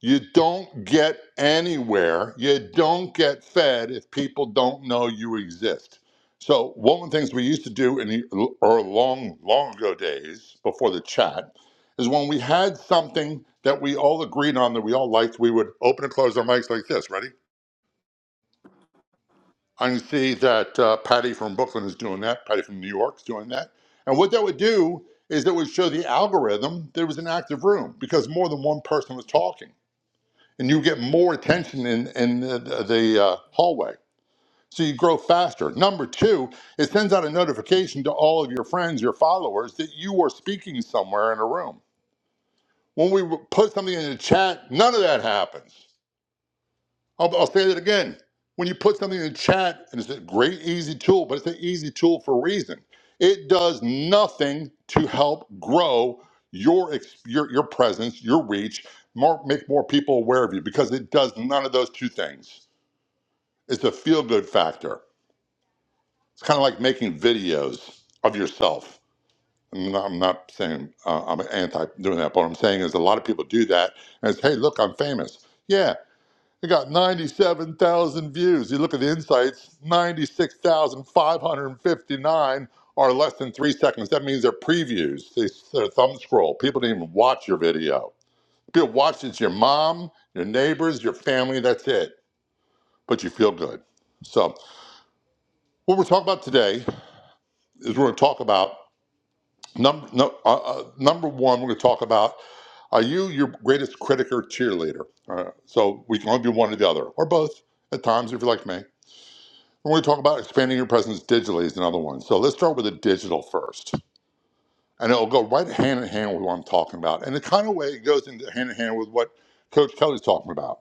You don't get anywhere, you don't get fed if people don't know you exist. So, one of the things we used to do in the or long, long ago days before the chat is when we had something that we all agreed on that we all liked, we would open and close our mics like this. Ready? I can see that uh, Patty from Brooklyn is doing that. Patty from New York is doing that. And what that would do is that would show the algorithm there was an active room because more than one person was talking, and you get more attention in in the, the uh, hallway. So you grow faster. Number two, it sends out a notification to all of your friends, your followers, that you are speaking somewhere in a room. When we put something in the chat, none of that happens. I'll, I'll say it again. When you put something in the chat, and it's a great, easy tool, but it's an easy tool for a reason. It does nothing to help grow your ex- your, your presence, your reach, more, make more people aware of you because it does none of those two things. It's a feel good factor. It's kind of like making videos of yourself. I'm not, I'm not saying uh, I'm anti doing that, but what I'm saying is a lot of people do that and it's, hey, look, I'm famous. Yeah. It got 97,000 views. You look at the insights, 96,559 are less than three seconds. That means they're previews. They, they're thumb scroll. People didn't even watch your video. People watch it's your mom, your neighbors, your family. That's it. But you feel good. So what we're talking about today is we're going to talk about number no, uh, uh, number one. We're going to talk about are you your greatest critic or cheerleader? Uh, so we can only do one or the other, or both at times if you're like me. When we talk about expanding your presence digitally is another one. So let's start with the digital first. And it'll go right hand in hand with what I'm talking about. And the kind of way it goes into hand in hand with what Coach Kelly's talking about.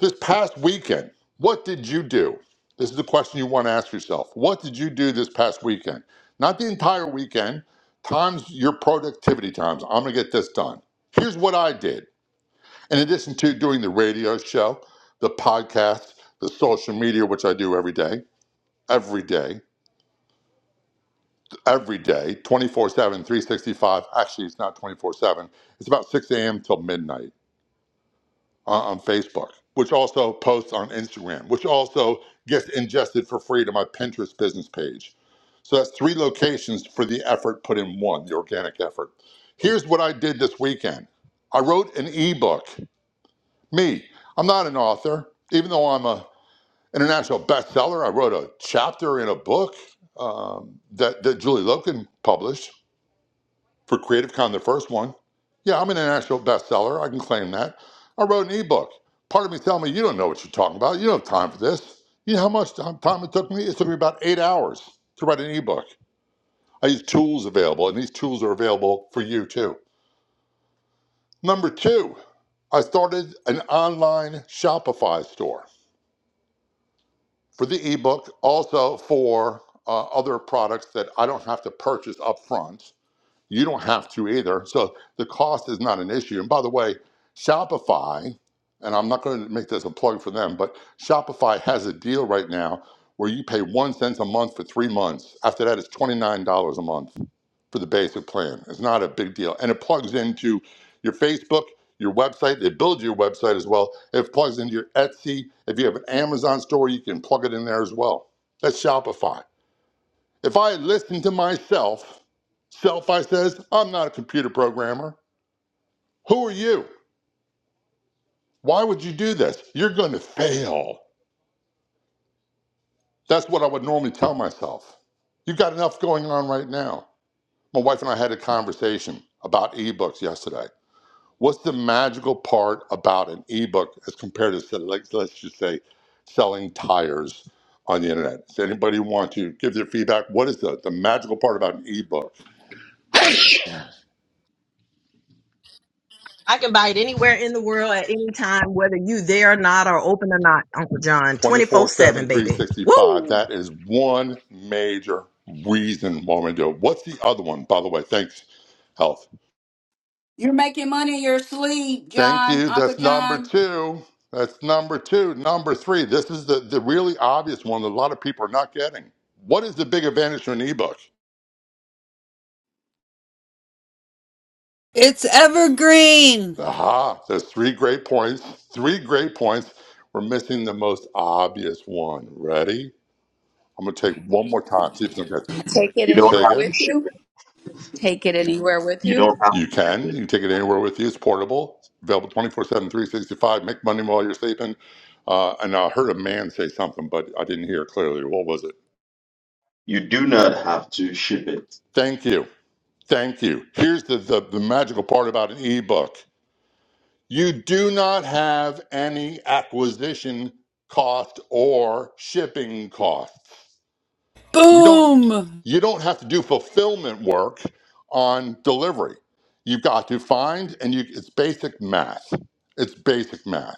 This past weekend, what did you do? This is the question you want to ask yourself. What did you do this past weekend? Not the entire weekend, times your productivity times. I'm going to get this done. Here's what I did. In addition to doing the radio show, the podcast, the social media, which I do every day, every day. every day, twenty-four seven, three sixty five. Actually, it's not 24 7. It's about 6 a.m. till midnight on, on Facebook, which also posts on Instagram, which also gets ingested for free to my Pinterest business page. So that's three locations for the effort put in one, the organic effort. Here's what I did this weekend I wrote an ebook. Me, I'm not an author, even though I'm a international bestseller. I wrote a chapter in a book um, that, that Julie Loken published. For Creative Con, the first one, yeah, I'm an international bestseller. I can claim that. I wrote an ebook. Part of me telling me, you don't know what you're talking about. You don't have time for this. You know how much time it took me? It took me about eight hours to write an ebook. I use tools available, and these tools are available for you too. Number two, I started an online Shopify store for the ebook, also for uh, other products that I don't have to purchase up front. You don't have to either. So the cost is not an issue. And by the way, Shopify, and I'm not going to make this a plug for them, but Shopify has a deal right now where you pay one cent a month for three months. After that, it's $29 a month for the basic plan. It's not a big deal. And it plugs into your Facebook, your website. They build your website as well. It plugs into your Etsy. If you have an Amazon store, you can plug it in there as well. That's Shopify. If I had listened to myself, self, I says, I'm not a computer programmer. Who are you? Why would you do this? You're going to fail. That's what I would normally tell myself. You've got enough going on right now. My wife and I had a conversation about ebooks yesterday. What's the magical part about an ebook as compared to, like, let's just say, selling tires on the internet? Does anybody want to give their feedback? What is the, the magical part about an ebook? I can buy it anywhere in the world at any time, whether you there or not or open or not, Uncle John. Twenty four 24-7, seven three baby. sixty-five. Woo! That is one major reason why we do it. What's the other one, by the way? Thanks, health. You're making money in your sleep, Thank John, you. Uncle That's number John. two. That's number two. Number three. This is the, the really obvious one that a lot of people are not getting. What is the big advantage to an ebook? It's evergreen. Aha, there's three great points. Three great points. We're missing the most obvious one. Ready? I'm going to take one more time. See if I can catch it. Take it You don't Say anywhere have to again. with ship you. it. Take it anywhere with You you. don't have You to ship can. You it. can take it anywhere with you. It's portable. It's available twenty four seven, three sixty five. Make money while you're sleeping. Uh, and I heard a man say something, but I didn't hear it clearly. What was it? You do not have to ship it. Thank you. Thank you. Here's the, the, the magical part about an ebook. You do not have any acquisition cost or shipping costs. You don't Boom. you don't have to do fulfillment work on delivery. You've got to find and you it's basic math. It's basic math.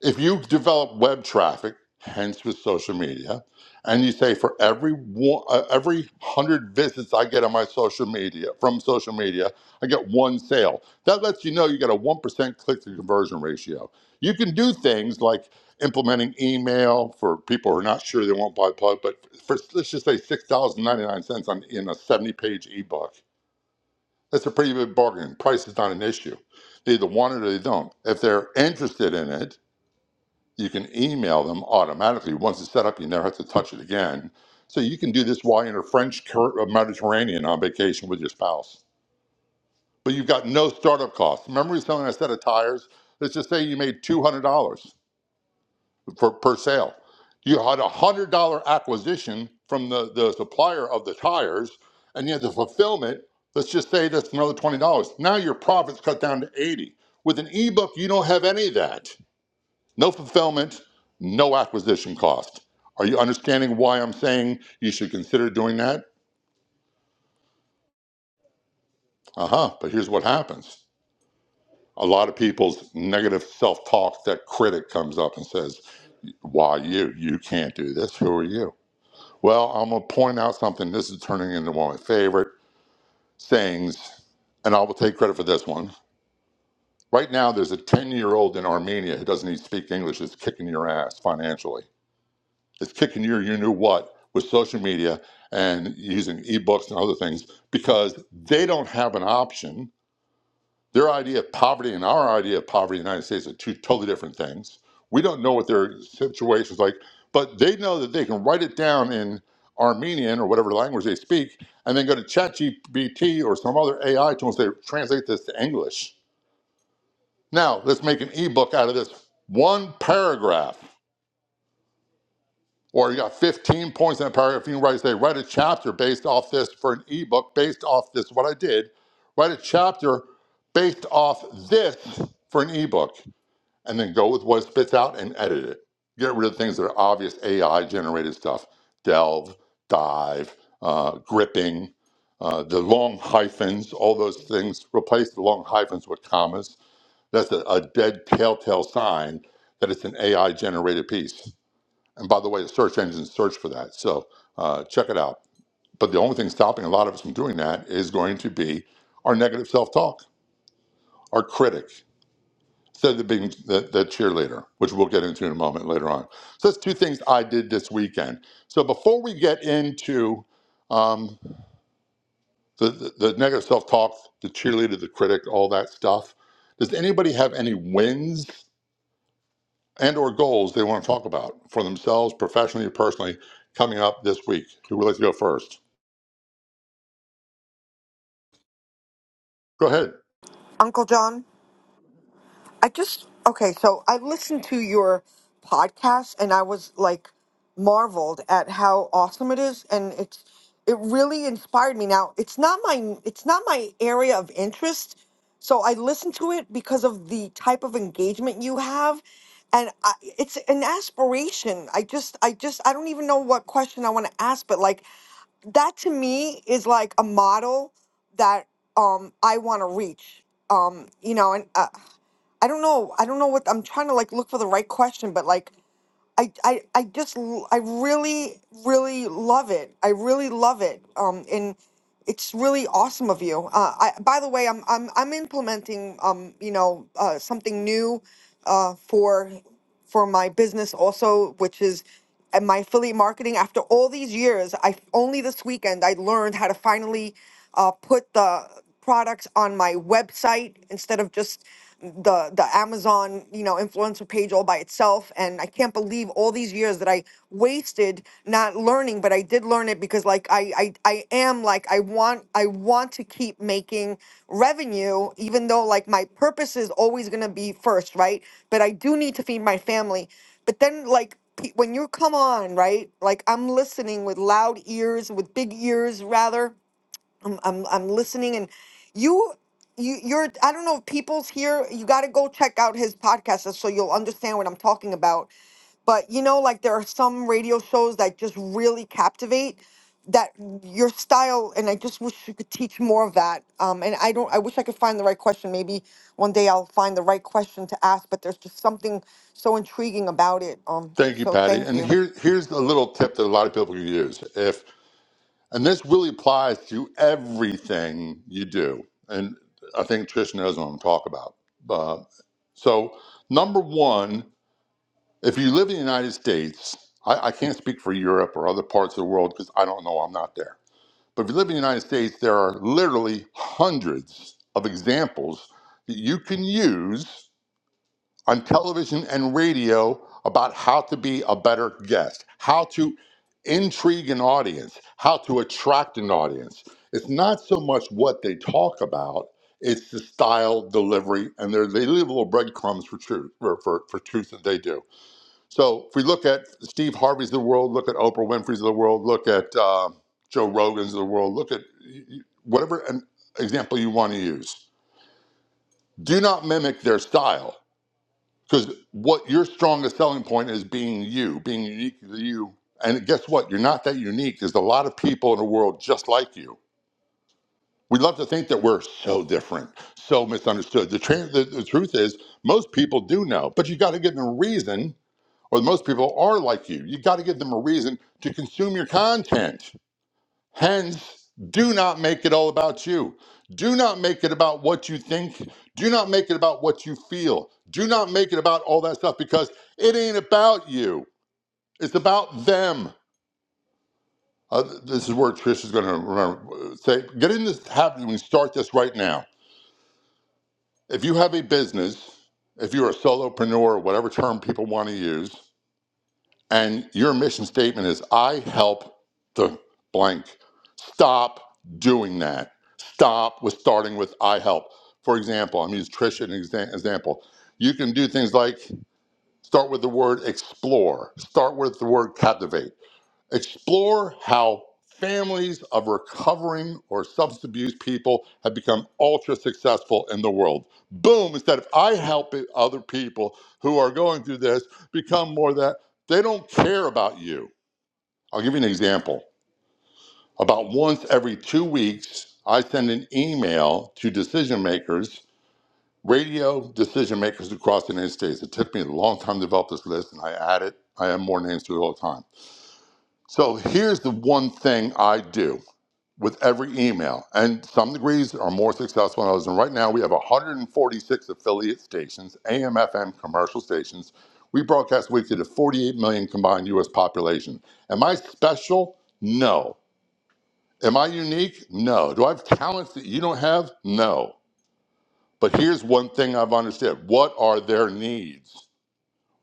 if you develop web traffic, hence with social media, and you say for every one, uh, every hundred visits I get on my social media from social media, I get one sale. That lets you know you got a one percent click to conversion ratio. You can do things like implementing email for people who are not sure they won't buy plug, but for let's just say six dollars and ninety nine cents on in a seventy page ebook. That's a pretty good bargain. Price is not an issue. They either want it or they don't. If they're interested in it, you can email them automatically. Once it's set up, you never have to touch it again. So you can do this while you're in a French Cur- uh, Mediterranean on vacation with your spouse. But you've got no startup costs. Remember we were selling a set of tires? Let's just say you made $200 for, per sale. You had a $100 acquisition from the, the supplier of the tires, and you had the fulfillment. Let's just say that's another $20. Now your profit's cut down to 80. With an ebook, you don't have any of that. No fulfillment, no acquisition cost. Are you understanding why I'm saying you should consider doing that? Uh huh. But here's what happens a lot of people's negative self talk, that critic comes up and says, Why you? You can't do this. Who are you? Well, I'm going to point out something. This is turning into one of my favorite sayings, and I will take credit for this one. Right now, there's a 10 year old in Armenia who doesn't even speak English, is kicking your ass financially It's kicking your you know what with social media and using ebooks and other things because they don't have an option. Their idea of poverty and our idea of poverty in the United States are two totally different things. We don't know what their situation's like, but they know that they can write it down in Armenian or whatever language they speak, and then go to ChatGPT or some other AI tool and say, translate this to English. Now, let's make an ebook out of this one paragraph. Or you got 15 points in a paragraph. You can write, say, write a chapter based off this for an ebook, based off this, what I did. Write a chapter based off this for an ebook, and then go with what it spits out and edit it. Get rid of things that are obvious AI generated stuff. Delve, dive, uh, gripping, uh, the long hyphens, all those things. Replace the long hyphens with commas. That's a, a dead telltale sign that it's an AI generated piece and by the way, the search engines search for that. So uh, check it out. But the only thing stopping a lot of us from doing that is going to be our negative self talk, our critic, instead of being the, the cheerleader, which we'll get into in a moment later on. So that's two things I did this weekend. So before we get into um, the, the, the negative self talk, the cheerleader, the critic, all that stuff, does anybody have any wins and or goals they want to talk about for themselves, professionally or personally, coming up this week? Who would like to go first? Go ahead. Uncle John, I just okay, so I listened to your podcast and I was like marveled at how awesome it is and it's it really inspired me. Now, it's not my it's not my area of interest, so I listened to it because of the type of engagement you have and I, it's an aspiration. I just I just I don't even know what question I want to ask, but like that to me is like a model that um I want to reach. Um, you know, and uh, I don't know, I don't know what I'm trying to like look for the right question, but like I I I just l- I really really love it. I really love it. Um, and it's really awesome of you. Uh, I by the way, I'm I'm I'm implementing um you know uh, something new, uh for for my business also, which is and my affiliate marketing after all these years i only this weekend i learned how to finally uh, put the products on my website instead of just the the amazon you know influencer page all by itself and i can't believe all these years that i wasted not learning but i did learn it because like i i, I am like i want i want to keep making revenue even though like my purpose is always going to be first right but i do need to feed my family but then, like, pe- when you come on, right? Like, I'm listening with loud ears, with big ears, rather. I'm I'm I'm listening and you you you're I don't know if people's here you got to go check out his podcast so you'll understand what I'm talking about but you know like there are some radio shows that just really captivate that your style and I just wish you could teach more of that um and I don't I wish I could find the right question maybe one day I'll find the right question to ask but there's just something so intriguing about it um Thank you, so Patty. thank And you here, here's a little tip that a lot of people can use. If and this really applies to everything you do, and I think Trish knows what I'm talking about. Uh, so, number one, if you live in the United States, I, I can't speak for Europe or other parts of the world because I don't know. I'm not there. But if you live in the United States, there are literally hundreds of examples that you can use on television and radio about how to be a better guest, how to intrigue an audience, how to attract an audience. It's not so much what they talk about, it's the style, delivery, and they're- they leave little breadcrumbs for truth, for, for, for truth that they do. So if we look at Steve Harvey's of the world, look at Oprah Winfrey's of the world, look at uh, Joe Rogan's of the world, look at y- y- whatever an example you want to use. Do not mimic their style because what your strongest selling point is being you, being unique to you. And guess what? You're not that unique. There's a lot of people in the world just like you. We love to think that we're so different, so misunderstood. The, tra- the, the truth is, most people do know, but you got to give them a reason, or most people are like you. You got to give them a reason to consume your content. Hence, do not make it all about you. Do not make it about what you think. Do not make it about what you feel. Do not make it about all that stuff because it ain't about you. It's about them. Uh, this is where Trish is going to remember. Say, get in this habit and start this right now. If you have a business, if you're a solopreneur, whatever term people want to use, and your mission statement is I help the blank. Stop doing that. Stop with starting with I help. For example, I'm using Trish as an exa- example. You can do things like start with the word explore, start with the word captivate Explore how families of recovering or substance abuse people have become ultra successful in the world. Boom, instead of I help it, other people who are going through this become more that they don't care about you. I'll give you an example. About once every two weeks, I send an email to decision makers, radio decision makers across the United States. It took me a long time to develop this list and I add it. I add more names to it all the time. So here's the one thing I do. with every email. And some degrees are more successful than others. And right now we have 146 affiliate stations, AM, FM, commercial stations. We broadcast weekly to 48 million combined US population. Am I special? No. Am I unique? No. Do I have talents that you don't have? No. But here's one thing I've understood. What are their needs?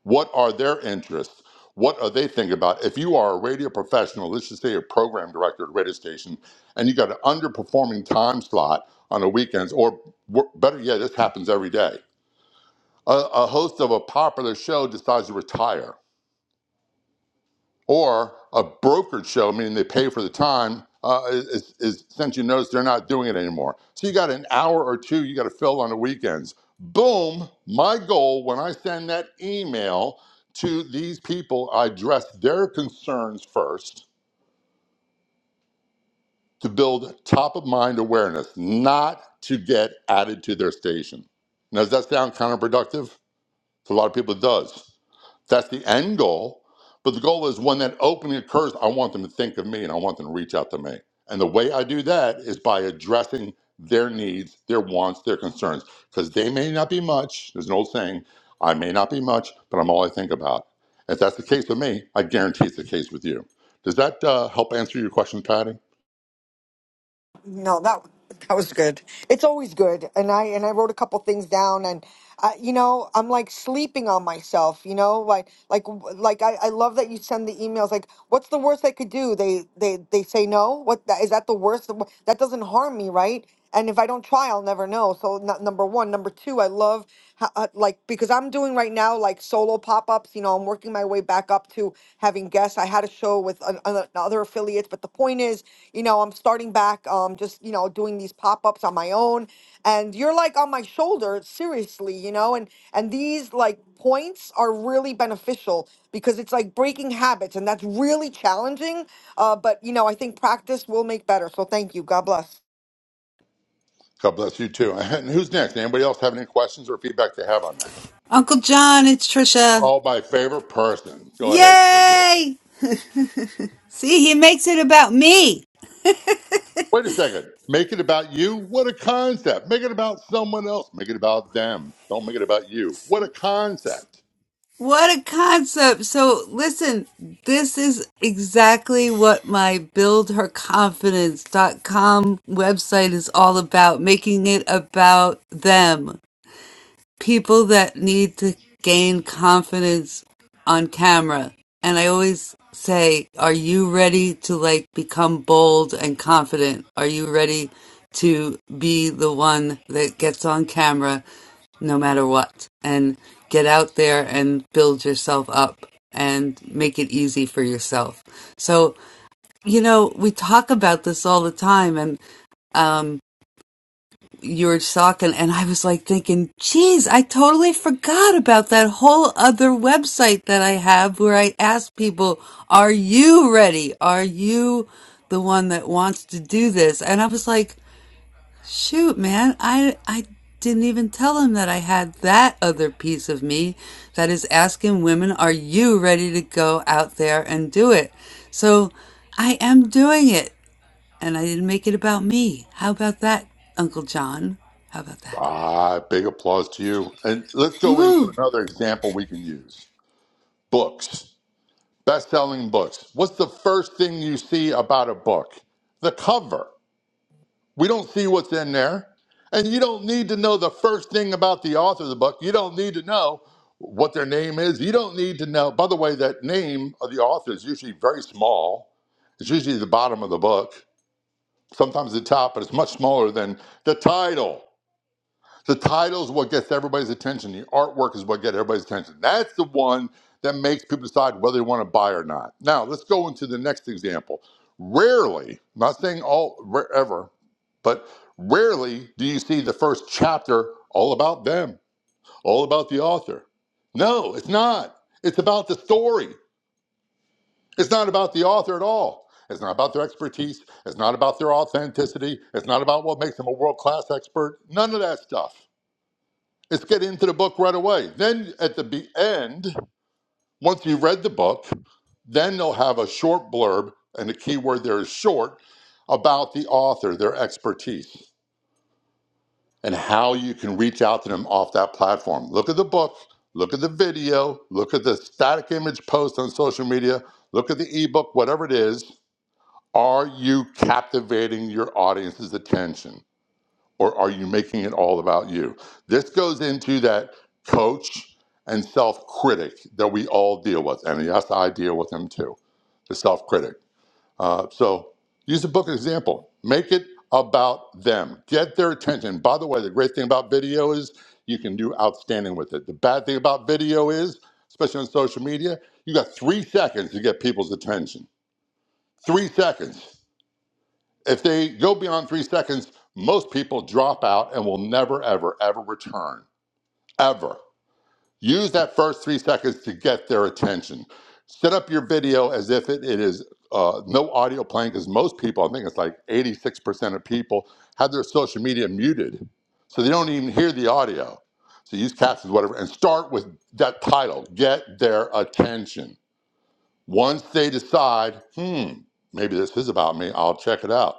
What are their interests? What are they thinking about? If you are a radio professional, let's just say a program director at a radio station, and you got an underperforming time slot on the weekends, or wor- better yet, this happens every day. A, a host of a popular show decides to retire or a brokered show, meaning they pay for the time, uh, is, is since you notice they're not doing it anymore. So you got an hour or two you got to fill on the weekends. Boom! My goal when I send that email to these people, I address their concerns first to build top of mind awareness, not to get added to their station. Now, does that sound counterproductive? For a lot of people, it does. That's the end goal. But the goal is when that opening occurs, I want them to think of me and I want them to reach out to me. And the way I do that is by addressing their needs, their wants, their concerns, because they may not be much. There's an old saying I may not be much, but I'm all I think about. If that's the case with me, I guarantee it's the case with you. Does that uh, help answer your question, Patty? No, that that was good. It's always good. And I and I wrote a couple things down and uh, you know, I'm like sleeping on myself, you know, like like like I, I love that you send the emails like what's the worst I could do? They they they say no? What that is that the worst that doesn't harm me, right? and if I don't try, I'll never know. So not, number one, number two, I love ho- uh, like because I'm doing right now like solo pop ups. You know, I'm working my way back up to having guests. I had a show with an, an, other affiliates, but the point is, you know, I'm starting back. Um, just you know, doing these pop ups on my own, and you're like on my shoulder, seriously, you know, and and these like points are really beneficial because it's like breaking habits and that's really challenging uh, but you know i think practice will make better so thank you god bless God bless you too. And who's next? Anybody else have any questions or feedback they have on that? Uncle John, it's Trisha. Oh, my favorite person. Go ahead, Tricia. Yay! See, he makes it about me. Wait a second. Make it about you? What a concept. Make it about someone else. Make it about them. Don't make it about you. What a concept. What a concept. So, listen, this is exactly what my build her confidence dot com website is all about, making it about them. people that need to gain confidence on camera. And I always say, are you ready to like become bold and confident? Are you ready to be the one that gets on camera no matter what and get out there and build yourself up and make it easy for yourself? So, you know, we talk about this all the time and, um you were talking and I was like thinking, geez, I totally forgot about that whole other website that I have where I ask people, are you ready? Are you the one that wants to do this? And I was like, shoot, man, I, I didn't even tell him that I had that other piece of me that is asking women, are you ready to go out there and do it? So I am doing it. And I didn't make it about me. How about that, Uncle John? How about that? Ah, big applause to you. And let's go into Woo! another example we can use books, best selling books. What's the first thing you see about a book? The cover. We don't see what's in there. And you don't need to know the first thing about the author of the book. You don't need to know what their name is. You don't need to know, by the way, that name of the author is usually very small It's usually the bottom of the book, sometimes the top, but it's much smaller than the title. The title is what gets everybody's attention. The artwork is what gets everybody's attention. That's the one that makes people decide whether they want to buy or not. Now, let's go into the next example. Rarely, I'm not saying all ever, but rarely do you see the first chapter all about them, all about the author. No, it's not. It's about the story. It's not about the author at all. It's not about their expertise. It's not about their authenticity. It's not about what makes them a world class expert. None of that stuff. It's get into the book right away. Then at the end, once you've read the book, then they'll have a short blurb, and the key word there is short, about the author, their expertise, and how you can reach out to them off that platform. Look at the book, look at the video, look at the static image post on social media, look at the ebook, whatever it is, Are you captivating your audience's attention or are you making it all about you? This goes into that coach and self critic that we all deal with. And yes, I deal with him too, the self critic. Uh, so use the book as an example. Make it about them, get their attention. By the way, the great thing about video is you can do outstanding with it. The bad thing about video is, especially on social media, you got three seconds to get people's attention. Three seconds if they go beyond three seconds, most people drop out and will never, ever, ever return. Ever. Use that first three seconds to get their attention. Set up your video as if it, it is uh, no audio playing because most people, I think it's like 86% of people, have their social media muted. So they don't even hear the audio. So use captions, whatever, and start with that title get their attention. Once they decide, hmm, maybe this is about me, I'll check it out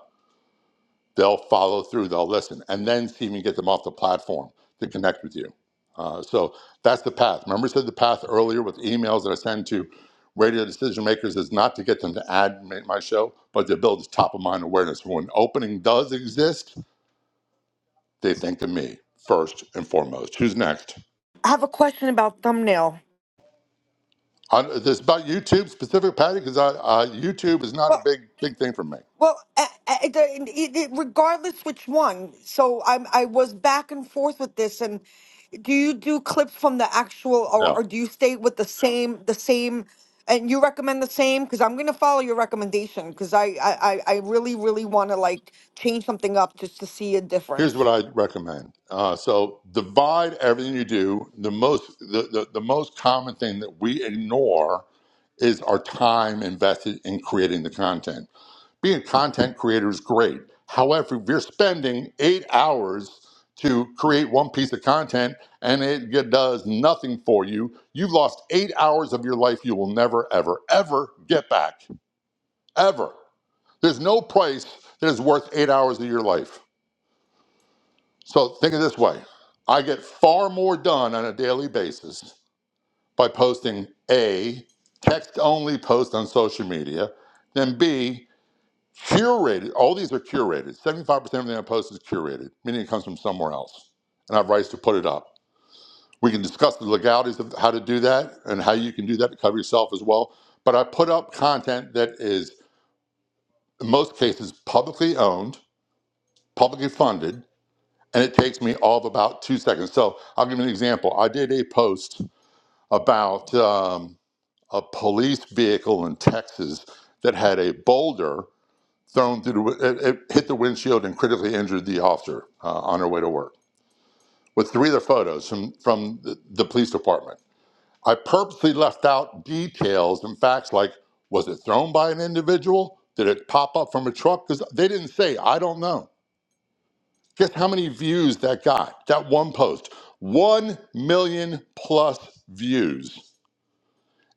they'll follow through, they'll listen, and then see if you get them off the platform to connect with you. Uh, so that's the path. Remember, I said the path earlier with emails that I send to radio decision makers is not to get them to add ma- my show, but to build top of mind awareness. When opening does exist, they think of me first and foremost. Who's next? I have a question about thumbnail. On, this about YouTube specific, Patty, because I, uh, YouTube is not a Well, big big thing for me. well, a- a- it- it- it- regardless which one. So I'm I was back and forth with this. And do you do clips from the actual, or, No. or do you stay with the same the same? And you recommend the same because I'm gonna follow your recommendation because I, I I I really really want to like change something up just to see a difference. Here's what I recommend. Uh, so divide everything you do. The most the, the, the most common thing that we ignore is our time invested in creating the content. Being a content creator is great. However, if you're spending eight hours to create one piece of content and it g- does nothing for you, you've lost eight hours of your life you will never, ever, ever get back. Ever. There's no price that is worth eight hours of your life. So think of it this way I get far more done on a daily basis by posting A, text only post on social media, than B, curated. All these are curated. 75% of everything I post is curated, meaning it comes from somewhere else. And I have rights to put it up. We can discuss the legalities of how to do that and how you can do that to cover yourself as well. But I put up content that is, in most cases, publicly owned, publicly funded, and it takes me all of about two seconds. So I'll give you an example. I did a post about um, a police vehicle in Texas that had a boulder thrown through the, wi- it, it hit the windshield and critically injured the officer uh, on her way to work. With three other photos from from the, the police department, I purposely left out details and facts like was it thrown by an individual? Did it pop up from a truck? Because they didn't say. I don't know. Guess how many views that got? That one post. One million plus views.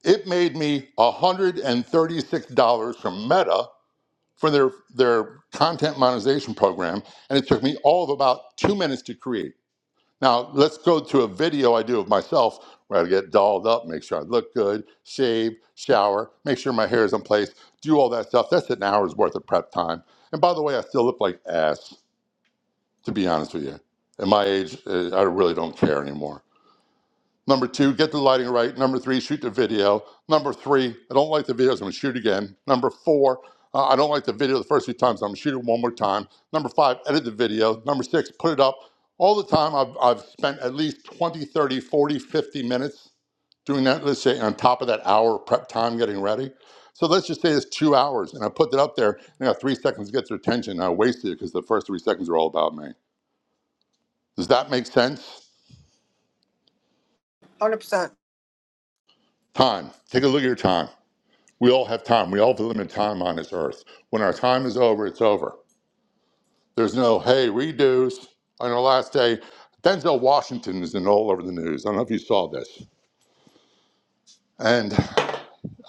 It made me $136 from Meta for their, their content monetization program, and it took me all of about two minutes to create. Now, let's go to a video I do of myself where I get dolled up, make sure I look good, shave, shower, make sure my hair is in place, do all that stuff. That's an hour's worth of prep time. And by the way, I still look like ass to be honest with you. At my age, uh, I really don't care anymore. Number two, get the lighting right. Number three, shoot the video. Number three, I don't like the videos. I'm gonna shoot again. Number four, uh, I don't like the video the first few times. I'm gonna shoot it one more time. Number five, edit the video. Number six, put it up. All the time, I've, I've spent at least 20, 30, 40, 50 minutes doing that, let's say, on top of that hour of prep time getting ready. So let's just say it's two hours, and I put that up there, and I got three seconds to get their attention, and I wasted it because the first three seconds are all about me. Does that make sense? Hundred percent. Time. Take a look at your time. We all have time. We all have limited time on this earth. When our time is over, it's over. There's no, hey, redos. On our last day, Denzel Washington is in all over the news. I don't know if you saw this. And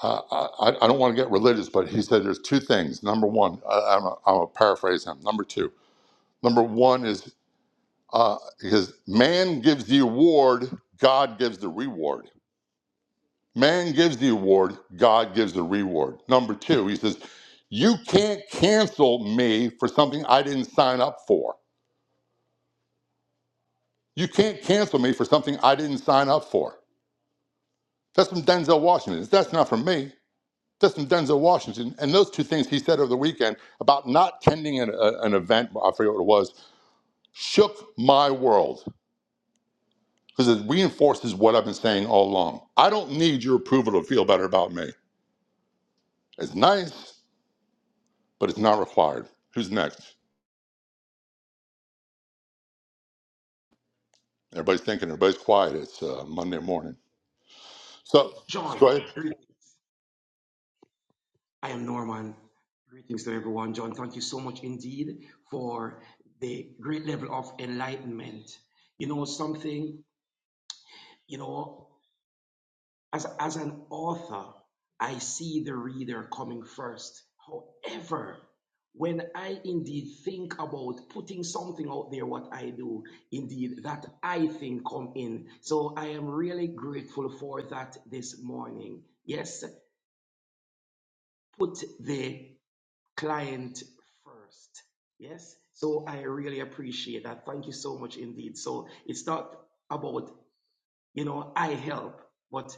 uh, I, I don't want to get religious, but he said there's two things. Number one, I, I'm going to paraphrase him. Number two, number one is uh, because man gives the award, God gives the reward. Man gives the award, God gives the reward. Number two, he says, You can't cancel me for something I didn't sign up for. You can't cancel me for something I didn't sign up for. That's from Denzel Washington. That's not from me. That's from Denzel Washington. And those two things he said over the weekend about not attending an, a- an event, I forget what it was, shook my world because it reinforces what I've been saying all along. I don't need your approval to feel better about me. It's nice, but it's not required. Who's next? Everybody's thinking, everybody's quiet. It's uh, Monday morning. So let's go John, ahead. greetings. I am Norman. Greetings to everyone. John, thank you so much indeed for the great level of enlightenment. You know, something, you know, as, as an author, I see the reader coming first. However, when I indeed think about putting something out there, what I do, indeed, that I think come in. So I am really grateful for that this morning. Yes, put the client first. Yes. So I really appreciate that. Thank you so much indeed. So it's not about, you know, I help, but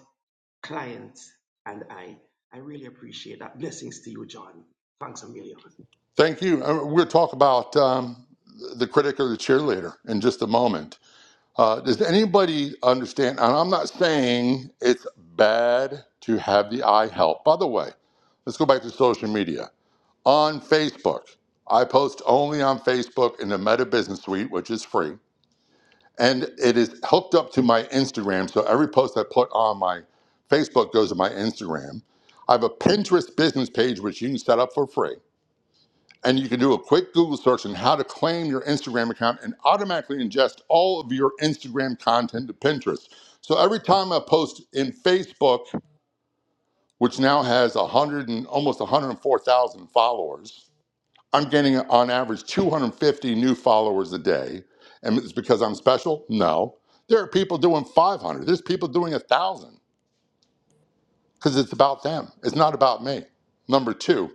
client and I. I really appreciate that. Blessings to you, John. Thanks a million. Thank you. Uh, We'll talk about um, the critic or the cheerleader in just a moment. Uh, does anybody understand? And I'm not saying it's bad to have the eye help. By the way, let's go back to social media. On Facebook, I post only on Facebook in the Meta Business Suite, which is free. and it is hooked up to my Instagram. So every post I put on my Facebook goes to my Instagram. I have a Pinterest business page which you can set up for free. And you can do a quick Google search on how to claim your Instagram account and automatically ingest all of your Instagram content to Pinterest. So every time I post in Facebook, which now has 100 and almost 104,000 followers, I'm getting on average 250 new followers a day. And it's because I'm special? No. There are people doing 500. There's people doing 1,000 because it's about them. It's not about me. Number two,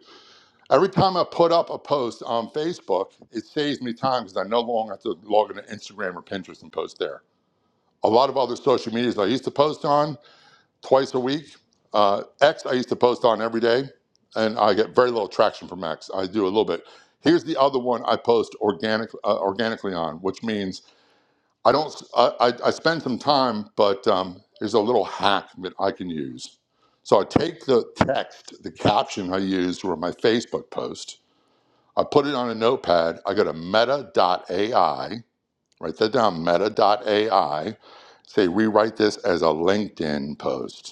every time I put up a post on Facebook, it saves me time because I no longer have to log into Instagram or Pinterest and post there. A lot of other social medias I used to post on, twice a week. Uh, X I used to post on every day, and I get very little traction from X. I do a little bit. Here's the other one I post organic uh, organically on, which means I don't. I, I, I spend some time, but um, here's a little hack that I can use. So I take the text, the caption I used for my Facebook post. I put it on a notepad. I go to Meta AI, write that down, Meta AI, say rewrite this as a LinkedIn post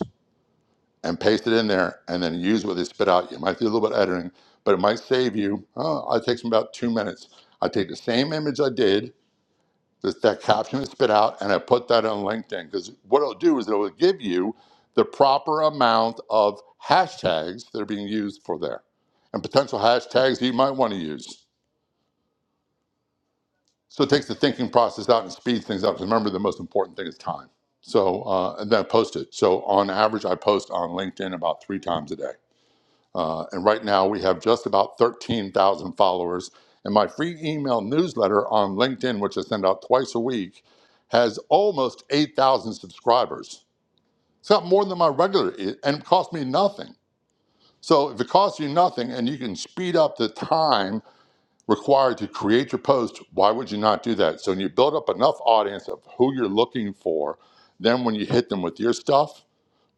and paste it in there and then use what they spit out. You might do a little bit of editing, but it might save you. Oh, it takes me about two minutes. I take the same image I did, that, that caption is spit out, and I put that on LinkedIn because what it'll do is it'll give you the proper amount of hashtags that are being used for there and potential hashtags that you might want to use. So it takes the thinking process out and speeds things up. Because Remember, the most important thing is time. So, uh, and then I post it. So on average, I post on LinkedIn about three times a day Uh, and right now we have just about 13,000 followers. And my free email newsletter on LinkedIn, which I send out twice a week, has almost 8,000 subscribers. It's got more than my regular, e- and it cost me nothing. So if it costs you nothing and you can speed up the time required to create your post, why would you not do that? So when you build up enough audience of who you're looking for, then when you hit them with your stuff,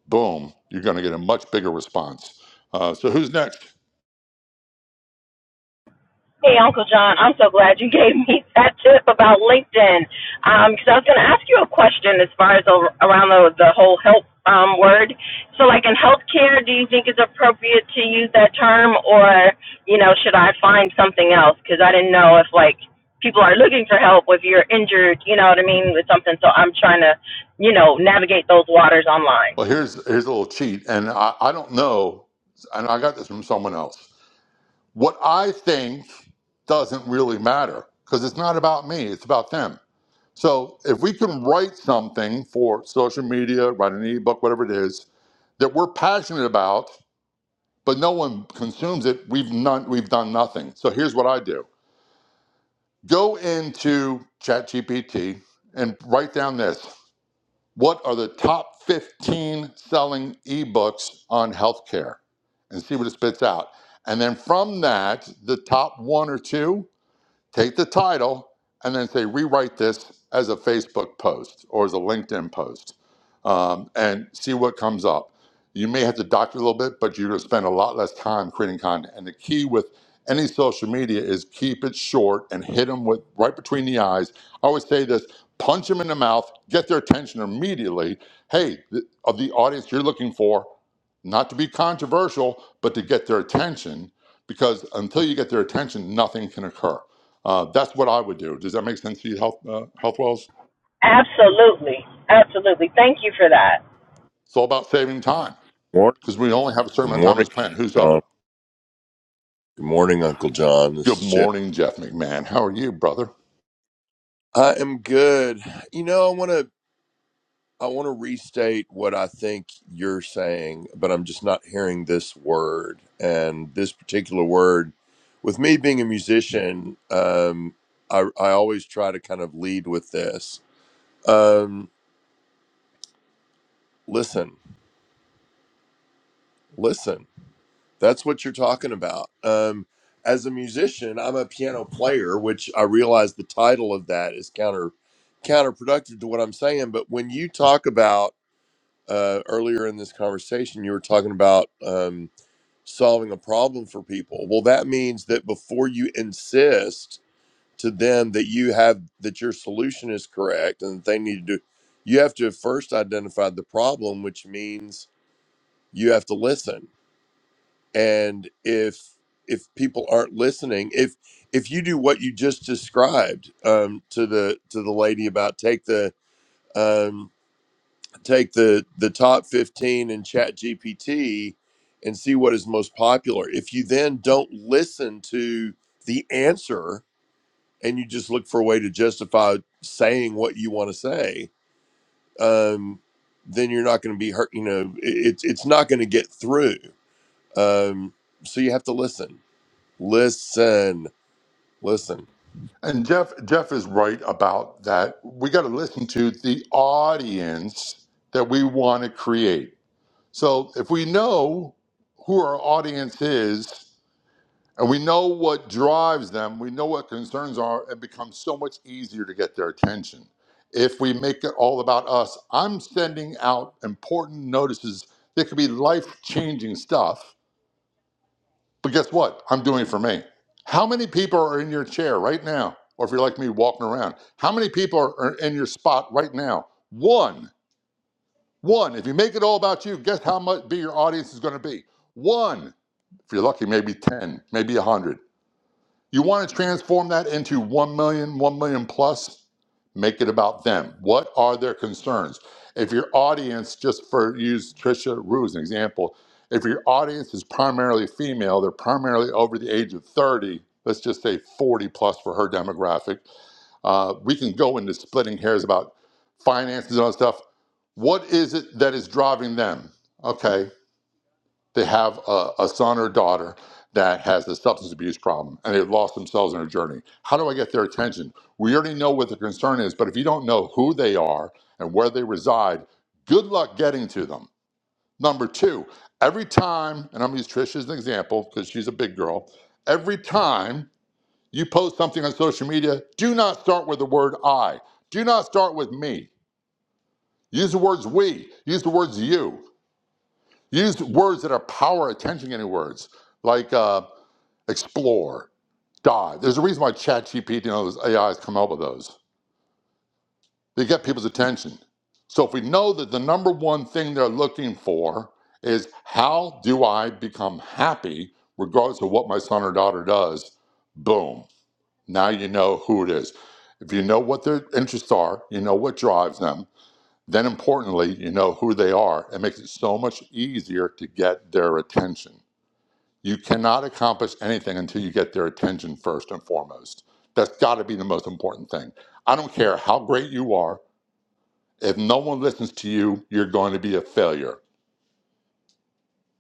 boom, you're going to get a much bigger response. Uh, so who's next? Hey, Uncle John, I'm so glad you gave me that tip about LinkedIn because I was going to ask you a question as far as ar- around the, the whole help um, word. So, like in healthcare, do you think it's appropriate to use that term, or you know, should I find something else? Because I didn't know if like people are looking for help if you're injured, you know what I mean, with something. So I'm trying to, you know, navigate those waters online. Well, here's here's a little cheat, and I, I don't know, and I got this from someone else. What I think doesn't really matter because it's not about me; it's about them. So if we can write something for social media, write an ebook, whatever it is that we're passionate about, but no one consumes it, we've not we've done nothing. So here's what I do: go into ChatGPT and write down this. What are the top 15 selling ebooks on healthcare? And see what it spits out. And then from that, the top one or two, take the title and then say rewrite this as a facebook post or as a linkedin post um, and see what comes up you may have to doctor a little bit but you're going to spend a lot less time creating content and the key with any social media is keep it short and hit them with right between the eyes i always say this punch them in the mouth get their attention immediately hey the, of the audience you're looking for not to be controversial but to get their attention because until you get their attention nothing can occur uh, that's what I would do. Does that make sense to you, Health uh, Health Absolutely, absolutely. Thank you for that. It's all about saving time Morning. because we only have a certain Good amount of time on morning, this planet. Who's up? John. Good morning, Uncle John. This Good is Jeff. morning, Jeff McMahon. How are you, brother? I am good. You know, I want to I want to restate what I think you're saying, but I'm just not hearing this word and this particular word. With me being a musician, um, I I always try to kind of lead with this. Um, listen, listen. That's what you're talking about. Um, as a musician, I'm a piano player, which I realize the title of that is counter counterproductive to what I'm saying. But when you talk about uh, earlier in this conversation, you were talking about um, solving a problem for people. Well, that means that before you insist to them that you have that your solution is correct and that they need to do, you have to first identify the problem, which means you have to listen and if if people aren't listening if if you do what you just described um to the to the lady about take the um take the the top 15 in chat gpt and see what is most popular if you then don't listen to the answer and you just look for a way to justify saying what you want to say um then you're not going to be hurt you know it, it's it's not going to get through um so you have to listen Listen, listen. And Jeff Jeff is right about that. We got to listen to the audience that we want to create. So if we know who our audience is, And we know what drives them, we know what concerns are, it becomes so much easier to get their attention. If we make it all about us, I'm sending out important notices that could be life changing stuff. But guess what? I'm doing it for me. How many people are in your chair right now? Or if you're like me, walking around, how many people are are in your spot right now? One. One. If you make it all about you, guess how much big your audience is going to be? One. If you're lucky, maybe 10, maybe 100. You want to transform that into one million, one million plus? Make it about them. What are their concerns? If your audience, just for use Trisha Rue as an example, if your audience is primarily female, they're primarily over the age of 30, let's just say 40 plus for her demographic, uh, we can go into splitting hairs about finances and all that stuff. What is it that is driving them? Okay, they have a, a son or daughter that has a substance abuse problem and they've lost themselves in a journey. How do I get their attention? We already know what the concern is, but if you don't know who they are and where they reside, good luck getting to them. Number two, every time, and I'm gonna use Trish as an example because she's a big girl, every time you post something on social media, do not start with the word I. Do not start with me. Use the words we, use the words you, use words that are power attention getting words like uh, explore, dive. There's a reason why ChatGPT and those AIs come up with those. They get people's attention. So if we know that the number one thing they're looking for is how do I become happy regardless of what my son or daughter does, boom. Now you know who it is. If you know what their interests are, you know what drives them, then importantly, you know who they are. It makes it so much easier to get their attention. You cannot accomplish anything until you get their attention first and foremost. That's got to be the most important thing. I don't care how great you are, if no one listens to you, you're going to be a failure.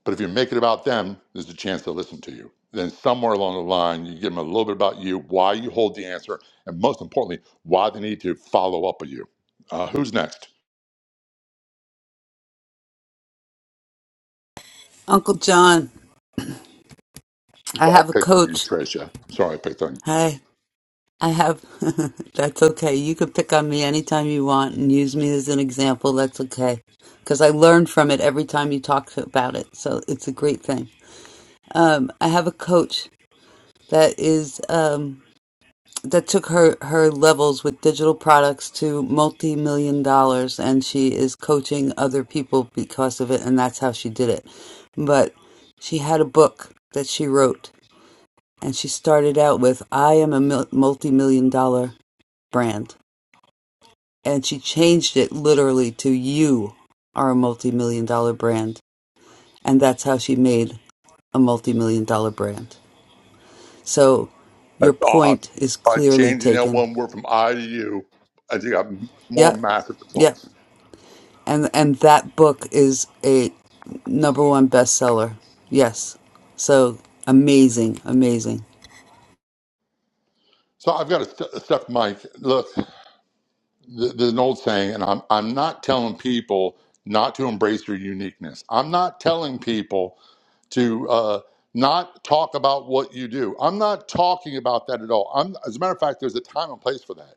But if you make it about them, there's a chance to listen to you. Then somewhere along the line, you give them a little bit about you, why you hold the answer, and most importantly, why they need to follow up with you. Uh, who's next? Uncle John, I Sorry, have a I picked on you, coach. Tricia. I'm sorry I picked on you. Hi. I have, that's okay. You can pick on me anytime you want and use me as an example. That's okay. Because I learn from it every time you talk about it. So it's a great thing. Um, I have a coach that is. um, that took her her levels with digital products to multi-million dollars and she is coaching other people because of it and that's how she did it but she had a book that she wrote and she started out with i am a mil- multi-million dollar brand and she changed it literally to you are a multi-million dollar brand and that's how she made a multi-million dollar brand so your That's point awesome. is By clearly changing that taken one word from I to you, I think I have much more yep massive yep results. and and that book is a number one bestseller. Yes, so amazing, amazing. So I've got a, st- a stuffed mic. Look, th- there's an old saying, and I'm I'm not telling people not to embrace your uniqueness. I'm not telling people to uh, not talk about what you do. I'm not talking about that at all. I'm, as a matter of fact, there's a time and place for that.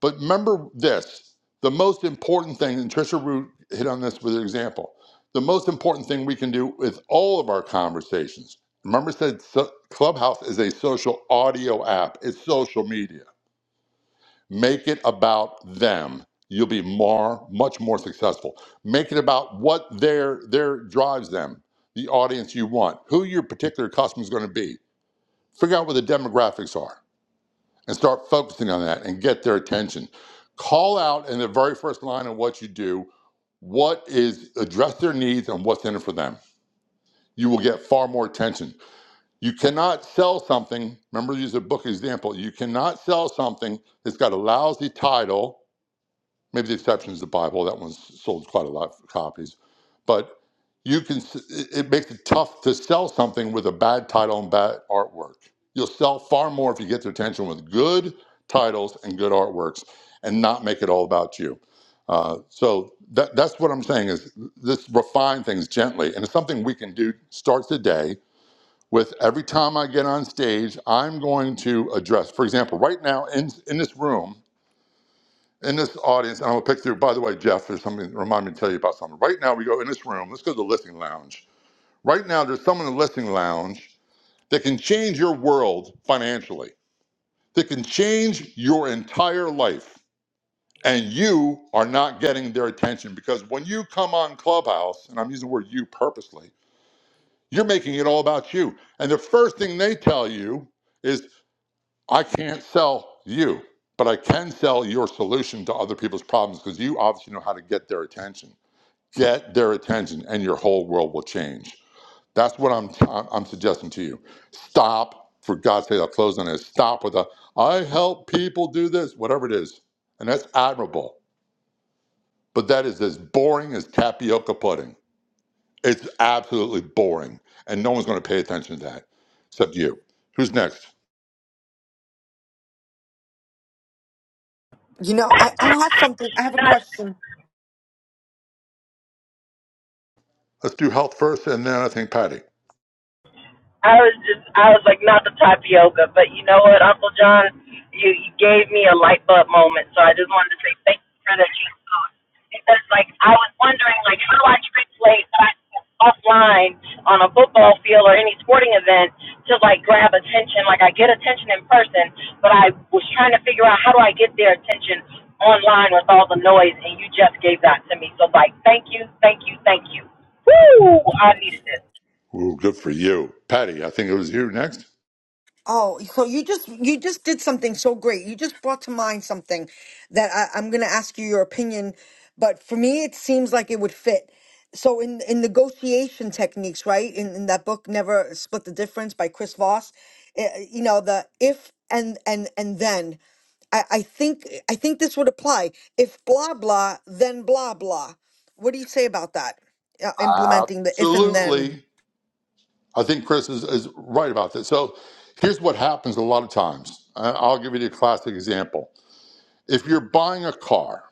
But remember this: the most important thing, and Trisha Root hit on this with an example. The most important thing we can do with all of our conversations. Remember, I said so- Clubhouse is a social audio app. It's social media. Make it about them. You'll be more, much more successful. Make it about what their their drives them, the audience you want, who your particular customer is going to be. Figure out what the demographics are and start focusing on that and get their attention. Call out in the very first line of what you do what is address their needs and what's in it for them. You will get far more attention. You cannot sell something. Remember, to use a book example. You cannot sell something that's got a lousy title Maybe the exception is the Bible. That one's sold quite a lot of copies. But you can. It it makes it tough to sell something with a bad title and bad artwork. You'll sell far more if you get their attention with good titles and good artworks, and not make it all about you. Uh, so that, that's what I'm saying is this refine things gently, and it's something we can do. Start today with every time I get on stage, I'm going to address. For example, right now in in this room, in this audience, and I'm gonna pick through. By the way, Jeff, there's something remind me to tell you about something. Right now, we go in this room. Let's go to the listening lounge. Right now, there's someone in the listening lounge that can change your world financially. That can change your entire life, and you are not getting their attention because when you come on Clubhouse, and I'm using the word you purposely, you're making it all about you. And the first thing they tell you is. I can't sell you, but I can sell your solution to other people's problems because you obviously know how to get their attention. Get their attention, and your whole world will change. That's what I'm I'm I'm suggesting to you. Stop, for God's sake. I'll close on this. Stop with a I help people do this, whatever it is, and that's admirable. But that is as boring as tapioca pudding. It's absolutely boring, and no one's going to pay attention to that except you. Who's next? You know, I I have something. I have a Not question. Let's do health first, and then I think Patty. I was just, I was like, not the tapioca, but you know what, Uncle John, you, you gave me a light bulb moment, so I just wanted to say thank you for that cheese food. Because, like, I was wondering, like, how do I translate what offline on a football field or any sporting event to, like, grab attention? Like, I get attention in person, but I was trying to figure out how do I get their attention online with all the noise, and you just gave that to me. So, like, thank you, thank you, thank you. Woo! I needed this. Well, good for you. Patty, I think it was you next. Oh, so you just you just did something so great. You just brought to mind something that I, I'm going to ask you your opinion, but for me, it seems like it would fit. So in in negotiation techniques, right? In, in that book, Never Split the Difference by Chris Voss, eh, you know the if and and and then. I, I think I think this would apply. If blah blah, then blah blah. What do you say about that? Uh, implementing the if and then. Absolutely. I think Chris is, is right about this. So here's what happens a lot of times. I- I'll give you a classic example. If you're buying a car,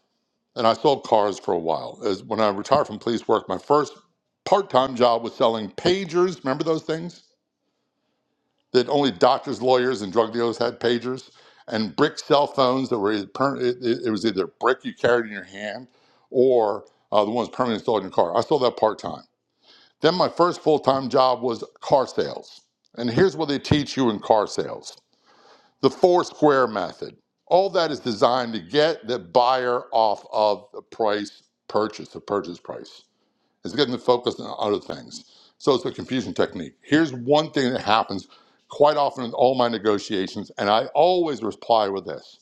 and I sold cars for a while, as when I retired from police work, my first part time job was selling pagers. Remember those things? that only doctors, lawyers, and drug dealers had pagers, and brick cell phones that were either per- it, it, it was either brick you carried in your hand or uh, the ones permanently installed in your car. I sold that part time. Then my first full time job was car sales, and here's what they teach you in car sales: the four square method. All that is designed to get the buyer off of the price purchase, the purchase price. It's getting them focused on other things. So it's a confusion technique. Here's one thing that happens quite often in all my negotiations, and I always reply with this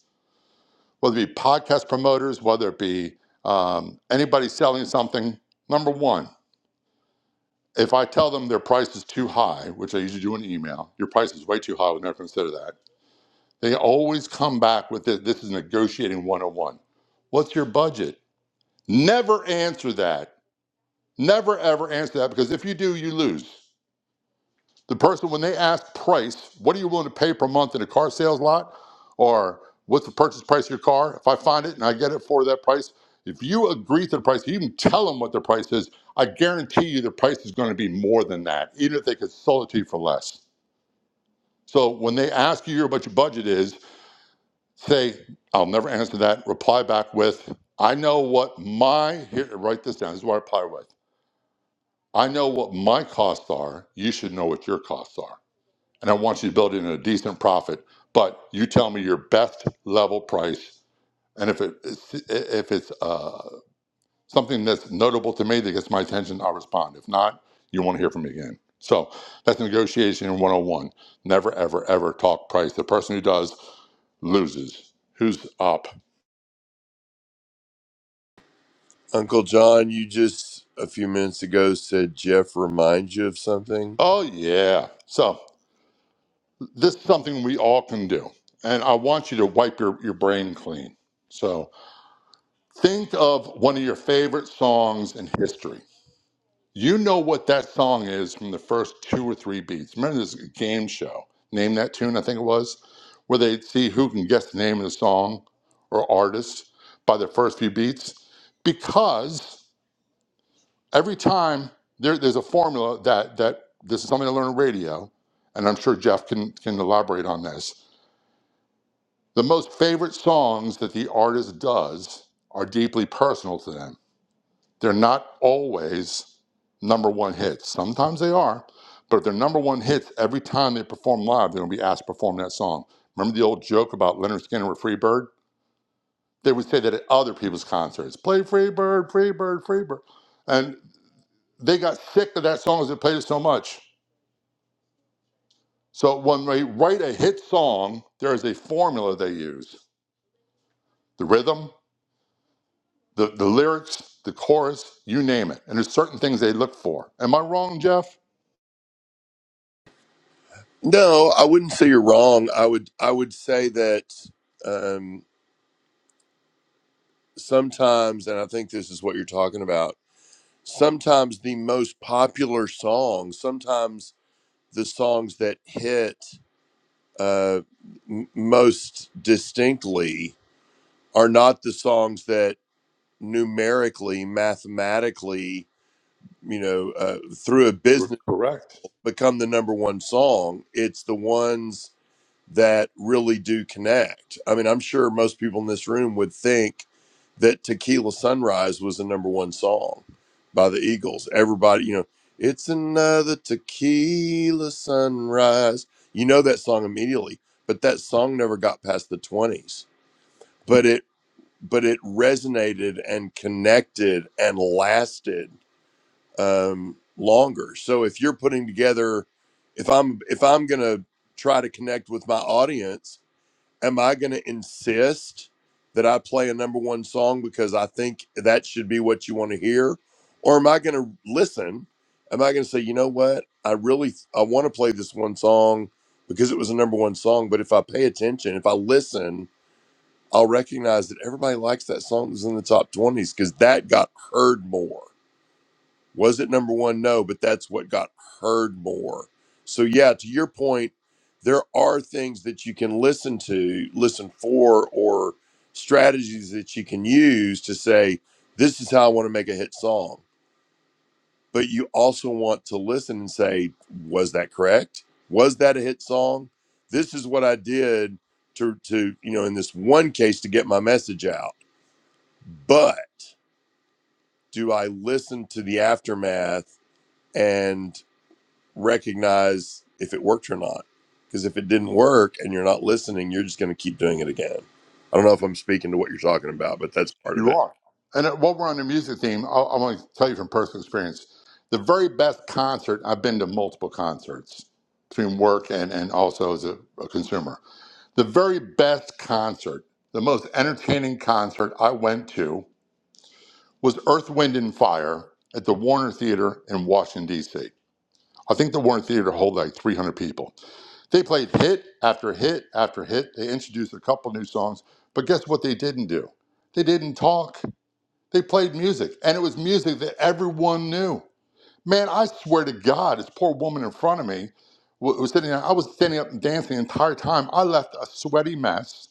whether it be podcast promoters, whether it be um, anybody selling something. Number one, if I tell them their price is too high, which I usually do in email, your price is way too high, we never consider that. They always come back with this, this is negotiating 101. What's your budget? Never answer that. Never ever answer that because if you do, you lose. The person, when they ask price, what are you willing to pay per month in a car sales lot? Or what's the purchase price of your car? If I find it and I get it for that price, if you agree to the price, you even tell them what the price is, I guarantee you the price is going to be more than that, even if they could sell it to you for less. So when they ask you what your budget is, say, I'll never answer that. Reply back with, I know what my, here, write this down. This is what I reply with. I know what my costs are. You should know what your costs are. and I want you to build in a decent profit. But you tell me your best level price, and if it if it's uh, something that's notable to me that gets my attention, I'll respond. If not, you won't hear from me again. So that's negotiation 101. Never, ever, ever talk price. The person who does loses. Who's up? Uncle John, you just a few minutes ago said Jeff reminds you of something. Oh, yeah. So this is something we all can do. And I want you to wipe your, your brain clean. So think of one of your favorite songs in history You know what that song is from the first two or three beats. Remember this game show, Name That Tune, I think it was, where they'd see who can guess the name of the song or artist by the first few beats? Because every time there, there's a formula that, that this is something I learned on radio, and I'm sure Jeff can, can elaborate on this. The most favorite songs that the artist does are deeply personal to them They're not always number one hits. Sometimes they are, but if they're number one hits every time they perform live, they're going to be asked to perform that song. Remember the old joke about Leonard Skinner with Freebird? They would say that at other people's concerts play Freebird, Freebird, Freebird. And they got sick of that song as they played it so much. So when they write a hit song, there is a formula they use the rhythm, the, the lyrics, the chorus, you name it. And there's certain things they look for. Am I wrong, Jeff? No, I wouldn't say you're wrong. I would I would say that um sometimes and I think this is what you're talking about. Sometimes the most popular songs, sometimes the songs that hit uh m- most distinctly are not the songs that numerically, mathematically you know, uh, through a You're business correct. become the number one song. It's the ones that really do connect. I mean, I'm sure most people in this room would think that Tequila Sunrise was the number one song by the Eagles. Everybody, you know, it's another tequila sunrise. You know that song immediately, but that song never got past the 20s. But it but it resonated and connected and lasted um, longer. So if you're putting together, if I'm if I'm gonna try to connect with my audience, am I gonna insist that I play a number one song because I think that should be what you want to hear, or am I gonna listen? Am I gonna say, you know what, I really I want to play this one song because it was a number one song, but if I pay attention, if I listen, I'll recognize that everybody likes that song that's in the top twenties because that got heard more. Was it number one? No, but that's what got heard more. So, yeah, to your point, there are things that you can listen to, listen for, or strategies that you can use to say, this is how I want to make a hit song. But you also want to listen and say, was that correct? Was that a hit song? This is what I did to, to you know, in this one case to get my message out. But do I listen to the aftermath? and recognize if it worked or not. Because if it didn't work and you're not listening, you're just going to keep doing it again. I don't know if I'm speaking to what you're talking about, but that's part of You it. are. And uh, while we're on the music theme, I, I want to tell you from personal experience the very best concert, I've been to multiple concerts between work and, and also as a, a consumer. The very best concert, the most entertaining concert I went to was Earth, Wind, and Fire at the Warner Theater in Washington, D.C. I think the Warner Theater hold like 300 people. They played hit after hit after hit. They introduced a couple new songs, but guess what they didn't do? They didn't talk. They played music, and it was music that everyone knew. Man, I swear to God, this poor woman in front of me wa- was sitting. there. I was standing up and dancing the entire time. I left a sweaty mess.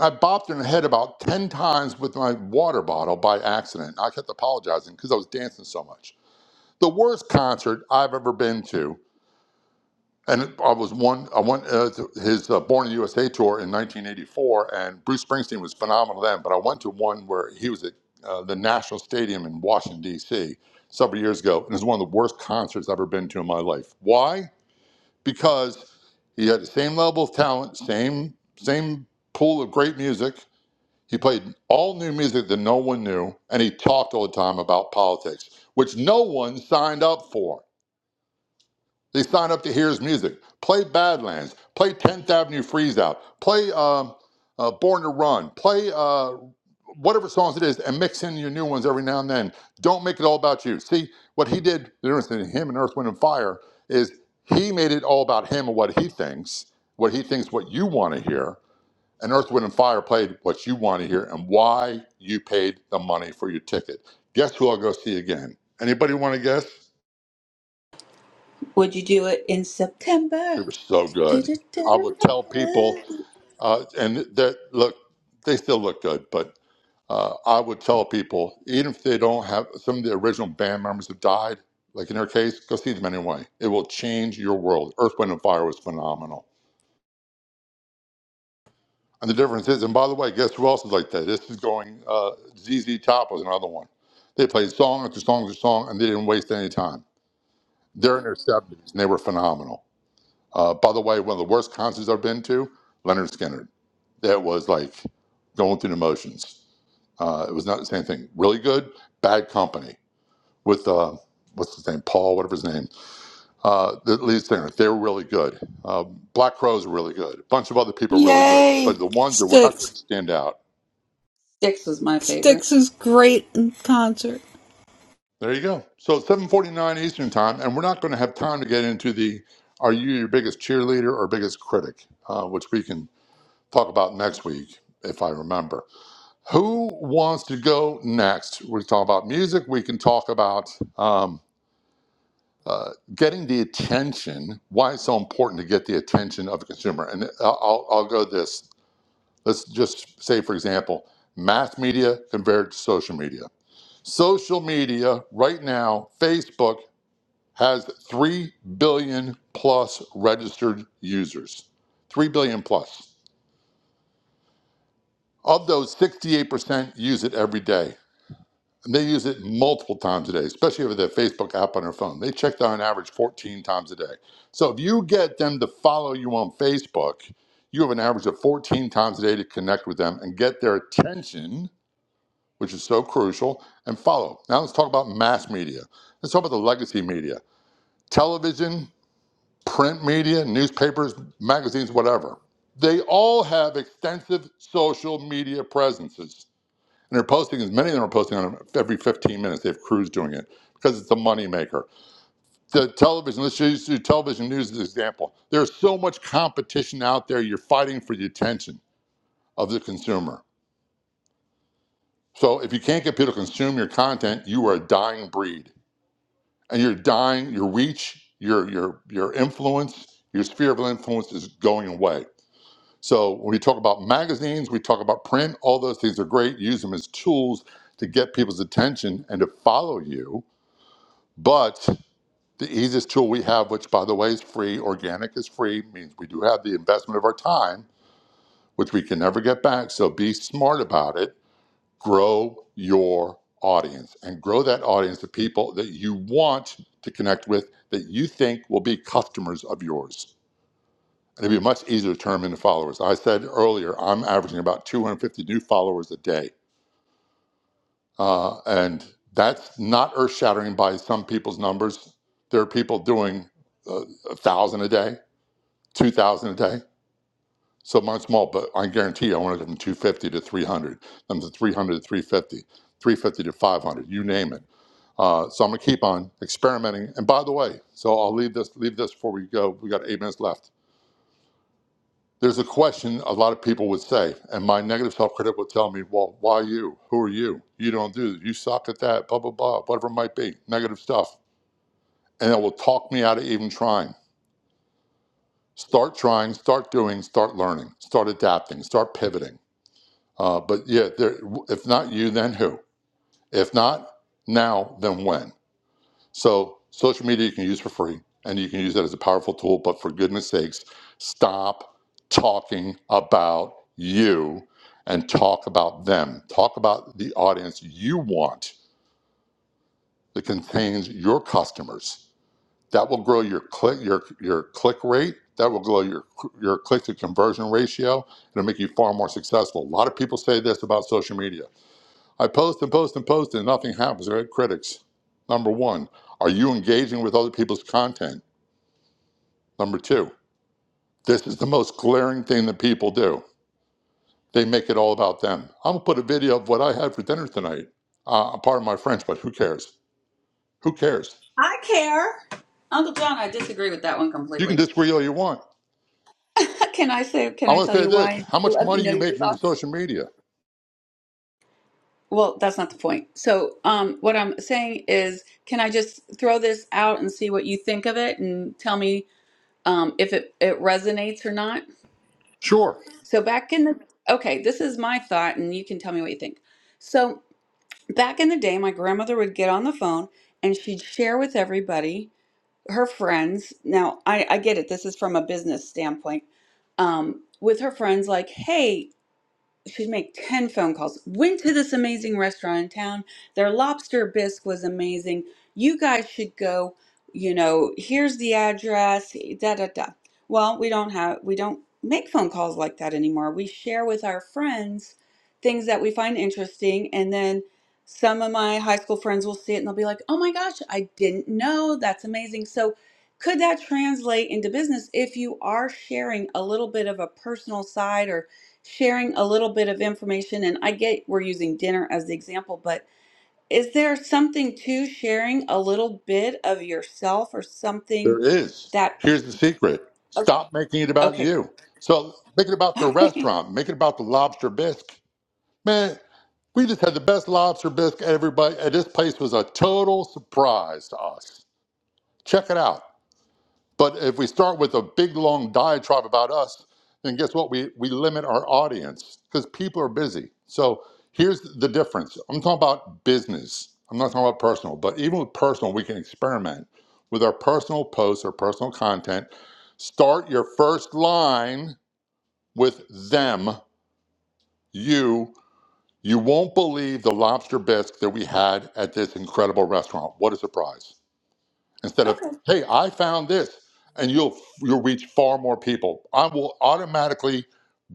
I bopped her in the head about ten times with my water bottle by accident. I kept apologizing because I was dancing so much. The worst concert I've ever been to. And I was one. I went uh, to his uh, Born in the USA tour in 1984, and Bruce Springsteen was phenomenal then. But I went to one where he was at uh, the National Stadium in Washington D.C. several years ago, and it was one of the worst concerts I've ever been to in my life. Why? Because he had the same level of talent, same same pool of great music. He played all new music that no one knew, and he talked all the time about politics, which no one signed up for. They sign up to hear his music, play Badlands, play 10th Avenue Freeze Out, play um, uh, Born to Run, play uh, whatever songs it is, and mix in your new ones every now and then. Don't make it all about you. See, what he did, the difference between him and Earth, Wind, and Fire is he made it all about him and what he thinks, what he thinks, what you want to hear. And Earth, Wind, and Fire played what you want to hear and why you paid the money for your ticket. Guess who I'll go see again? Anybody want to guess? Would you do it in September? It was so Six good. I would tell people, uh, and that look, they still look good, but uh, I would tell people, even if they don't have some of the original band members have died, like in their case, go see them anyway. It will change your world. Earth, Wind, and Fire was phenomenal. And the difference is, and by the way, guess who else is like that? This is going, uh, ZZ Top was another one. They played song after song after song, and they didn't waste any time. They're in their 70s, and they were phenomenal. Uh, by the way, one of the worst concerts I've been to, Leonard Skinner. that was like going through the motions. Uh, it was not the same thing. Really good, bad company with uh, what's his name, Paul, whatever his name, uh, the lead singer. They were really good. Uh, Black Crowes were really good. A bunch of other people were really good, Yay! but the ones that were not going Sticks, to stand out. was my favorite. Sticks is great in concert. There you go. So 7:49 Eastern time, and we're not going to have time to get into the are you your biggest cheerleader or biggest critic, uh, which we can talk about next week if I remember. Who wants to go next? We can talk about music. We can talk about um, uh, getting the attention. Why it's so important to get the attention of the consumer. And I'll, I'll I'll go this. Let's just say, for example, mass media compared to social media. Social media right now, Facebook has three billion plus registered users. Three billion plus. Of those, 68% use it every day. And they use it multiple times a day, especially over their Facebook app on their phone. They check that on average 14 times a day. So if you get them to follow you on Facebook, you have an average of 14 times a day to connect with them and get their attention, which is so crucial, and follow. Now let's talk about mass media. Let's talk about the legacy media television, print media, newspapers, magazines, whatever. They all have extensive social media presences. And they're posting as many of them are posting on every 15 minutes. They have crews doing it because it's a moneymaker. The television, let's use use television news as an example. There's so much competition out there, you're fighting for the attention of the consumer. So if you can't get people to consume your content, you are a dying breed. And you're dying, your reach, your your your influence, your sphere of influence is going away. So when we talk about magazines, we talk about print, all those things are great. Use them as tools to get people's attention and to follow you But the easiest tool we have, which by the way is free, organic is free, means we do have the investment of our time, which we can never get back. So be smart about it. Grow your audience and grow that audience of people that you want to connect with that you think will be customers of yours. And it'd be much easier to turn them into followers. I said earlier, I'm averaging about 250 new followers a day. Uh, and that's not earth shattering by some people's numbers. There are people doing uh, a thousand a day, two thousand a day. So mine's small, but I guarantee you, I want to go from 250 to 300, then to 300 to three fifty, three fifty to 500, you name it. Uh, so I'm gonna keep on experimenting. And by the way, so I'll leave this leave this before we go. We got eight minutes left There's a question a lot of people would say, and my negative self critic would tell me, Well, why you? Who are you? You don't do this. You suck at that, blah, blah, blah, whatever it might be, negative stuff. And it will talk me out of even trying. Start trying, start doing, start learning, start adapting, start pivoting. Uh, but yeah, there, if not you, then who? If not now, then when? So social media you can use for free and you can use that as a powerful tool, but for goodness sakes, stop talking about you and talk about them. Talk about the audience you want that contains your customers. That will grow your click your your click rate. That will grow your your click to conversion ratio. It'll make you far more successful. A lot of people say this about social media I post and post and post and nothing happens. Right? Critics. Number one, are you engaging with other people's content? Number two, this is the most glaring thing that people do. They make it all about them. I'm gonna put a video of what I had for dinner tonight. Uh, pardon my French, but who cares? Who cares? I care. Uncle John, I disagree with that one You can completely. disagree all you want. Can I say? Can I I want tell to say you this: why? How much Let me money are know you your making for thoughts. social media? Well, that's not the point. So, um, what I'm saying is, can I just throw this out and see what you think of it and tell me um, if it, it resonates or not? Sure, So, back in the okay, this is my thought, and you can tell me what you think. So, back in the day, my grandmother would get on the phone and she'd share with everybody, her friends. Now, I, I get it. This is from a business standpoint. Um, with her friends, like, hey, she'd make 10 phone calls. Went to this amazing restaurant in town. Their lobster bisque was amazing. You guys should go. You know, here's the address, da da da. Well, we don't have we don't make phone calls like that anymore. We share with our friends things that we find interesting and then some of my high school friends will see it and they'll be like, "Oh my gosh, I didn't know. That's amazing." So, could that translate into business if you are sharing a little bit of a personal side or sharing a little bit of information and I get we're using dinner as the example, but is there something to sharing a little bit of yourself or something there is. that Here's the secret: o- Stop making it about okay, you. So make it about the okay. restaurant. Make it about the lobster bisque. Man, We just had the best lobster bisque. Everybody, uh, this place was a total surprise to us. Check it out. But if we start with a big long diatribe about us, then guess what? We we limit our audience because people are busy. So here's the difference. I'm talking about business. I'm not talking about personal. But even with personal, we can experiment with our personal posts or personal content. Start your first line with them, you. You won't believe the lobster bisque that we had at this incredible restaurant. What a surprise. Instead Okay. of, hey, I found this, and you'll you'll reach far more people. I will automatically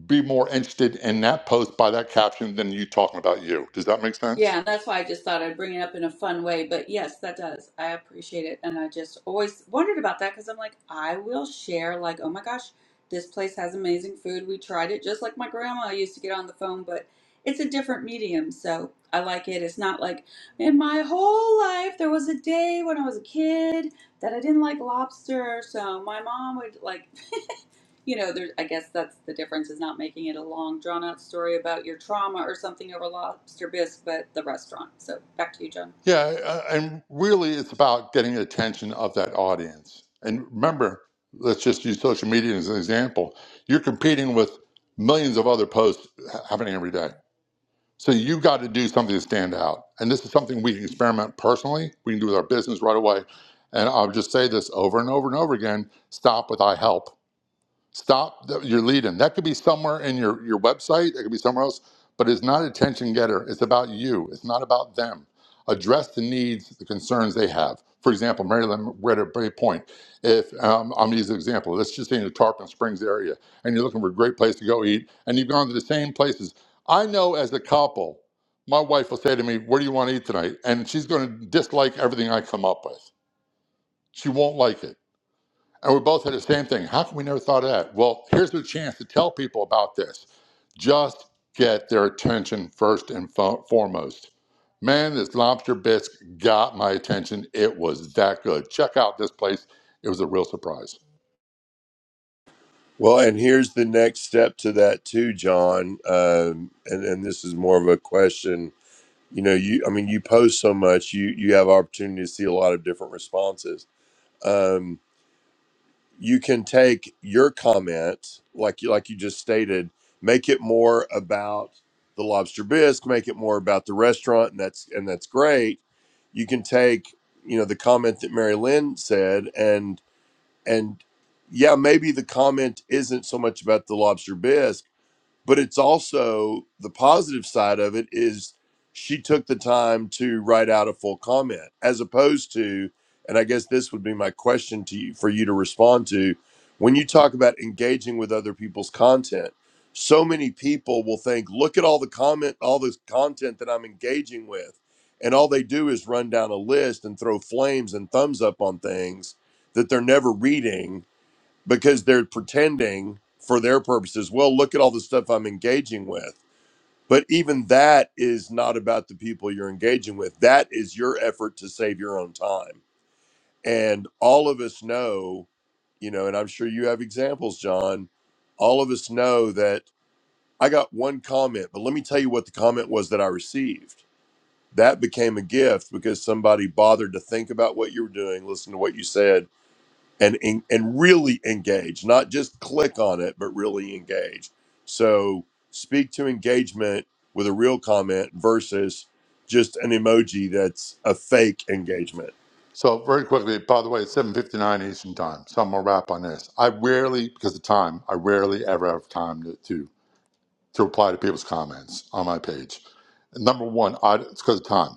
be more interested in that post by that caption than you talking about you. Does that make sense? Yeah, and that's why I just thought I'd bring it up in a fun way. But yes, that does. I appreciate it. And I just always wondered about that because I'm like, I will share, like, oh my gosh, this place has amazing food. We tried it just like my grandma used to get on the phone, but it's a different medium. So I like it. It's not like in my whole life, there was a day when I was a kid that I didn't like lobster. So my mom would like you know, there, I guess that's the difference is not making it a long, drawn out story about your trauma or something over lobster bisque, but the restaurant. So back to you, John. Yeah, uh, and really it's about getting the attention of that audience. And remember, let's just use social media as an example. You're competing with millions of other posts happening every day. So you got to do something to stand out. And this is something we can experiment personally. We can do with our business right away. And I'll just say this over and over and over again. Stop with I help. Stop the, your leading. That could be somewhere in your, your website, it could be somewhere else, but it's not attention getter. It's about you, it's not about them. Address the needs, the concerns they have. For example, Maryland, right at Bay Point. If um, I'm using an example, let's just say in the Tarpon Springs area, and you're looking for a great place to go eat, and you've gone to the same places. I know as a couple, my wife will say to me, Where do you want to eat tonight? And she's going to dislike everything I come up with. She won't like it and we both had the same thing. How come we never thought of that? Well, here's the chance to tell people about this. Just get their attention first and fo- foremost. Man, this lobster bisque got my attention. It was that good. Check out this place. It was a real surprise. Well, and here's the next step to that too, John. Um, and and this is more of a question. You know, you I mean, you post so much, you you have opportunity to see a lot of different responses. Um, you can take your comment like you like you just stated make it more about the lobster bisque make it more about the restaurant and that's and that's great you can take you know the comment that mary lynn said and and yeah maybe the comment isn't so much about the lobster bisque but it's also the positive side of it is she took the time to write out a full comment as opposed to and i guess this would be my question to you for you to respond to when you talk about engaging with other people's content so many people will think look at all the comment all this content that i'm engaging with and all they do is run down a list and throw flames and thumbs up on things that they're never reading because they're pretending for their purposes, well, look at all the stuff I'm engaging with. But even that is not about the people you're engaging with. That is your effort to save your own time. And all of us know, you know, and I'm sure you have examples, John. All of us know that I got one comment, but let me tell you what the comment was that I received. That became a gift because somebody bothered to think about what you were doing, listen to what you said, and and and really engage, not just click on it, but really engage. So speak to engagement with a real comment versus just an emoji that's a fake engagement. So very quickly, by the way, it's 7.59 Eastern time. So I'm gonna wrap on this. I rarely, because of time, I rarely ever have time to, to, to reply to people's comments on my page. And Number one, I, it's because of time.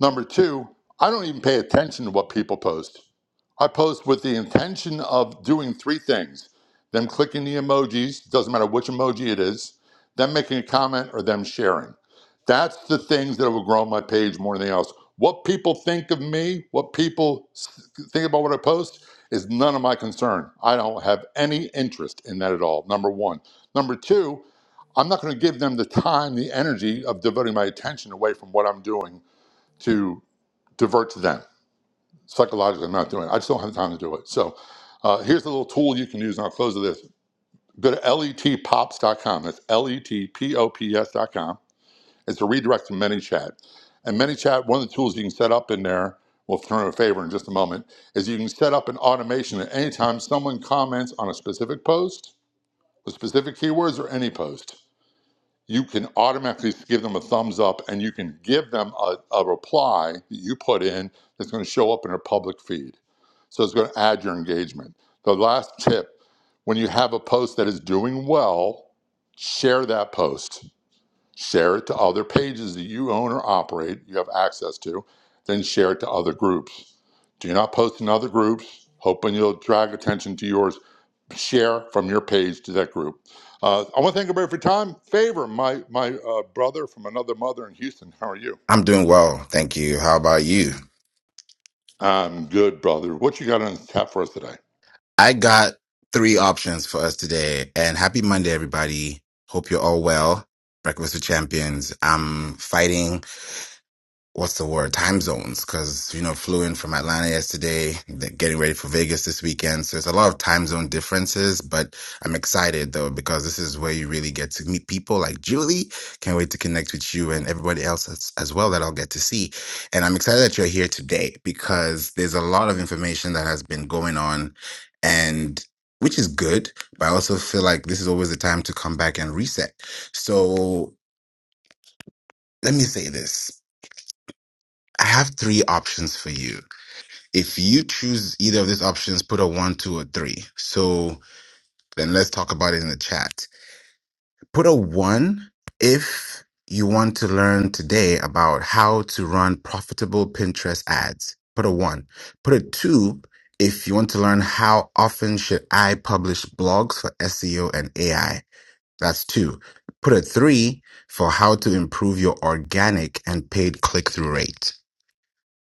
Number two, I don't even pay attention to what people post. I post with the intention of doing three things them clicking the emojis, doesn't matter which emoji it is, them making a comment, or them sharing. That's the things that will grow my page more than anything else. What people think of me, what people s- think about what I post, is none of my concern. I don't have any interest in that at all, number one. Number two, I'm not going to give them the time, the energy of devoting my attention away from what I'm doing to divert to them. Psychologically, I'm not doing it. I just don't have time to do it. So uh, here's a little tool you can use, and I'll close with this. Go to letpops.com. That's letpops.com. It's a redirect to ManyChat. And ManyChat, one of the tools you can set up in there, we'll turn a favor in just a moment, is you can set up an automation at any time someone comments on a specific post with specific keywords or any post. you can automatically give them a thumbs up and you can give them a, a reply that you put in that's going to show up in their public feed. So it's going to add your engagement. The last tip when you have a post that is doing well, share that post. Share it to other pages that you own or operate, you have access to, then share it to other groups. Do not post in other groups, hoping you'll drag attention to yours. Share from your page to that group. Uh, I want to thank everybody for your time. Favor, my my uh, brother from another mother in Houston. How are you? I'm doing well. Thank you. How about you? I'm good, brother. What you got on tap for us today? I got three options for us today. And happy Monday, everybody. Hope you're all well. Breakfast with Champions. I'm fighting what's the word time zones because you know flew in from atlanta yesterday th- getting ready for vegas this weekend so it's a lot of time zone differences but i'm excited though because this is where you really get to meet people like julie can't wait to connect with you and everybody else as, as well that i'll get to see and i'm excited that you're here today because there's a lot of information that has been going on and which is good but i also feel like this is always the time to come back and reset so let me say this I have three options for you. If you choose either of these options, put a one, two, or three. So then let's talk about it in the chat. Put a one if you want to learn today about how to run profitable Pinterest ads. Put a one. Put a two if you want to learn how often should I publish blogs for SEO and AI. That's two. Put a three for how to improve your organic and paid click through rate.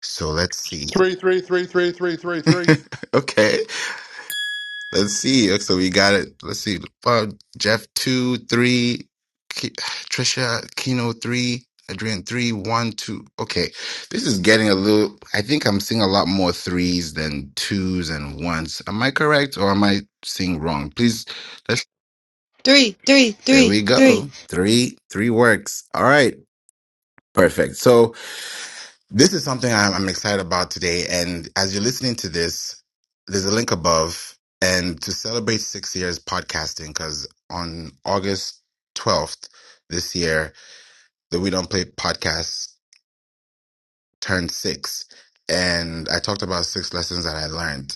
So let's see. Three, three, three, three, three, three, three. Okay. Let's see. So we got it. Let's see. Uh, Jeff two, three, Ki- Trisha, Kino three, Adrian three, one, two. Okay. This is getting a little I think I'm seeing a lot more threes than twos and ones. Am I correct or am I seeing wrong? Please let's Three, three, there three, we three. go. Three, three works. All right. Perfect. So this is something I'm, I'm excited about today. And as you're listening to this, there's a link above. And to celebrate six years podcasting, because on August 12th this year, the We Don't Play podcast turned six. And I talked about six lessons that I learned.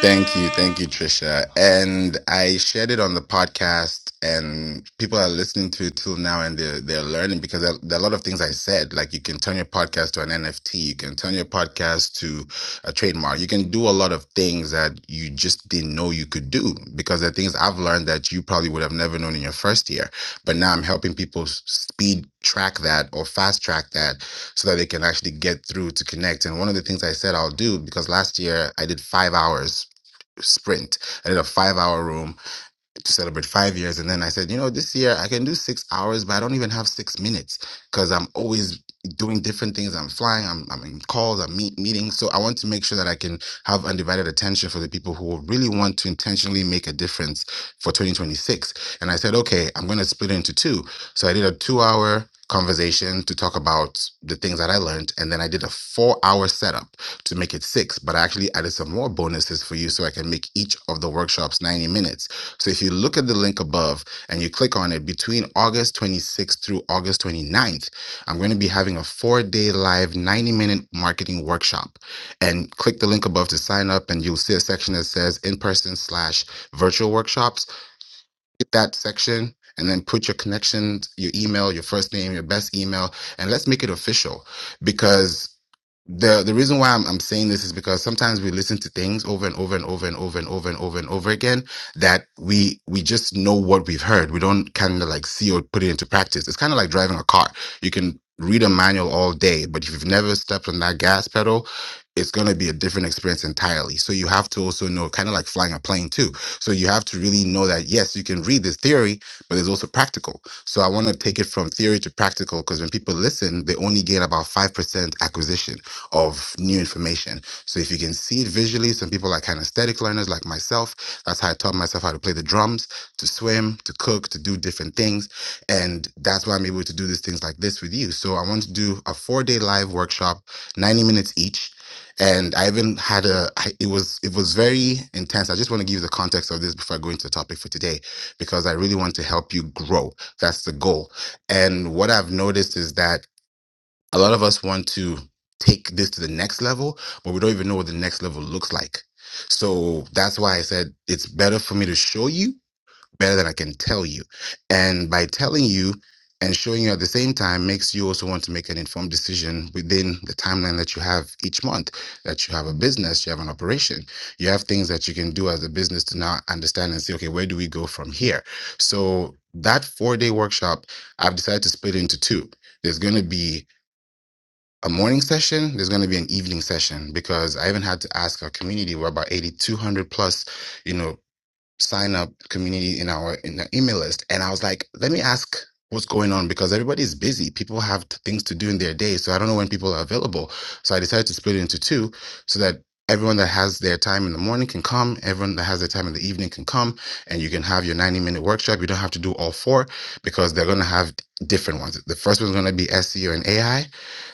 Thank you. Thank you, Trisha. And I shared it on the podcast and people are listening to it till now and they're, they're learning because there, there are a lot of things I said. Like you can turn your podcast to an NFT. You can turn your podcast to a trademark. You can do a lot of things that you just didn't know you could do because there are things I've learned that you probably would have never known in your first year. But now I'm helping people s- speed track that or fast track that so that they can actually get through to connect. And one of the things I said I'll do because last year I did five hours sprint. I did a five hour room to celebrate five years. And then I said, you know, this year I can do six hours, but I don't even have six minutes because I'm always doing different things. I'm flying, I'm, I'm in calls, I'm meet, meetings. So I want to make sure that I can have undivided attention for the people who really want to intentionally make a difference for 2026. And I said, okay, I'm going to split it into two. So I did a two hour conversation to talk about the things that I learned. And then I did a four hour setup to make it six, but I actually added some more bonuses for you so I can make each of the workshops 90 minutes. So if you look at the link above and you click on it between August 26th through August twenty ninth, I'm going to be having a four day live 90 minute marketing workshop. And click the link above to sign up, and you'll see a section that says in person slash virtual workshops. Hit that section and then put your connections, your email, your first name, your best email, and let's make it official because the the reason why I'm, I'm saying this is because sometimes we listen to things over and over and over and over and over and over and over again that we we just know what we've heard. We don't kind of like see or put it into practice. It's kind of like driving a car. You can read a manual all day, but if you've never stepped on that gas pedal, it's going to be a different experience entirely. So you have to also know, kind of like flying a plane too. So you have to really know that yes, you can read this theory, but it's also practical. So I want to take it from theory to practical because when people listen, they only gain about five percent acquisition of new information. So if you can see it visually, some people are kinesthetic learners like myself. That's how I taught myself how to play the drums, to swim, to cook, to do different things. And that's why I'm able to do these things like this with you. So I want to do a four day live workshop, 90 minutes each. And I even had a, I- it was, it was very intense. I just want to give you the context of this before I go into the topic for today, because I really want to help you grow. That's the goal. And what I've noticed is that a lot of us want to take this to the next level, but we don't even know what the next level looks like. So that's why I said it's better for me to show you better than I can tell you. And by telling you and showing you at the same time makes you also want to make an informed decision within the timeline that you have each month that you have a business, you have an operation, you have things that you can do as a business to now understand and say, okay, where do we go from here? So that four day workshop, I've decided to split it into two. There's going to be a morning session, there's going to be an evening session because I even had to ask our community. We're about 8,200 plus, you know, sign up community in our in the email list. And I was like, let me ask what's going on because everybody's busy. People have t- things to do in their day. So I don't know when people are available. So I decided to split it into two so that everyone that has their time in the morning can come. Everyone that has their time in the evening can come and you can have your 90 minute workshop. You don't have to do all four because they're going to have different ones. The first one's going to be SEO and AI.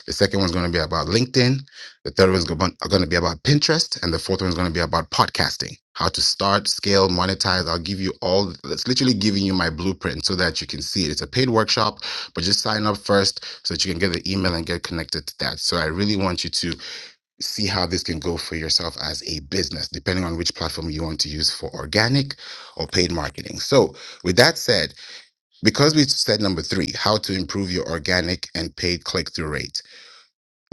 The second one's going to be about LinkedIn. The third one's going to be about Pinterest. And the fourth one's going to be about podcasting, how to start, scale, monetize. I'll give you all, that's literally giving you my blueprint so that you can see it. It's a paid workshop, but just sign up first so that you can get the email and get connected to that. So I really want you to see how this can go for yourself as a business, depending on which platform you want to use for organic or paid marketing. So with that said, because we said number three, how to improve your organic and paid click through rate.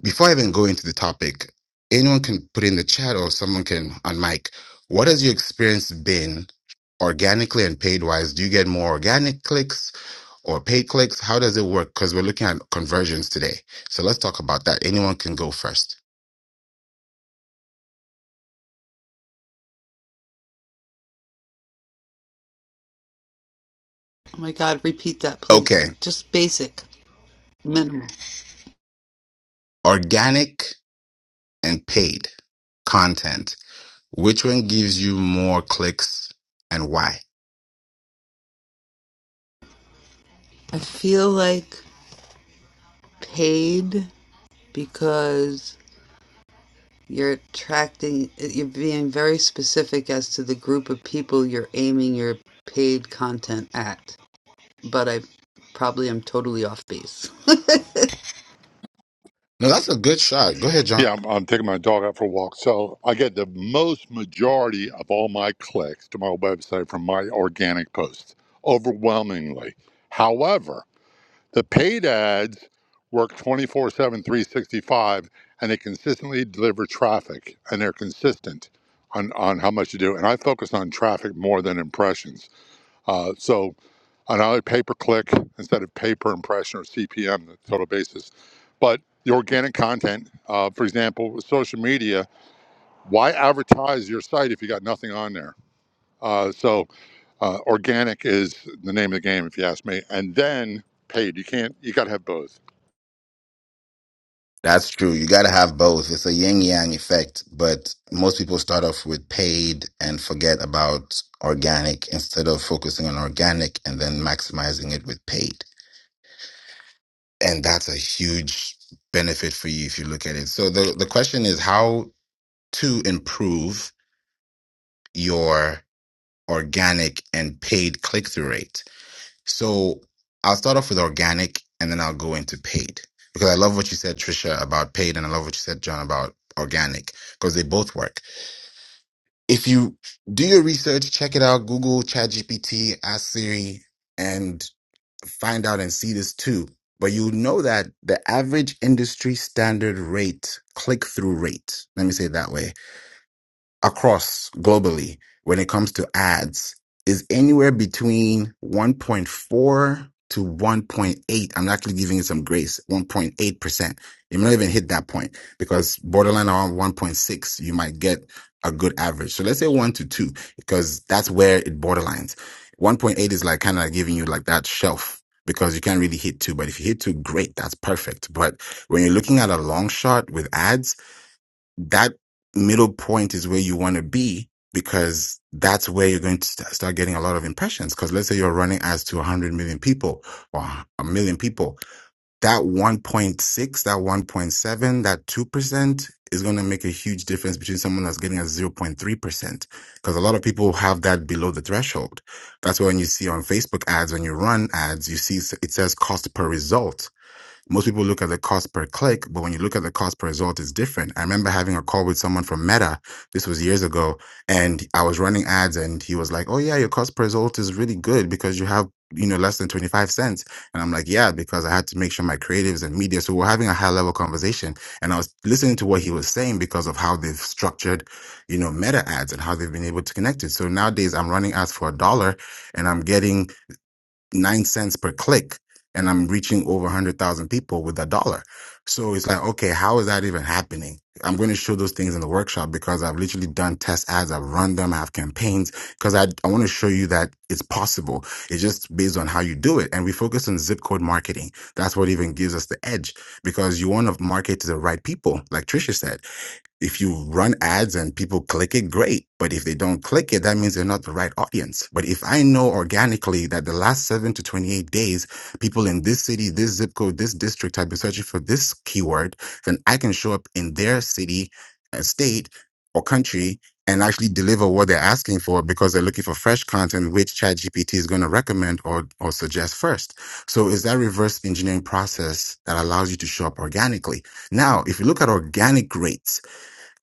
Before I even go into the topic, anyone can put in the chat or someone can on mic. What has your experience been organically and paid wise? Do you get more organic clicks or paid clicks? How does it work? Because we're looking at conversions today. So let's talk about that. Anyone can go first. Oh my God! Repeat that, please. Okay. Just basic, minimal. Organic and paid content. Which one gives you more clicks and why? I feel like paid because you're attracting. You're being very specific as to the group of people you're aiming your paid content at. but I probably am totally off base. No, that's a good shot. Go ahead, John. Yeah, I'm, I'm taking my dog out for a walk. So I get the most majority of all my clicks to my website from my organic posts, overwhelmingly. However, the paid ads work 24 7, 365, and they consistently deliver traffic, and they're consistent on, on how much you do. And I focus on traffic more than impressions. Uh, so on either pay per click instead of pay per impression or CPM, the total basis. But the organic content, uh, for example, with social media, why advertise your site if you got nothing on there? Uh, so uh, organic is the name of the game, if you ask me. And then paid. You can't. You got to have both. That's true. You got to have both. It's a yin yang effect, but most people start off with paid and forget about organic instead of focusing on organic and then maximizing it with paid. And that's a huge benefit for you if you look at it. So the, the question is how to improve your organic and paid click through rate. So I'll start off with organic and then I'll go into paid because I love what you said, Trisha, about paid and I love what you said, John, about organic because they both work. If you do your research, check it out, Google, ChatGPT, Ask Siri, and find out and see this too. But you know that the average industry standard rate, click through rate, let me say it that way, across globally when it comes to ads is anywhere between 1.4 to 1.8. I'm actually giving it some grace, 1.8%. It may not even hit that point because borderline around 1.6, you might get a good average. So let's say one to two, because that's where it borderlines. 1.8 is like kind of giving you like that shelf because you can't really hit two, but if you hit two, great. That's perfect. But when you're looking at a long shot with ads, that middle point is where you want to be because that's where you're going to st- start getting a lot of impressions. Because let's say you're running ads to 100 million people or a million people, that 1.6, that 1.7, that 2% is going to make a huge difference between someone that's getting a 0.3%. Because a lot of people have that below the threshold. That's why when you see on Facebook ads, when you run ads, you see s- it says cost per result most people look at the cost per click, but when you look at the cost per result, it's different. I remember having a call with someone from Meta. This was years ago, and I was running ads, and he was like, "Oh yeah, your cost per result is really good because you have." You know, less than 25 cents. And I'm like, yeah, because I had to make sure my creatives and media. So we're having a high level conversation. And I was listening to what he was saying because of how they've structured, you know, meta ads and how they've been able to connect it. So nowadays I'm running ads for a dollar and I'm getting nine cents per click and I'm reaching over 100,000 people with a dollar. So it's like, okay, how is that even happening? I'm going to show those things in the workshop because I've literally done test ads. I've run them. I have campaigns because I, I want to show you that it's possible. It's just based on how you do it. And we focus on zip code marketing. That's what even gives us the edge because you want to market to the right people, like Trisha said. If you run ads and people click it, great. But if they don't click it, that means they're not the right audience. But if I know organically that the last seven to 28 days, people in this city, this zip code, this district have been searching for this keyword, then I can show up in their city, uh, state, or country and actually deliver what they're asking for because they're looking for fresh content, which ChatGPT is going to recommend or, or suggest first. So it's that reverse engineering process that allows you to show up organically. Now, if you look at organic rates,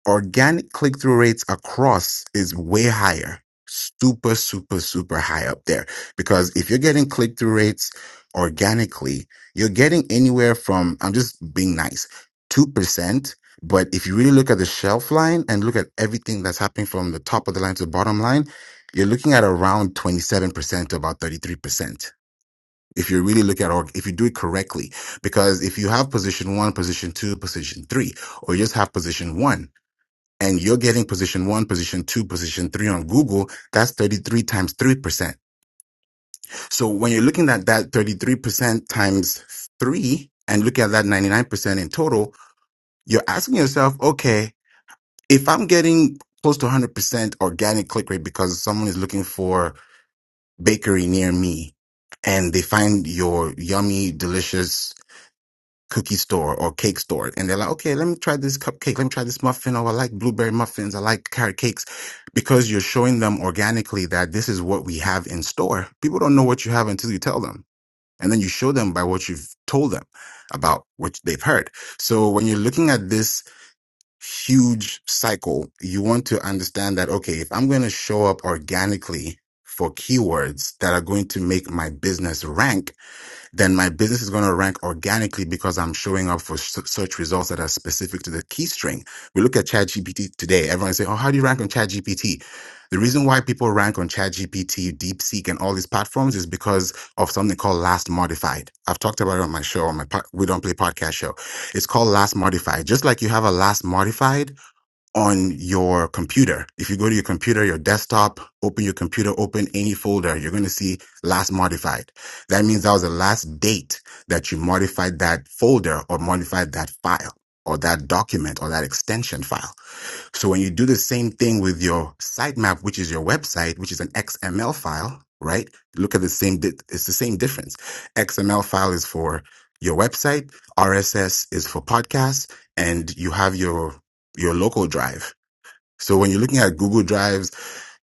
organic click through rates across is way higher. Super, super, super high up there. Because if you're getting click through rates organically, you're getting anywhere from, I'm just being nice, 2%. But if you really look at the shelf line and look at everything that's happening from the top of the line to the bottom line, you're looking at around 27% to about 33%. If you really look at, org, if you do it correctly, because if you have position one, position two, position three, or you just have position one, and you're getting position one, position two, position three on Google, that's 33 times 3%. So when you're looking at that 33% times three and look at that 99% in total, you're asking yourself, okay, if I'm getting close to 100% organic click rate because someone is looking for bakery near me and they find your yummy, delicious cookie store or cake store and they're like, okay, let me try this cupcake. Let me try this muffin. Oh, I like blueberry muffins. I like carrot cakes because you're showing them organically that this is what we have in store. People don't know what you have until you tell them. And then you show them by what you've told them about what they've heard. So when you're looking at this huge cycle, you want to understand that, okay, if I'm going to show up organically for keywords that are going to make my business rank, then my business is going to rank organically because I'm showing up for s- search results that are specific to the key string. We look at ChatGPT today. Everyone say, "Oh, how do you rank on ChatGPT?" The reason why people rank on ChatGPT, DeepSeek, and all these platforms is because of something called last modified. I've talked about it on my show, on my po- We Don't Play podcast show. It's called last modified. Just like you have a last modified on your computer. If you go to your computer, your desktop, open your computer, open any folder, you're going to see last modified. That means that was the last date that you modified that folder or modified that file or that document or that extension file. So when you do the same thing with your sitemap, which is your website, which is an XML file, right? Look at the same, di- it's the same difference. XML file is for your website. RSS is for podcasts and you have your your local drive. So when you're looking at Google Drives,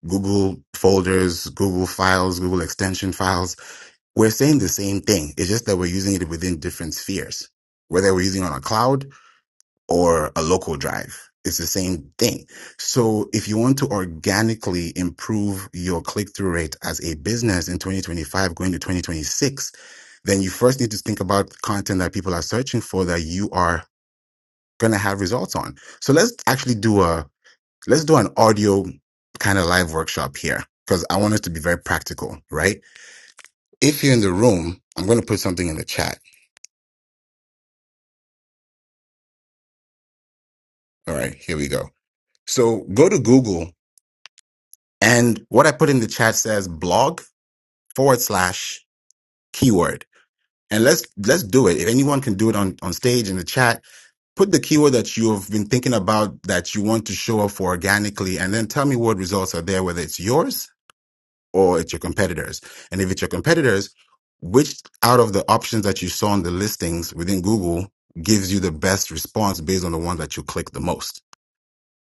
Google folders, Google files, Google extension files, we're saying the same thing. It's just that we're using it within different spheres, whether we're using it on a cloud or a local drive. It's the same thing. So if you want to organically improve your click through rate as a business in 2025 going to 2026, then you first need to think about content that people are searching for that you are going to have results on. So let's actually do a let's do an audio kind of live workshop here because I want us to be very practical, right? If you're in the room, I'm going to put something in the chat. All right, here we go. So go to Google and what I put in the chat says blog forward slash keyword. And let's, let's do it. If anyone can do it on, on stage in the chat, put the keyword that you have been thinking about that you want to show up for organically and then tell me what results are there, whether it's yours or it's your competitors. And if it's your competitors, which out of the options that you saw on the listings within Google gives you the best response based on the one that you click the most?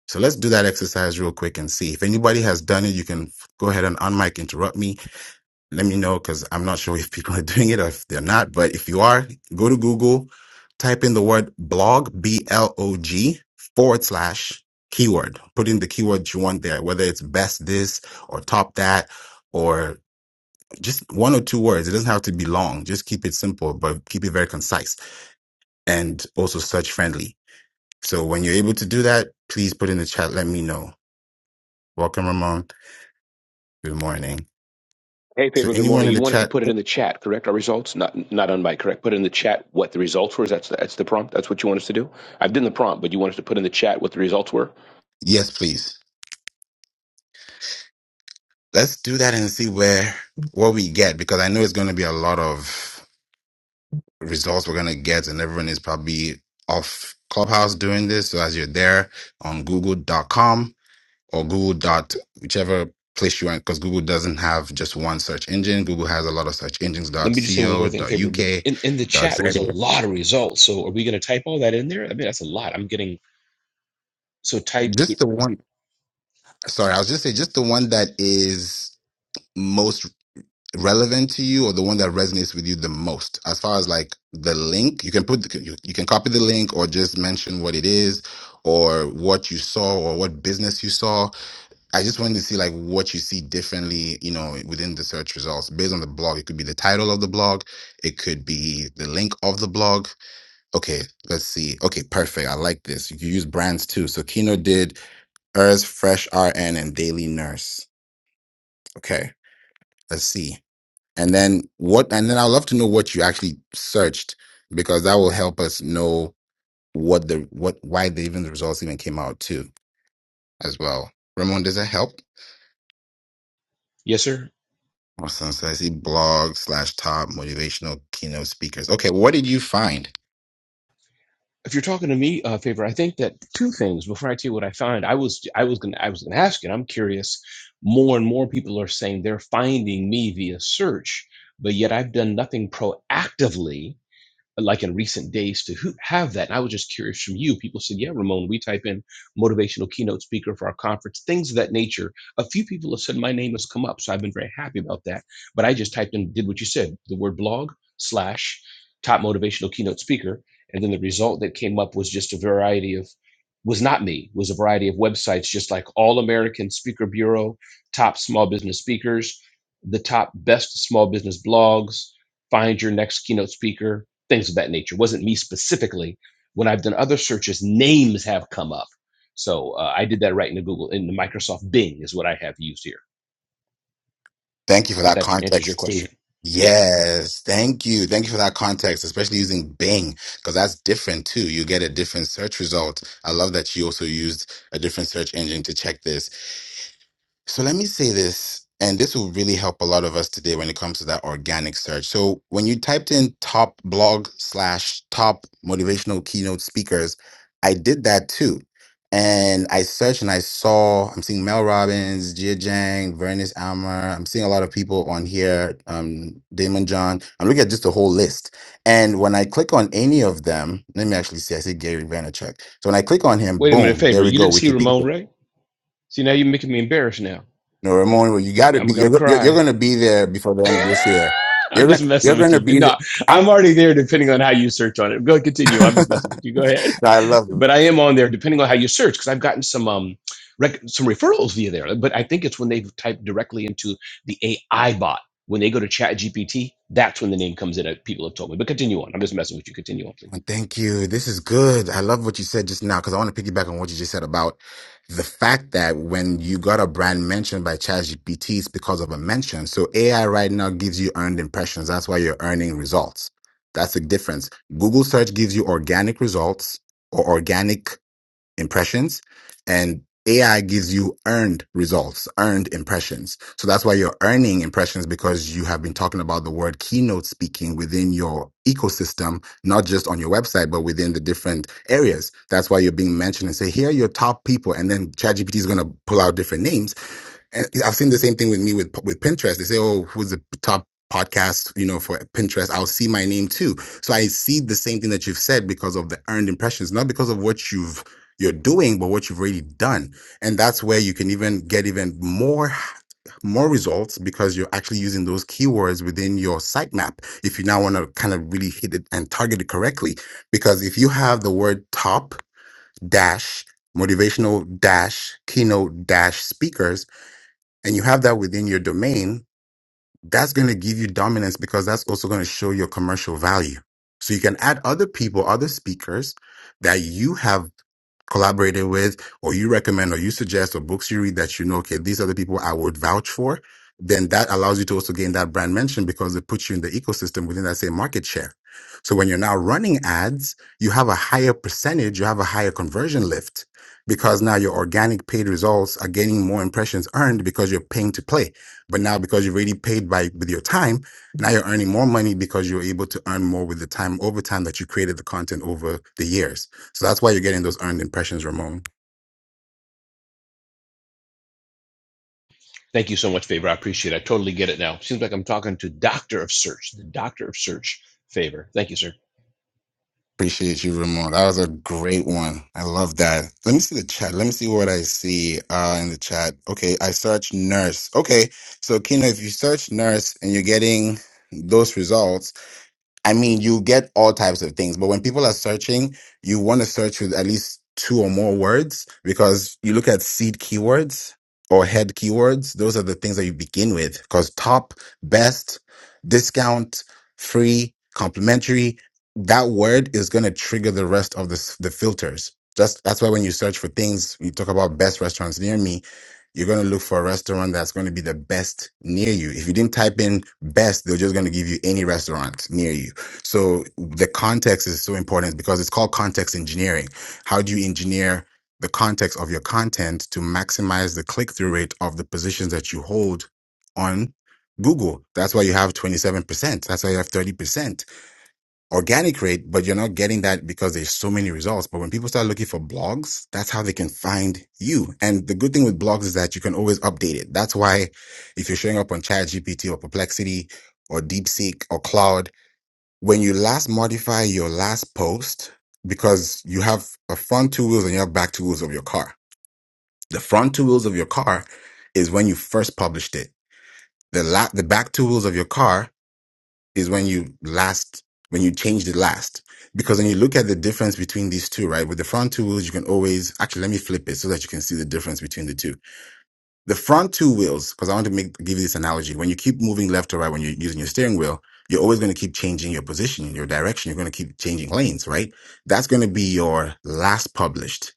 So let's do that exercise real quick and see. If anybody has done it, you can f- go ahead and unmic, interrupt me. Let me know because I'm not sure if people are doing it or if they're not. But if you are, go to Google, type in the word blog, B L O G forward slash keyword. Put in the keyword you want there, whether it's best this or top that just one or two words. It doesn't have to be long. Just keep it simple, but keep it very concise and also search friendly. So when you're able to do that, please put in the chat. Let me know. Welcome, Ramon. Good morning. Hey, So Pedro, good anyone morning. in You the want us to chat, put it in the chat, correct? Our results? Not not on mic, correct? Put it in the chat what the results were. Is That's, that's the prompt? That's what you want us to do? I've done the prompt, but you want us to put in the chat what the results were? yes, please. Let's do that and see where what we get because I know it's going to be a lot of results we're going to get, and everyone is probably off Clubhouse doing this. So as you're there on Google.com or Google dot whichever place you are because Google doesn't have just one search engine. Google has a lot of search engines Let dot me just say one co more thing, dot Pedro. But uk in, in the dot chat z. was a lot of results. So are we going to type all that in there? I mean, that's a lot. I'm getting, so type, Just the one. Sorry, I was just saying just the one that is most relevant to you or the one that resonates with you the most as far as like the link you can put the, you, you can copy the link or just mention what it is or what you saw or what business you saw I just wanted to see like what you see differently, you know, within the search results based on the blog. It could be the title of the blog, it could be the link of the blog. Okay, let's see. Okay, perfect. I like this. You can use brands too. So Kino did Urs, Fresh RN, and Daily Nurse. Okay, let's see. And then what? And then I'd love to know what you actually searched because that will help us know what the what why the even the results even came out too as well. Ramon, does that help? yes, sir? Awesome. So I see blog slash top motivational keynote speakers. Okay, what did you find? if you're talking to me, uh, favor, I think that two things before I tell you what I find, I was I was gonna I was gonna ask you, and I'm curious. More and more people are saying they're finding me via search, but yet I've done nothing proactively like in recent days to who have that. And I was just curious from you. People said, yeah, Ramon, we type in motivational keynote speaker for our conference, things of that nature. A few people have said my name has come up. So I've been very happy about that. But I just typed in, did what you said, the word blog slash top motivational keynote speaker. And then the result that came up was just a variety of was not me was a variety of websites just like all american speaker bureau top small business speakers the top best small business blogs find your next keynote speaker things of that nature. It Wasn't me specifically. When I've done other searches, names have come up. So uh, I did that right in the Google in the Microsoft Bing is what I have used here. Thank you for If that that answers your context too. question, yeah. Yes, thank you. Thank you for that context, especially using Bing, because that's different too. You get a different search result. I love that you also used a different search engine to check this. So let me say this, and this will really help a lot of us today when it comes to that organic search. So when you typed in top blog slash top motivational keynote speakers, I did that too. And I searched and I saw, I'm seeing Mel Robbins, Jia Jang, Vernice Almer. I'm seeing a lot of people on here, um, Damon John. I'm looking at just the whole list. And when I click on any of them, let me actually see, I see Gary Vaynerchuk. So when I click on him, Wait a minute, boom, favor. there we You go, didn't see Wikipedia. Ramon, Ray. See now you're making me embarrassed. Now No, Ramon, you got Yeah, to I'm be. You're gonna you're, you're cry. going to be there before the end of this year. You're I'm gonna just you're messing going with to you. be. There. No, I'm. I'm already there. Depending on how you search on it, go continue. I'm just messing with you. Go ahead. No, I love. Ramon. but I am on there depending on how you search because I've gotten some um rec- some referrals via there. But I think it's when they have typed directly into the AI bot when they go to Chat GPT. That's when the name comes in. uh, People have told me. But continue on. I'm just messing with you. Continue on, please. Thank you. This is good. I love what you said just now because I want to piggyback on what you just said about the fact that when you got a brand mentioned by ChatGPT, it's because of a mention. So AI right now gives you earned impressions. That's why you're earning results. That's the difference. Google search gives you organic results or organic impressions and AI gives you earned results, earned impressions. So that's why you're earning impressions because you have been talking about the word keynote speaking within your ecosystem, not just on your website, but within the different areas. That's why you're being mentioned and say, here are your top people. And then ChatGPT is going to pull out different names and I've seen the same thing with me with with Pinterest. They say, "Oh, who's the top podcast?" You know, for Pinterest, I'll see my name too. So I see the same thing that you've said because of the earned impressions, not because of what you've you're doing, but what you've already done, and that's where you can even get even more more results because you're actually using those keywords within your sitemap if you now want to kind of really hit it and target it correctly because if you have the word top dash motivational dash keynote dash speakers and you have that within your domain, that's going to give you dominance because that's also going to show your commercial value. So you can add other people, other speakers that you have collaborated with, or you recommend, or you suggest, or books you read that you know, okay, these are the people I would vouch for, then that allows you to also gain that brand mention because it puts you in the ecosystem within that same market share. So when you're now running ads, you have a higher percentage, you have a higher conversion lift because now your organic paid results are gaining more impressions earned because you're paying to play. But now because you've already paid by with your time, now you're earning more money because you're able to earn more with the time over time that you created the content over the years. So that's why you're getting those earned impressions, Ramon. Thank you so much, Favor. I appreciate it. I totally get it now. Seems like I'm talking to Doctor of Search, the Doctor of Search, Favor. Thank you, sir. Appreciate you, Ramon. That was a great one. I love that. Let me see the chat. Let me see what I see uh, in the chat. Okay, I search nurse. Okay, so Kino, if you search nurse and you're getting those results, I mean, you get all types of things, but when people are searching, you want to search with at least two or more words because you look at seed keywords or head keywords. Those are the things that you begin with because top, best, discount, free, complimentary, that word is going to trigger the rest of the, s- the filters. Just that's why when you search for things, you talk about best restaurants near me you're going to look for a restaurant that's going to be the best near you. If you didn't type in best, they're just going to give you any restaurant near you so the context is so important because it's called context engineering. How do you engineer the context of your content to maximize the click through rate of the positions that you hold on Google? That's why you have 27%. That's why you have 30% organic rate, but you're not getting that because there's so many results. But when people start looking for blogs, that's how they can find you. And the good thing with blogs is that you can always update it. That's why if you're showing up on ChatGPT or Perplexity or DeepSeek or Cloud, when you last modify your last post, because you have a front two wheels and you have back two wheels of your car. The front two wheels of your car is when you first published it. The la- the back two wheels of your car is when you last when you changed it last. Because when you look at the difference between these two, right? With the front two wheels, you can always actually let me flip it so that you can see the difference between the two the front two wheels, because I want to make give you this analogy. When you keep moving left to right, when you're using your steering wheel, you're always going to keep changing your position, your direction. You're going to keep changing lanes, right? That's going to be your last published.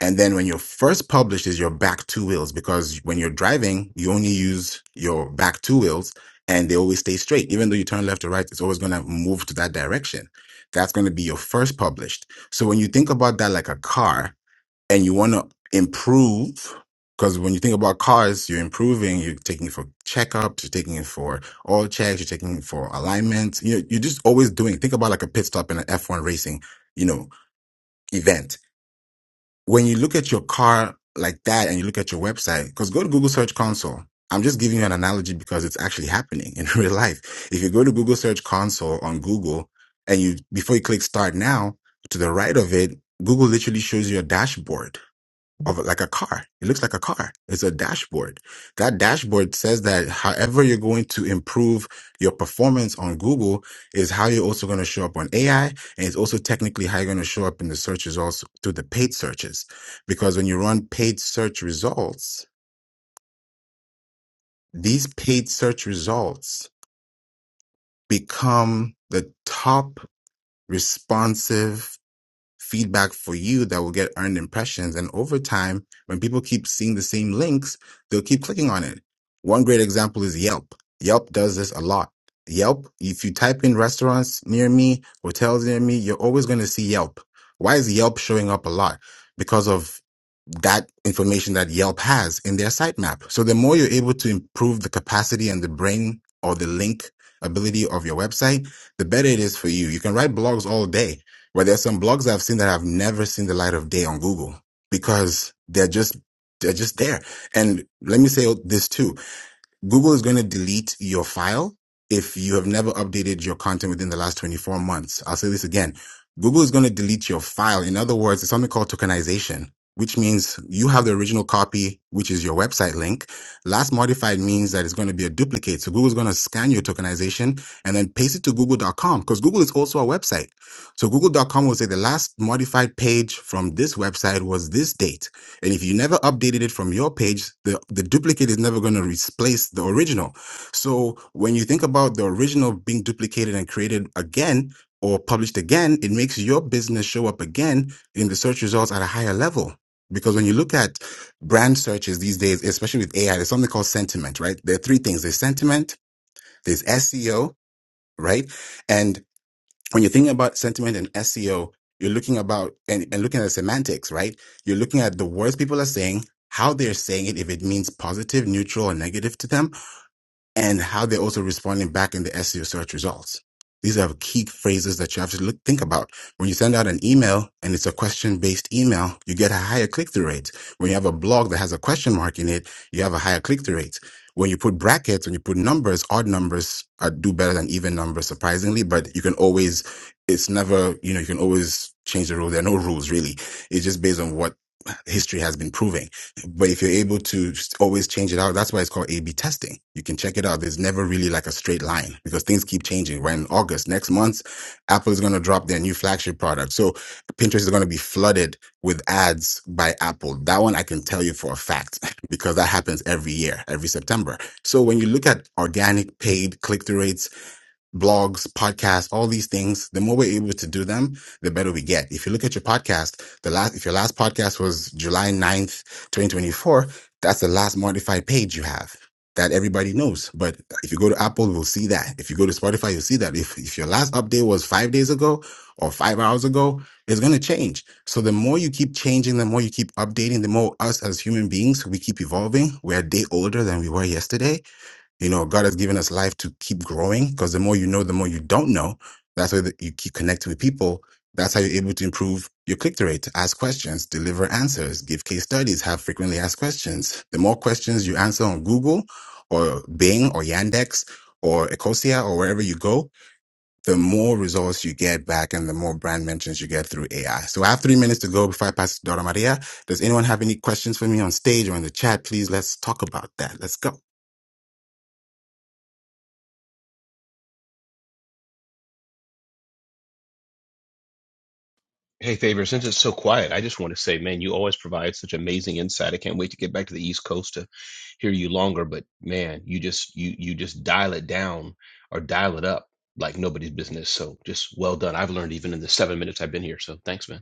And then when you're first published is your back two wheels, because when you're driving, you only use your back two wheels and they always stay straight. Even though you turn left to right, it's always going to move to that direction. That's going to be your first published. So when you think about that like a car, and you want to improve because when you think about cars, you're improving. You're taking it for checkups, you're taking it for oil checks, you're taking it for alignments. You know, you're just always doing. Think about like a pit stop in an F1 racing, you know, event. When you look at your car like that, and you look at your website, because go to Google Search Console. I'm just giving you an analogy because it's actually happening in real life. If you go to Google Search Console on Google, and you before you click Start Now, to the right of it, Google literally shows you a dashboard of like a car. It looks like a car. It's a dashboard. That dashboard says that however you're going to improve your performance on Google is how you're also going to show up on AI. And it's also technically how you're going to show up in the searches also through the paid searches. Because when you run paid search results, these paid search results become the top responsive feedback for you that will get earned impressions. And over time, when people keep seeing the same links, they'll keep clicking on it. One great example is Yelp. Yelp does this a lot. Yelp, if you type in restaurants near me, hotels near me, you're always going to see Yelp. Why is Yelp showing up a lot? Because of that information that Yelp has in their sitemap. So the more you're able to improve the capacity and the brain or the link ability of your website, the better it is for you. You can write blogs all day where there's some blogs I've seen that have never seen the light of day on Google because they're just they're just there. And let me say this too Google is going to delete your file if you have never updated your content within the last 24 months. I'll say this again. Google is going to delete your file. In other words, it's something called tokenization, which means you have the original copy, which is your website link. Last modified means that it's going to be a duplicate. So Google is going to scan your tokenization and then paste it to google.com because Google is also a website. So google.com will say the last modified page from this website was this date. And if you never updated it from your page, the, the duplicate is never going to replace the original. So when you think about the original being duplicated and created again or published again, it makes your business show up again in the search results at a higher level. Because when you look at brand searches these days, especially with AI, there's something called sentiment, right? There are three things. There's sentiment, there's SEO, right? and when you're thinking about sentiment and SEO, you're looking about and, and looking at the semantics, right? You're looking at the words people are saying, how they're saying it, if it means positive, neutral, or negative to them and how they're also responding back in the SEO search results. These are key phrases that you have to look, think about. When you send out an email and it's a question based email, you get a higher click through rate. When you have a blog that has a question mark in it, you have a higher click through rate. When you put brackets, when you put numbers, odd numbers are, do better than even numbers, surprisingly, but you can always, it's never, you know, you can always change the rule. There are no rules really. It's just based on what history has been proving. But if you're able to just always change it out, that's why it's called A B testing. You can check it out. There's never really like a straight line because things keep changing. Right in August, next month, Apple is going to drop their new flagship product. So Pinterest is going to be flooded with ads by Apple. That one I can tell you for a fact because that happens every year, every September. So when you look at organic paid click through rates, blogs, podcasts, all these things, the more we're able to do them, the better we get. If you look at your podcast, the last, if your last podcast was July ninth, 2024, that's the last modified page you have that everybody knows. But if you go to Apple, we'll see that. If you go to Spotify, you'll see that. If, if your last update was five days ago or five hours ago, it's going to change. So the more you keep changing, the more you keep updating, the more us as human beings, we keep evolving. We're a day older than we were yesterday you know, God has given us life to keep growing because the more you know, the more you don't know. That's why that you keep connecting with people. That's how you're able to improve your click through rate, ask questions, deliver answers, give case studies, have frequently asked questions. The more questions you answer on Google or Bing or Yandex or Ecosia or wherever you go, the more results you get back and the more brand mentions you get through AI. So I have three minutes to go before I pass to Dora Maria. Does anyone have any questions for me on stage or in the chat? Please let's talk about that. Let's go. Hey, Favor, since it's so quiet, I just want to say, man, you always provide such amazing insight. I can't wait to get back to the East Coast to hear you longer, but man, you just you you just dial it down or dial it up like nobody's business. So just well done. I've learned even in the seven minutes I've been here. So thanks, man.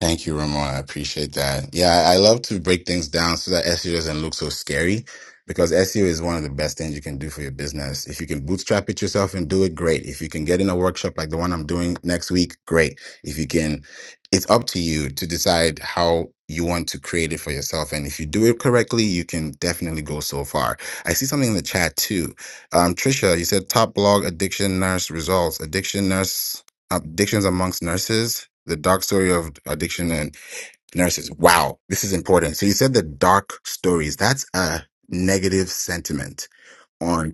Thank you, Ramon. I appreciate that. Yeah, I I love to break things down so that SEO doesn't look so scary because SEO is one of the best things you can do for your business. If you can bootstrap it yourself and do it, great. If you can get in a workshop like the one I'm doing next week, great. If you can, it's up to you to decide how you want to create it for yourself. And if you do it correctly, you can definitely go so far. I see something in the chat too. Um, Trisha, you said top blog addiction nurse results. Addiction nurse addictions amongst nurses, the dark story of addiction and nurses. Wow, this is important. So you said the dark stories. That's a negative sentiment on.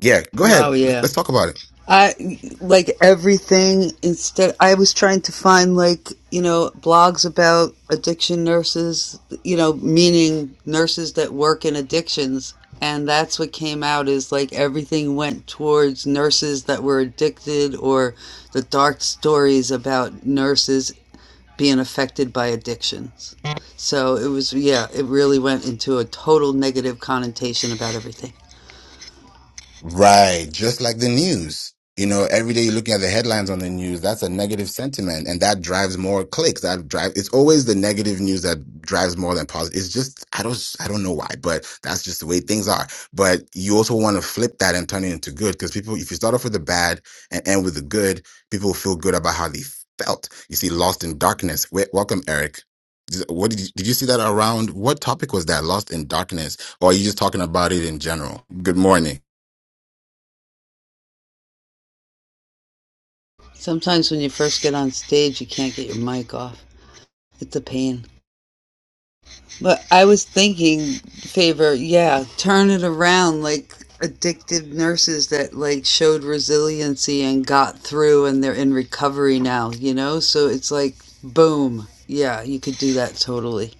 Yeah, go Wow, ahead. Let- yeah. Let's talk about it. I like everything instead I was trying to find like, you know, blogs about addiction nurses, you know, meaning nurses that work in addictions and that's what came out is like everything went towards nurses that were addicted or the dark stories about nurses being affected by addictions. So it was, yeah, it really went into a total negative connotation about everything. Right. Just like the news. You know, every day you're looking at the headlines on the news, that's a negative sentiment and that drives more clicks. That drive it's always the negative news that drives more than positive. It's just I don't I don't know why, but that's just the way things are. But you also want to flip that and turn it into good because people if you start off with the bad and end with the good, people feel good about how they felt. You see Lost in Darkness. Wait, welcome Eric. What did you, did you see that around? What topic was that? Lost in Darkness or are you just talking about it in general? Good morning. Sometimes when you first get on stage, you can't get your mic off. It's a pain. But I was thinking, favor, yeah, turn it around like addicted nurses that like showed resiliency and got through and they're in recovery now, you know? So it's like boom. Yeah, you could do that totally.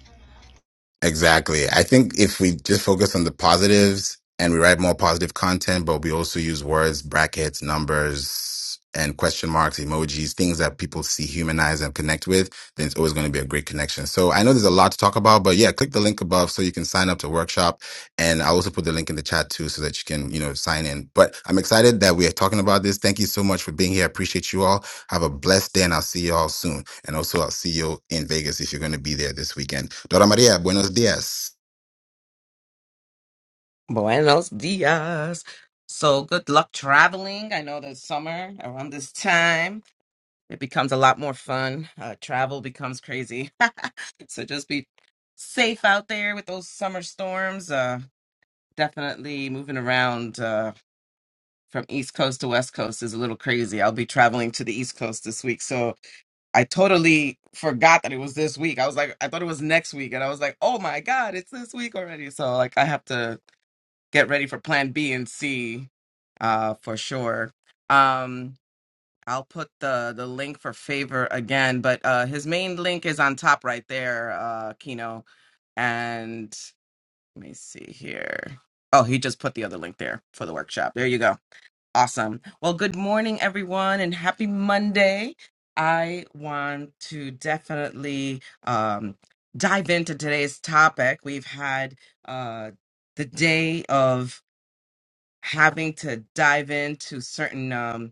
Exactly. I think if we just focus on the positives and we write more positive content, but we also use words, brackets, numbers, and question marks, emojis, things that people see, humanize, and connect with, then it's always going to be a great connection. So I know there's a lot to talk about, but yeah, click the link above so you can sign up to workshop. And I'll also put the link in the chat too so that you can, you know, sign in. But I'm excited that we are talking about this. Thank you so much for being here. I appreciate you all. Have a blessed day, and I'll see you all soon. And also, I'll see you in Vegas if you're going to be there this weekend. Dora Maria, buenos dias. Buenos dias. So good luck traveling. I know that summer around this time, it becomes a lot more fun. Uh, travel becomes crazy. so just be safe out there with those summer storms. Uh, definitely moving around uh, from East Coast to West Coast is a little crazy. I'll be traveling to the East Coast this week. So I totally forgot that it was this week. I was like, I thought it was next week. And I was like, oh my God, it's this week already. So like I have to get ready for plan B and C uh for sure. Um I'll put the the link for favor again, but uh his main link is on top right there, uh Kino. And let me see here. Oh, he just put the other link there for the workshop. There you go. Awesome. Well, good morning everyone and happy Monday. I want to definitely um dive into today's topic. We've had uh the day of having to dive into certain um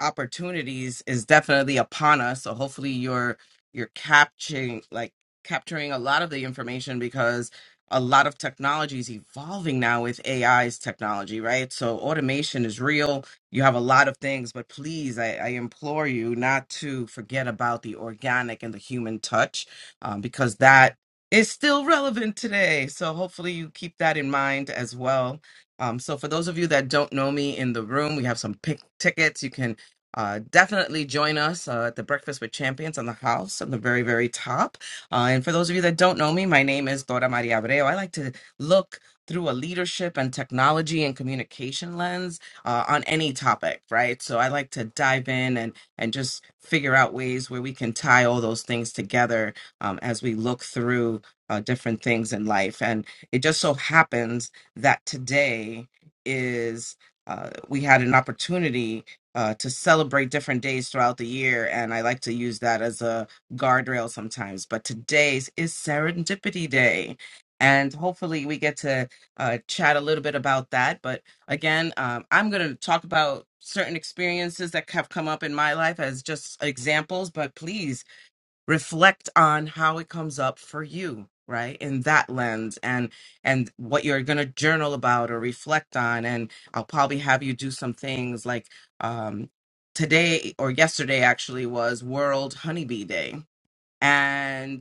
opportunities is definitely upon us. So hopefully you're you're capturing like capturing a lot of the information because a lot of technology is evolving now with AI's technology, right? So automation is real. You have a lot of things, but please, I, I implore you not to forget about the organic and the human touch um, because that is still relevant today. So hopefully you keep that in mind as well. Um, so for those of you that don't know me in the room, we have some pick tickets. You can uh, definitely join us uh, at the Breakfast with Champions on the house on the very, very top. Uh, and for those of you that don't know me, my name is Dora Maria Abreu. I like to look through a leadership and technology and communication lens uh, on any topic, right? So I like to dive in and and just figure out ways where we can tie all those things together um, as we look through uh, different things in life. And it just so happens that today is uh, we had an opportunity uh, to celebrate different days throughout the year. And I like to use that as a guardrail sometimes. But today's is Serendipity Day. And hopefully we get to uh, chat a little bit about that. But again, um, I'm going to talk about certain experiences that have come up in my life as just examples. But please, reflect on how it comes up for you right in that lens and and what you're going to journal about or reflect on and i'll probably have you do some things like um today or yesterday actually was world honeybee day and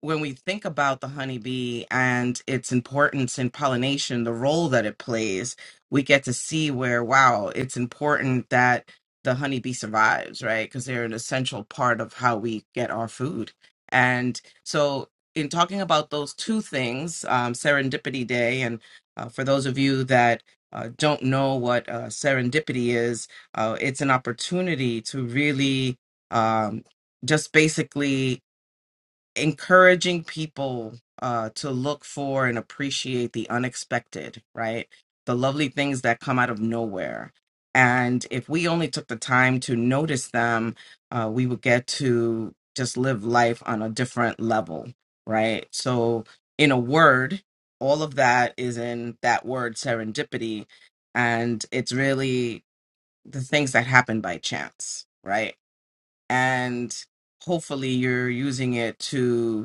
when we think about the honeybee and its importance in pollination, the role that it plays, we get to see where, wow, it's important that the honeybee survives, right? Because they're an essential part of how we get our food. And so, in talking about those two things, um, Serendipity Day, and uh, for those of you that uh, don't know what uh, serendipity is, uh, it's an opportunity to really um, just basically encouraging people uh, to look for and appreciate the unexpected, right? The lovely things that come out of nowhere. And if we only took the time to notice them, uh, we would get to just live life on a different level, right? So, in a word, all of that is in that word serendipity. And it's really the things that happen by chance, right? And hopefully you're using it to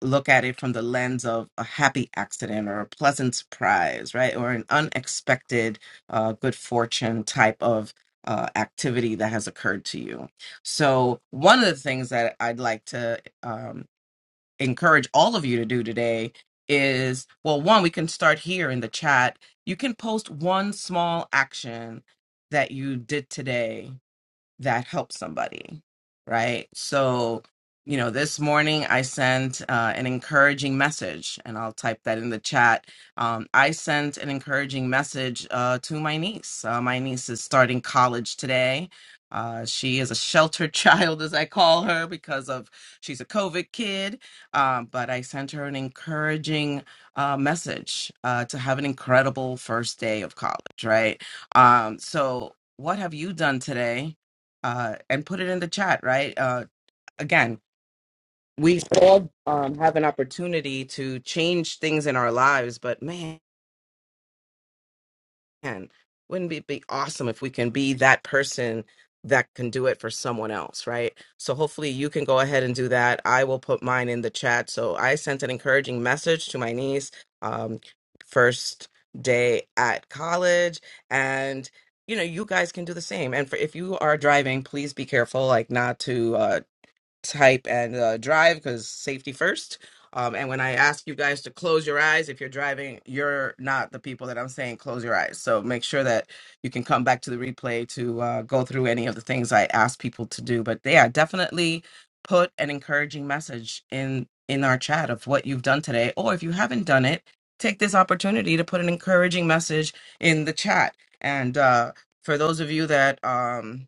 look at it from the lens of a happy accident or a pleasant surprise, right? Or an unexpected uh, good fortune type of uh, activity that has occurred to you. So, one of the things that I'd like to um, encourage all of you to do today is well, one, we can start here in the chat. You can post one small action that you did today that helps somebody, right? So, you know, this morning I sent uh, an encouraging message, and I'll type that in the chat. Um, I sent an encouraging message uh, to my niece. Uh, my niece is starting college today. Uh, she is a sheltered child, as I call her, because of she's a COVID kid. Um, but I sent her an encouraging uh, message uh, to have an incredible first day of college, right? Um, so, what have you done today uh, and put it in the chat, right? Uh, again, we all um, have an opportunity to change things in our lives, but man, wouldn't it be awesome if we can be that person that can do it for someone else, right? So hopefully you can go ahead and do that. I will put mine in the chat. So I sent an encouraging message to my niece um, first day at college and you know you guys can do the same and for, if you are driving please be careful like not to uh type and uh, drive because safety first. Um, and when I ask you guys to close your eyes, if you're driving, you're not the people that I'm saying close your eyes. So make sure that you can come back to the replay to uh, go through any of the things I ask people to do. But yeah, definitely put an encouraging message in in our chat of what you've done today, or if you haven't done it, take this opportunity to put an encouraging message in the chat. And uh, for those of you that um,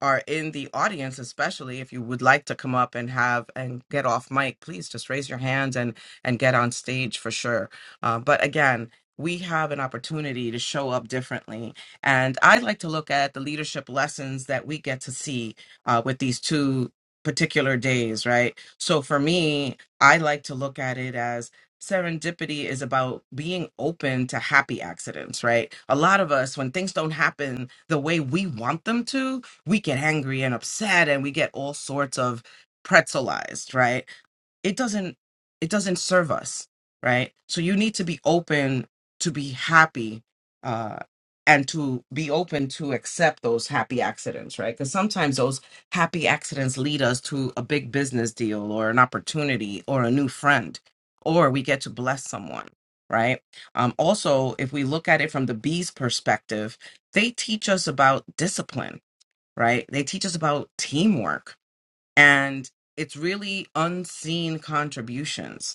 are in the audience, especially if you would like to come up and have and get off mic, please just raise your hands and and get on stage for sure. Uh, but again, we have an opportunity to show up differently, and I'd like to look at the leadership lessons that we get to see uh, with these two particular days, right? So for me, I like to look at it as serendipity is about being open to happy accidents right a lot of us when things don't happen the way we want them to we get angry and upset and we get all sorts of pretzelized right it doesn't it doesn't serve us right so you need to be open to be happy uh and to be open to accept those happy accidents right because sometimes those happy accidents lead us to a big business deal or an opportunity or a new friend or we get to bless someone right um also if we look at it from the bees perspective they teach us about discipline right? They teach us about teamwork and it's really unseen contributions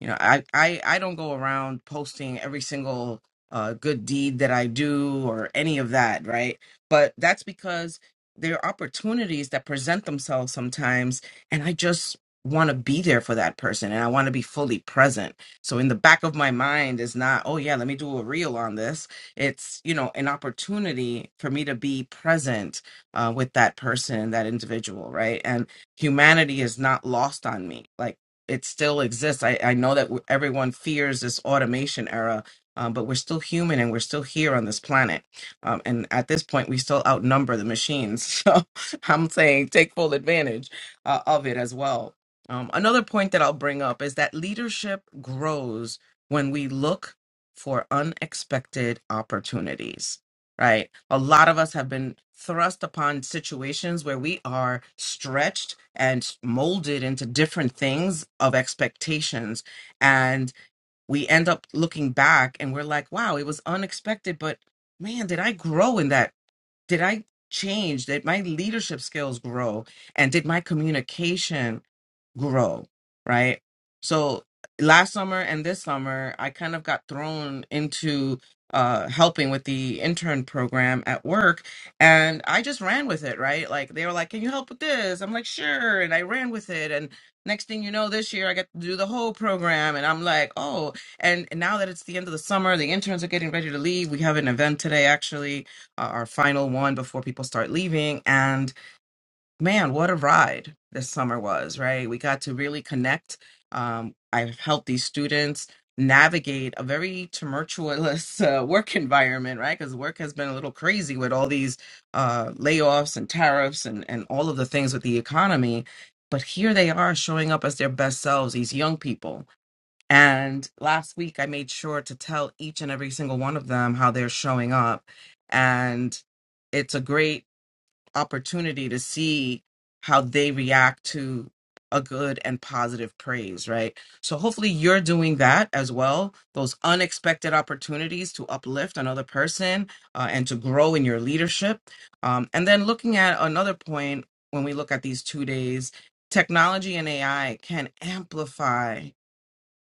you know i i, I don't go around posting every single uh, good deed that i do or any of that right but that's because there are opportunities that present themselves sometimes and i just want to be there for that person and i want to be fully present so in the back of my mind is not oh yeah let me do a reel on this it's you know an opportunity for me to be present uh, with that person that individual right and humanity is not lost on me. Like it still exists. I, I know that w- everyone fears this automation era, um, but we're still human and we're still here on this planet. Um, and at this point, we still outnumber the machines. So I'm saying take full advantage uh, of it as well. Um, another point that I'll bring up is that leadership grows when we look for unexpected opportunities right? A lot of us have been thrust upon situations where we are stretched and molded into different things of expectations. And we end up looking back and we're like, wow, it was unexpected, but man, did I grow in that? Did I change? Did my leadership skills grow? And did my communication? grow, right? So last summer and this summer, I kind of got thrown into uh, helping with the intern program at work, and I just ran with it, right? Like they were like, "Can you help with this?" I'm like, "Sure," and I ran with it, and next thing you know, this year I get to do the whole program, and I'm like, "Oh!" And now that it's the end of the summer, the interns are getting ready to leave. We have an event today, actually, uh, our final one before people start leaving, and man, what a ride this summer was, right? We got to really connect. Um, I've helped these students navigate a very tumultuous uh, work environment, right? Because work has been a little crazy with all these uh, layoffs and tariffs and, and all of the things with the economy. But here they are showing up as their best selves, these young people. And last week, I made sure to tell each and every single one of them how they're showing up. And it's a great opportunity to see how they react to a good and positive praise, right? So hopefully you're doing that as well. Those unexpected opportunities to uplift another person uh, and to grow in your leadership. Um, and then looking at another point when we look at these two days, technology and AI can amplify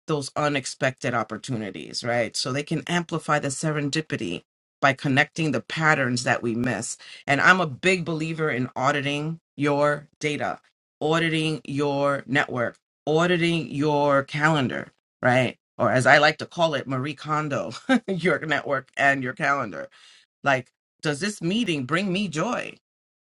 those unexpected opportunities, right? So they can amplify the serendipity by connecting the patterns that we miss. And I'm a big believer in auditing your data, auditing your network, auditing your calendar, right? Or as I like to call it, Marie Kondo, your network and your calendar. Like, does this meeting bring me joy?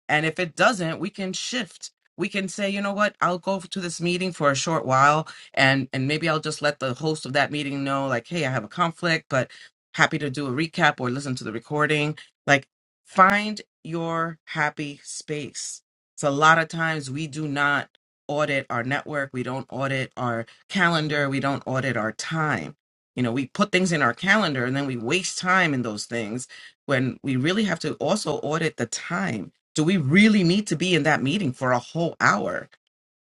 And if it doesn't, we can shift. We can say, you know what, I'll go to this meeting for a short while and and maybe I'll just let the host of that meeting know like, hey, I have a conflict, but happy to do a recap or listen to the recording. Like find your happy space. So a lot of times we do not audit our network, we don't audit our calendar, we don't audit our time. You know, we put things in our calendar and then we waste time in those things when we really have to also audit the time do we really need to be in that meeting for a whole hour?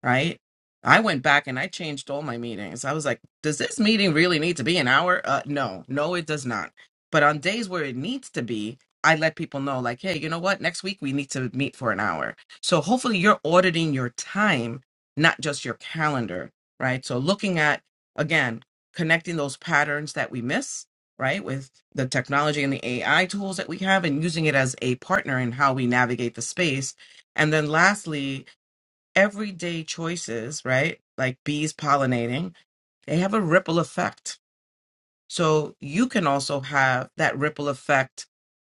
right? I went back and I changed all my meetings. I was like, does this meeting really need to be an hour? Uh, no, no, it does not. But on days where it needs to be, I let people know, like, hey, you know what? Next week we need to meet for an hour. So hopefully you're auditing your time, not just your calendar, right? So looking at, again, connecting those patterns that we miss, right, with the technology and the AI tools that we have and using it as a partner in how we navigate the space. And then lastly, everyday choices, right? Like bees pollinating, they have a ripple effect. So you can also have that ripple effect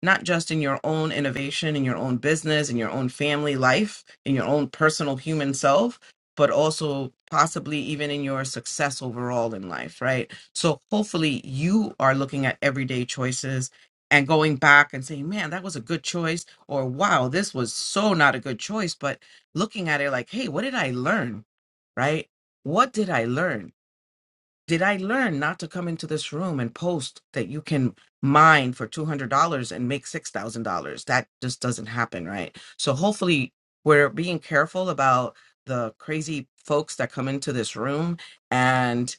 not just in your own innovation, in your own business, in your own family life, in your own personal human self, but also possibly even in your success overall in life, right? So hopefully you are looking at everyday choices and going back and saying, man, that was a good choice, or wow, this was so not a good choice, but looking at it like, hey, what did I learn, right? What did I learn? did I learn not to come into this room and post that you can mine for $200 and make $6,000? That just doesn't happen, right? So hopefully we're being careful about the crazy folks that come into this room. And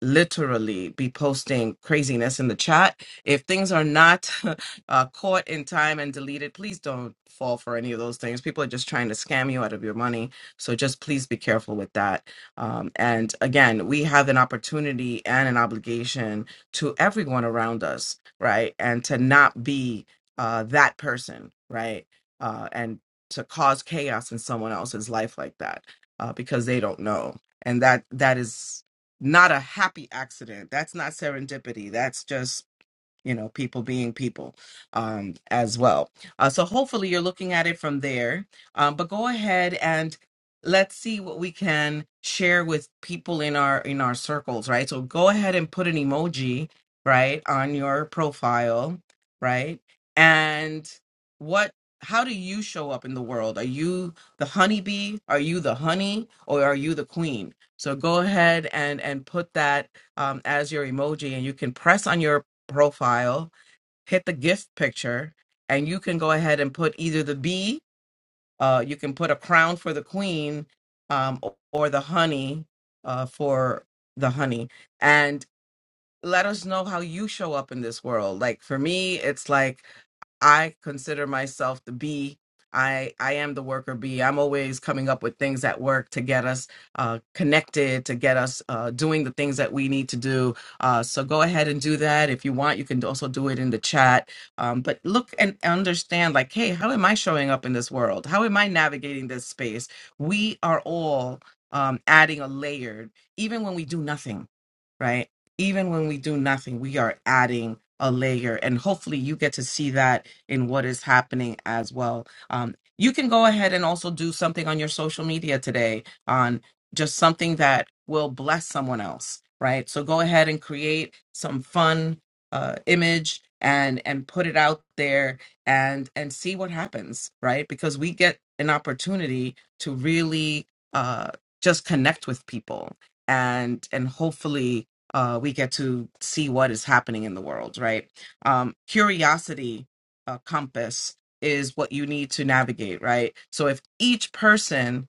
literally be posting craziness in the chat. If things are not uh, caught in time and deleted, please don't fall for any of those things. People are just trying to scam you out of your money. So just please be careful with that. Um, and again, we have an opportunity and an obligation to everyone around us, right? And to not be uh, that person, right? Uh, and to cause chaos in someone else's life like that uh, because they don't know. And that that is not a happy accident. That's not serendipity. That's just you know people being people um, as well uh, so hopefully you're looking at it from there um, but go ahead and let's see what we can share with people in our in our circles right so go ahead and put an emoji right on your profile right and what how do you show up in the world are you the honeybee are you the honey or are you the queen so go ahead and and put that um, as your emoji and you can press on your profile, hit the gift picture, and you can go ahead and put either the bee, uh, you can put a crown for the queen, um, o- or the honey uh, for the honey. And let us know how you show up in this world. Like for me, it's like I consider myself the bee. I I am the worker bee. I'm always coming up with things at work to get us uh, connected, to get us uh, doing the things that we need to do. Uh, so go ahead and do that if you want. You can also do it in the chat. Um, but look and understand, like, hey, how am I showing up in this world? How am I navigating this space? We are all um, adding a layer, even when we do nothing, right? Even when we do nothing, we are adding a layer. And hopefully you get to see that in what is happening as well. Um, you can go ahead and also do something on your social media today on just something that will bless someone else, right? So go ahead and create some fun uh, image and and put it out there and and see what happens, right? Because we get an opportunity to really uh, just connect with people and and hopefully uh, we get to see what is happening in the world, right? Um, curiosity uh, compass is what you need to navigate, right? So if each person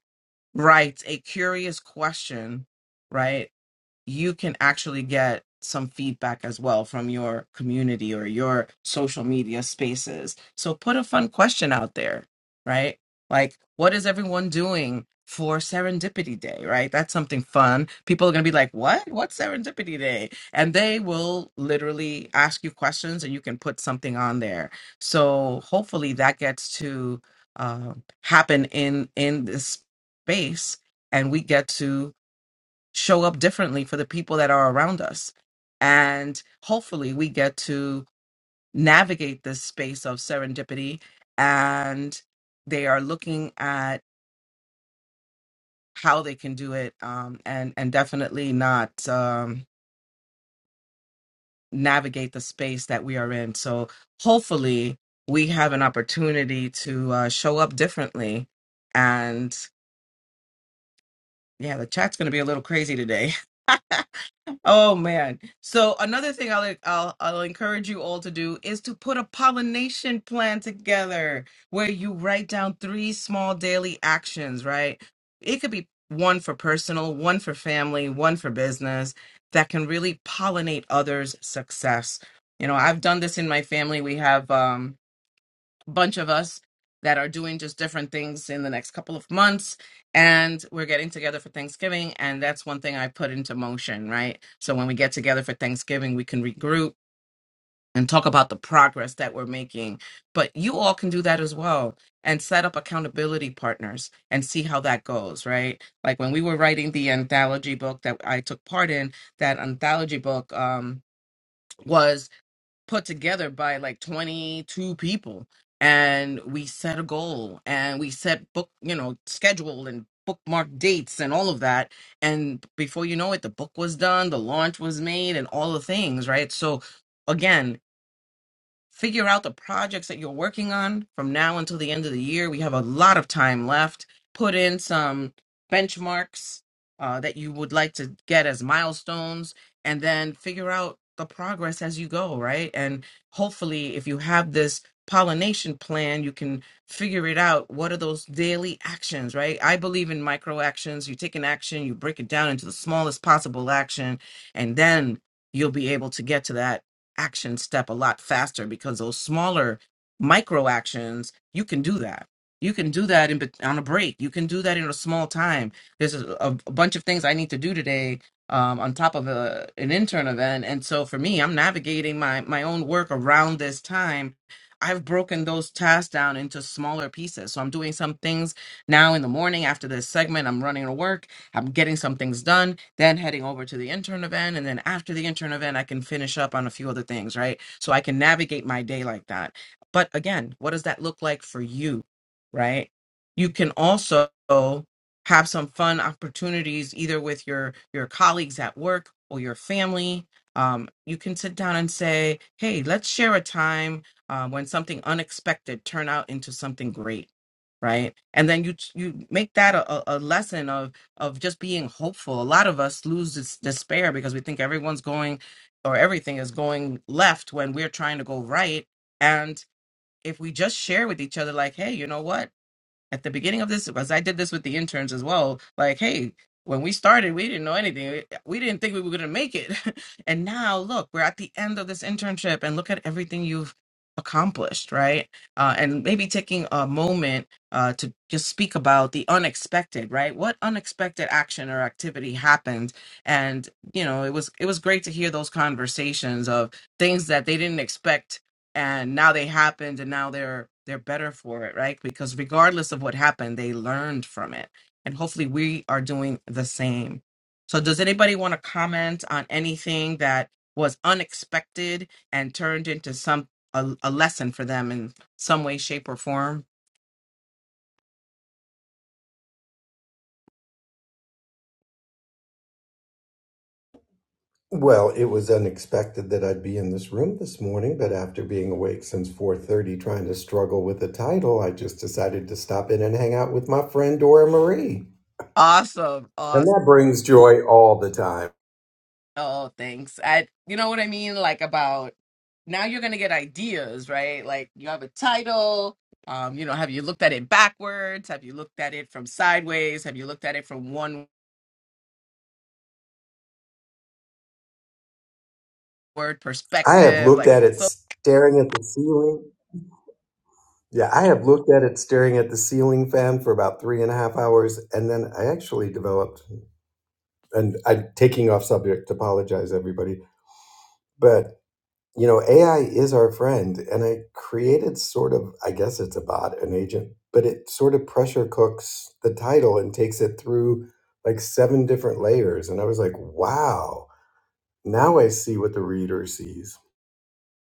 writes a curious question, right? you can actually get some feedback as well from your community or your social media spaces. So put a fun question out there, right? Like, what is everyone doing for Serendipity Day, right? That's something fun. People are going to be like, what? What's Serendipity Day? And they will literally ask you questions and you can put something on there. So hopefully that gets to uh, happen in in this space and we get to show up differently for the people that are around us. And hopefully, we get to navigate this space of serendipity. And they are looking at how they can do it, um, and and definitely not um, navigate the space that we are in. So hopefully, we have an opportunity to uh, show up differently. And yeah, the chat's going to be a little crazy today. Oh man. So another thing I'll, I'll I'll encourage you all to do is to put a pollination plan together where you write down three small daily actions, right? It could be one for personal, one for family, one for business that can really pollinate others' success. You know, I've done this in my family. We have um bunch of us that are doing just different things in the next couple of months and we're getting together for Thanksgiving and that's one thing I put into motion, right? So when we get together for Thanksgiving, we can regroup and talk about the progress that we're making. But you all can do that as well and set up accountability partners and see how that goes, right? Like when we were writing the anthology book that I took part in, that anthology book um was put together by like 22 people and we set a goal and we set book you know schedule and bookmark dates and all of that and before you know it the book was done the launch was made and all the things right so again figure out the projects that you're working on from now until the end of the year. We have a lot of time left. Put in some benchmarks uh, that you would like to get as milestones, and then figure out the progress as you go, right? And hopefully, if you have this pollination plan, you can figure it out. What are those daily actions, right? I believe in micro actions. You take an action, you break it down into the smallest possible action, and then you'll be able to get to that action step a lot faster because those smaller micro actions you can do that you can do that in, bet- on a break you can do that in a small time there's a, a, a bunch of things i need to do today um, on top of a, an intern event and so for me i'm navigating my, my own work around this time i've broken those tasks down into smaller pieces so i'm doing some things now in the morning after this segment i'm running to work I'm getting some things done, then heading over to the intern event. And then after the intern event, I can finish up on a few other things, right? So I can navigate my day like that. But again, what does that look like for you, right? You can also have some fun opportunities either with your your colleagues at work or your family. Um, you can sit down and say, "Hey, let's share a time uh, when something unexpected turned out into something great." right and then you you make that a, a a lesson of just being hopeful. A lot of us lose this despair because we think everyone's going or everything is going left when we're trying to go right. And if we just share with each other, like, hey, you know what? at the beginning of this as i did this with the interns as well like hey when we started we didn't know anything we, we didn't think we were going to make it and now look we're at the end of this internship and look at everything you've accomplished right uh, and maybe taking a moment uh, to just speak about the unexpected right what unexpected action or activity happened and you know it was it was great to hear those conversations of things that they didn't expect and now they happened and now they're they're better for it right because regardless of what happened they learned from it and hopefully we are doing the same so does anybody want to comment on anything that was unexpected and turned into some a, a lesson for them in some way shape or form Well, it was unexpected that I'd be in this room this morning, but after being awake since 4:30 trying to struggle with the title, I just decided to stop in and hang out with my friend Dora Marie. awesome And awesome. that brings joy all the time. Oh, thanks. I, you know what I mean? Like about now you're gonna get ideas, right? Like you have a title. Um, you know, have you looked at it backwards? Have you looked at it from sideways? Have you looked at it from one word I have perspective? looked Like at so it staring at the ceiling. Yeah, I have looked at it staring at the ceiling fan for about three and a half hours, and then I actually developed and I'm taking off subject, apologize everybody. But you know, AI is our friend. And I created sort of, I guess it's a bot, an agent, but it sort of pressure cooks the title and takes it through like seven different layers. And I was like, wow, now I see what the reader sees.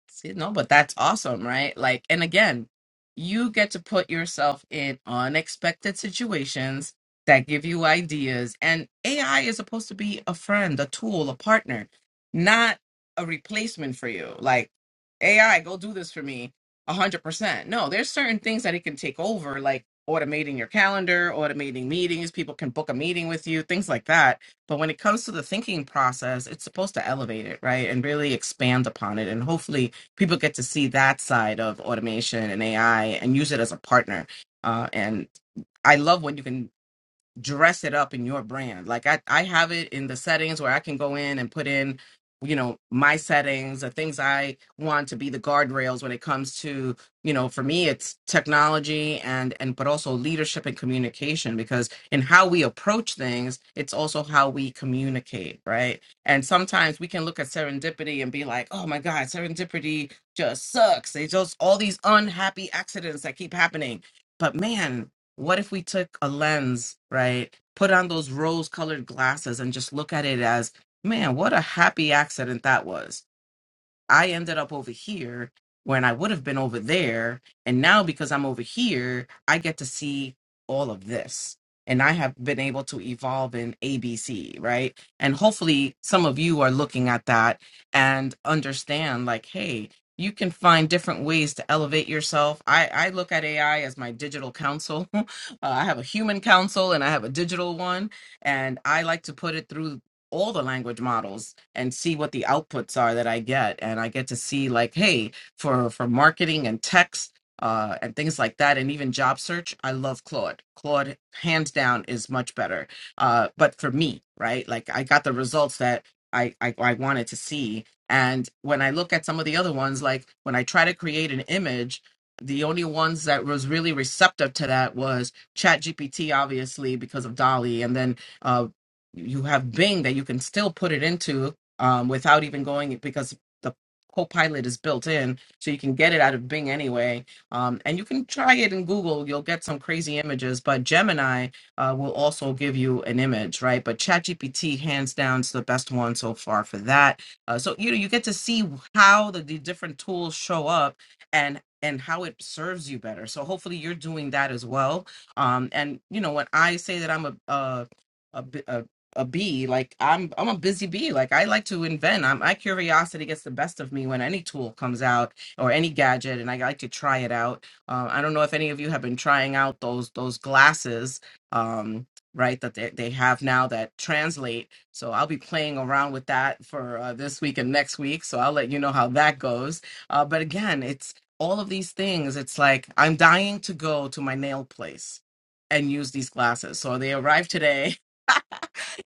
See, no, but that's awesome, right? Like, and again, you get to put yourself in unexpected situations that give you ideas. And AI is supposed to be a friend, a tool, a partner, not a replacement for you. Like, AI, go do this for me 100%. No, there's certain things that it can take over, like automating your calendar, automating meetings. People can book a meeting with you, things like that. But when it comes to the thinking process, it's supposed to elevate it, right? And really expand upon it. And hopefully, people get to see that side of automation and AI and use it as a partner. Uh, and I love when you can dress it up in your brand. Like I, I have it in the settings where I can go in and put in, you know, my settings, the things I want to be the guardrails when it comes to, you know, for me it's technology and and but also leadership and communication because in how we approach things, it's also how we communicate, right? And sometimes we can look at serendipity and be like, oh my God, serendipity just sucks. It's just all these unhappy accidents that keep happening. But man, what if we took a lens, right? Put on those rose colored glasses and just look at it as, man, what a happy accident that was. I ended up over here when I would have been over there. And now because I'm over here, I get to see all of this. And I have been able to evolve in ABC, right? And hopefully some of you are looking at that and understand like, hey, you can find different ways to elevate yourself. I, I look at AI as my digital counsel. uh, I have a human counsel and I have a digital one. And I like to put it through all the language models and see what the outputs are that I get. And I get to see like, hey, for for marketing and text uh, and things like that, and even job search, I love Claude. Claude, hands down, is much better. Uh, but for me, right, like I got the results that I, I I wanted to see. And when I look at some of the other ones, like when I try to create an image, the only ones that was really receptive to that was ChatGPT, obviously because of Dolly, and then uh, you have Bing that you can still put it into um, without even going because the Copilot is built in, so you can get it out of Bing anyway. Um, and you can try it in Google; you'll get some crazy images. But Gemini uh, will also give you an image, right? But ChatGPT, hands down, is the best one so far for that. Uh, so you know you get to see how the, the different tools show up and and how it serves you better. So hopefully you're doing that as well. Um, and you know when I say that I'm a a a bi- a a bee. Like I'm I'm a busy bee. Like I like to invent. I'm, my curiosity gets the best of me when any tool comes out or any gadget, and I like to try it out. Uh, I don't know if any of you have been trying out those those glasses, um, right? That they, they have now that translate. So I'll be playing around with that for uh, this week and next week. So I'll let you know how that goes. Uh, but again, it's all of these things. It's like I'm dying to go to my nail place and use these glasses. So they arrived today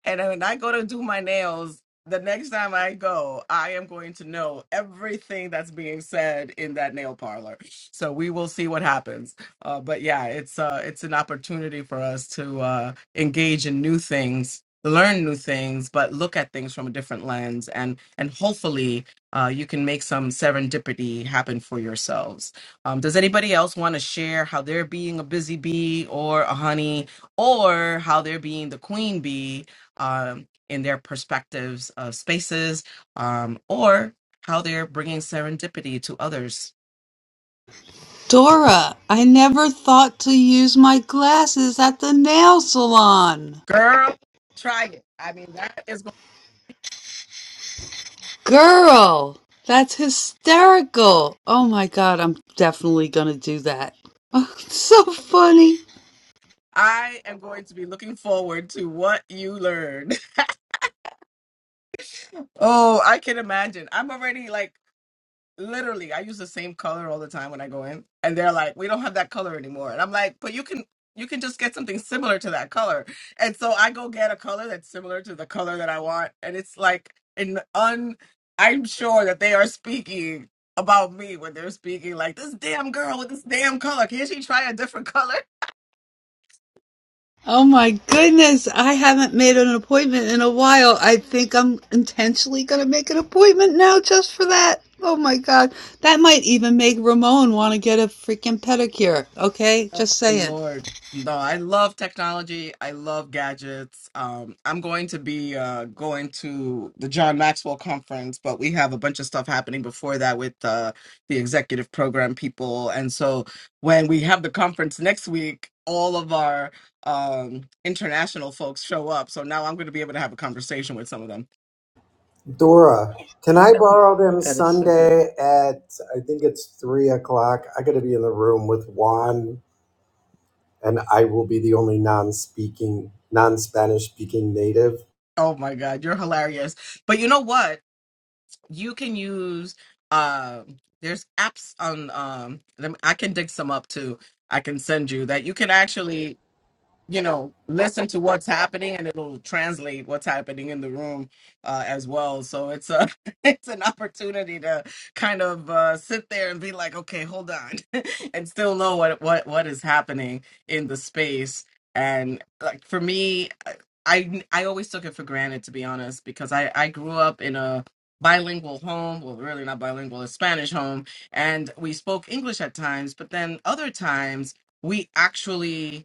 And when I go to do my nails, the next time I go, I am going to know everything that's being said in that nail parlor. So we will see what happens. Uh, but yeah, it's uh, it's an opportunity for us to uh, engage in new things, learn new things, but look at things from a different lens, and and hopefully uh, you can make some serendipity happen for yourselves. Um, does anybody else want to share how they're being a busy bee or a honey, or how they're being the queen bee? um, in their perspectives of spaces um, or how they're bringing serendipity to others. Dora, I never thought to use my glasses at the nail salon. Girl, try it. I mean, that is going. Girl, that's hysterical. Oh my god, I'm definitely going to do that. Oh, so funny. I am going to be looking forward to what you learn. oh, I can imagine. I'm already like literally i use the same color all the time when i go in and they're like we don't have that color anymore and i'm like but you can you can just get something similar to that color and so i go get a color that's similar to the color that i want and it's like an un i'm sure that they are speaking about me when they're speaking like this damn girl with this damn color can't she try a different color Oh my goodness, I haven't made an appointment in a while. I think I'm intentionally going to make an appointment now just for that. Oh my God. That might even make Ramon want to get a freaking pedicure. Okay, just Oh, saying. Lord. No, I love technology. I love gadgets. Um, I'm going to be uh, going to the John Maxwell conference, but we have a bunch of stuff happening before that with uh, the executive program people. And so when we have the conference next week, all of our um, international folks show up. So now I'm going to be able to have a conversation with some of them. Dora, can I borrow them That is so good. Sunday at, I think it's three o'clock? I got to be in the room with Juan, and I will be the only non speaking, non Spanish speaking native Oh my God, you're hilarious. But you know what? you can use um there's apps on um lem- I can dig some up too. I can send you that you can actually you know listen to what's happening and it'll translate what's happening in the room uh, as well so it's a it's an opportunity to kind of uh, sit there and be like okay hold on and still know what what what is happening in the space and like for me i i I always took it for granted to be honest because i i grew up in a bilingual home well really not bilingual a spanish home and we spoke english at times but then other times we actually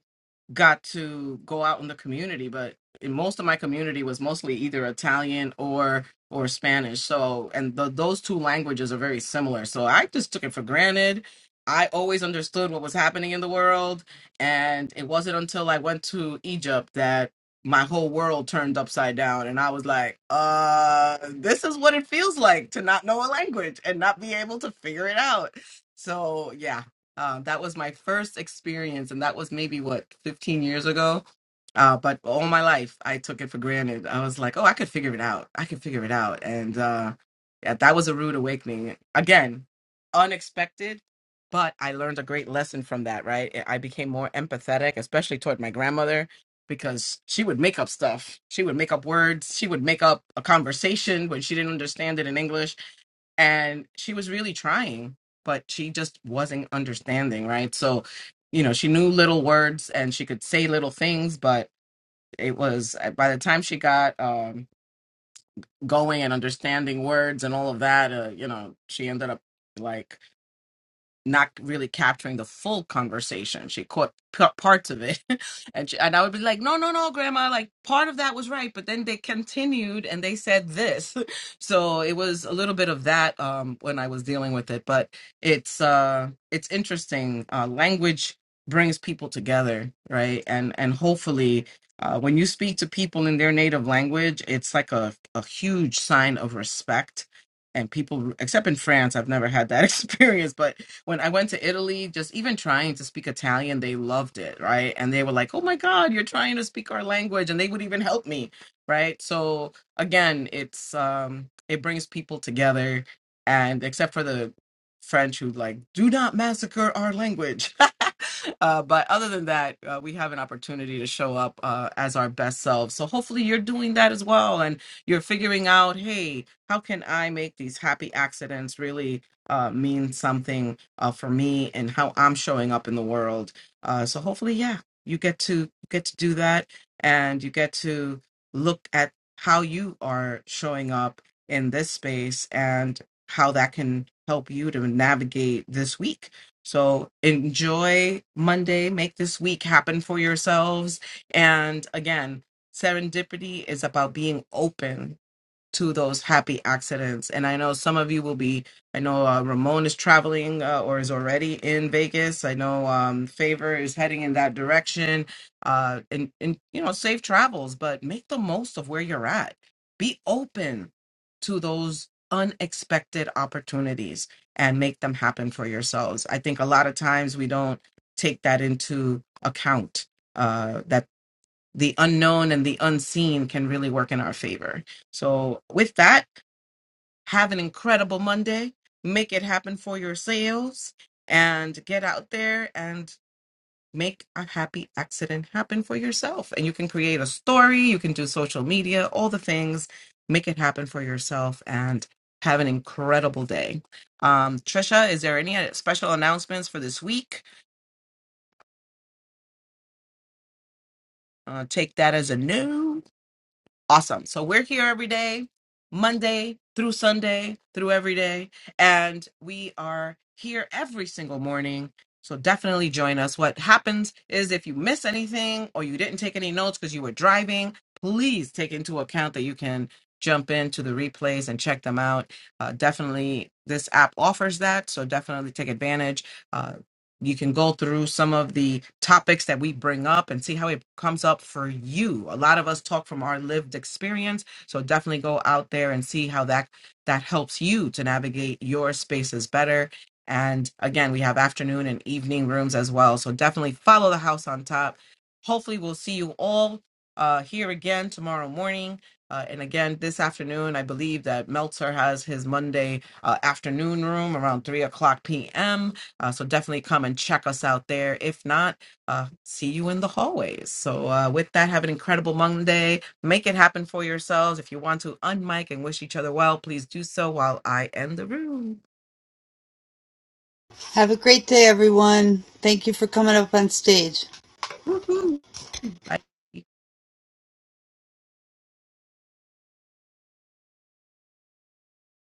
got to go out in the community but in most of my community was mostly either italian or or spanish so and the, those two languages are very similar so i just took it for granted i always understood what was happening in the world and it wasn't until i went to egypt that my whole world turned upside down and i was like uh this is what it feels like to not know a language and not be able to figure it out so yeah uh, that was my first experience, and that was maybe what 15 years ago. Uh, but all my life, I took it for granted. I was like, "Oh, I could figure it out. I could figure it out." And uh, yeah, that was a rude awakening. Again, unexpected, but I learned a great lesson from that. Right, I I became more empathetic, especially toward my grandmother, because she would make up stuff. She would make up words. She would make up a conversation when she didn't understand it in English and she was really trying but she just wasn't understanding right so you know she knew little words and she could say little things but it was uh, by the time she got um going and understanding words and all of that uh, you know she ended up like not really capturing the full conversation. She caught p- parts of it, and she, and I would be like, "No, no, no, Grandma! Like part of that was right, but then they continued and they said this." So it was a little bit of that um, when I was dealing with it, but it's uh, it's interesting. Uh, language brings people together, right? And and hopefully. Uh, when you speak to people in their native language, it's like a, a huge sign of respect. And people, except in France, I've never had that experience, but when I went to Italy, just even trying to speak Italian, they loved it, right? And they were like, "Oh my God, you're trying to speak our language," and they would even help me, right? So again, it's um, it brings people together, and except for the French who like do not massacre our language. Uh, but other than that, uh, we have an opportunity to show up uh, as our best selves. So hopefully you're doing that as well. And you're figuring out, hey, how can I make these happy accidents really uh, means something uh, for me and how I'm showing up in the world. Uh, so hopefully, yeah, you get to get to do that, and you get to look at how you are showing up in this space and how that can help you to navigate this week. So enjoy Monday, make this week happen for yourselves. And again, serendipity is about being open to those happy accidents. And I know some of you will be, I know uh, Ramon is traveling uh, or is already in Vegas. I know um, Favor is heading in that direction. Uh, and, and, you know, safe travels, but make the most of where you're at. Be open to those unexpected opportunities and make them happen for yourselves. I think a lot of times we don't take that into account. Uh, that the unknown and the unseen can really work in our favor. So, with that, have an incredible Monday. Make it happen for yourselves and get out there and make a happy accident happen for yourself. And you can create a story, you can do social media, all the things. Make it happen for yourself and have an incredible day. Um, Trisha, is there any uh, special announcements for this week? Uh, take that as a no. Awesome. So we're here every day, Monday through Sunday, through every day. And we are here every single morning. So definitely join us. What happens is if you miss anything or you didn't take any notes because you were driving, please take into account that you can jump into the replays and check them out. Uh, definitely, this app offers that. So definitely take advantage. uh, you can go through some of the topics that we bring up and see how it comes up for you. A lot of us talk from our lived experience, so definitely go out there and see how that that helps you to navigate your spaces better. And again, we have afternoon and evening rooms as well, so definitely follow the house on top. Hopefully, we'll see you all uh, here again tomorrow morning. Uh, and again, this afternoon, I believe that Meltzer has his Monday uh, afternoon room around 3 o'clock p.m. Uh, so definitely come and check us out there. If not, uh, see you in the hallways. So uh, with that, have an incredible Monday. Make it happen for yourselves. If you want to unmic and wish each other well, please do so while I end the room. Have a great day, everyone. Thank you for coming up on stage. Woohoo! Bye.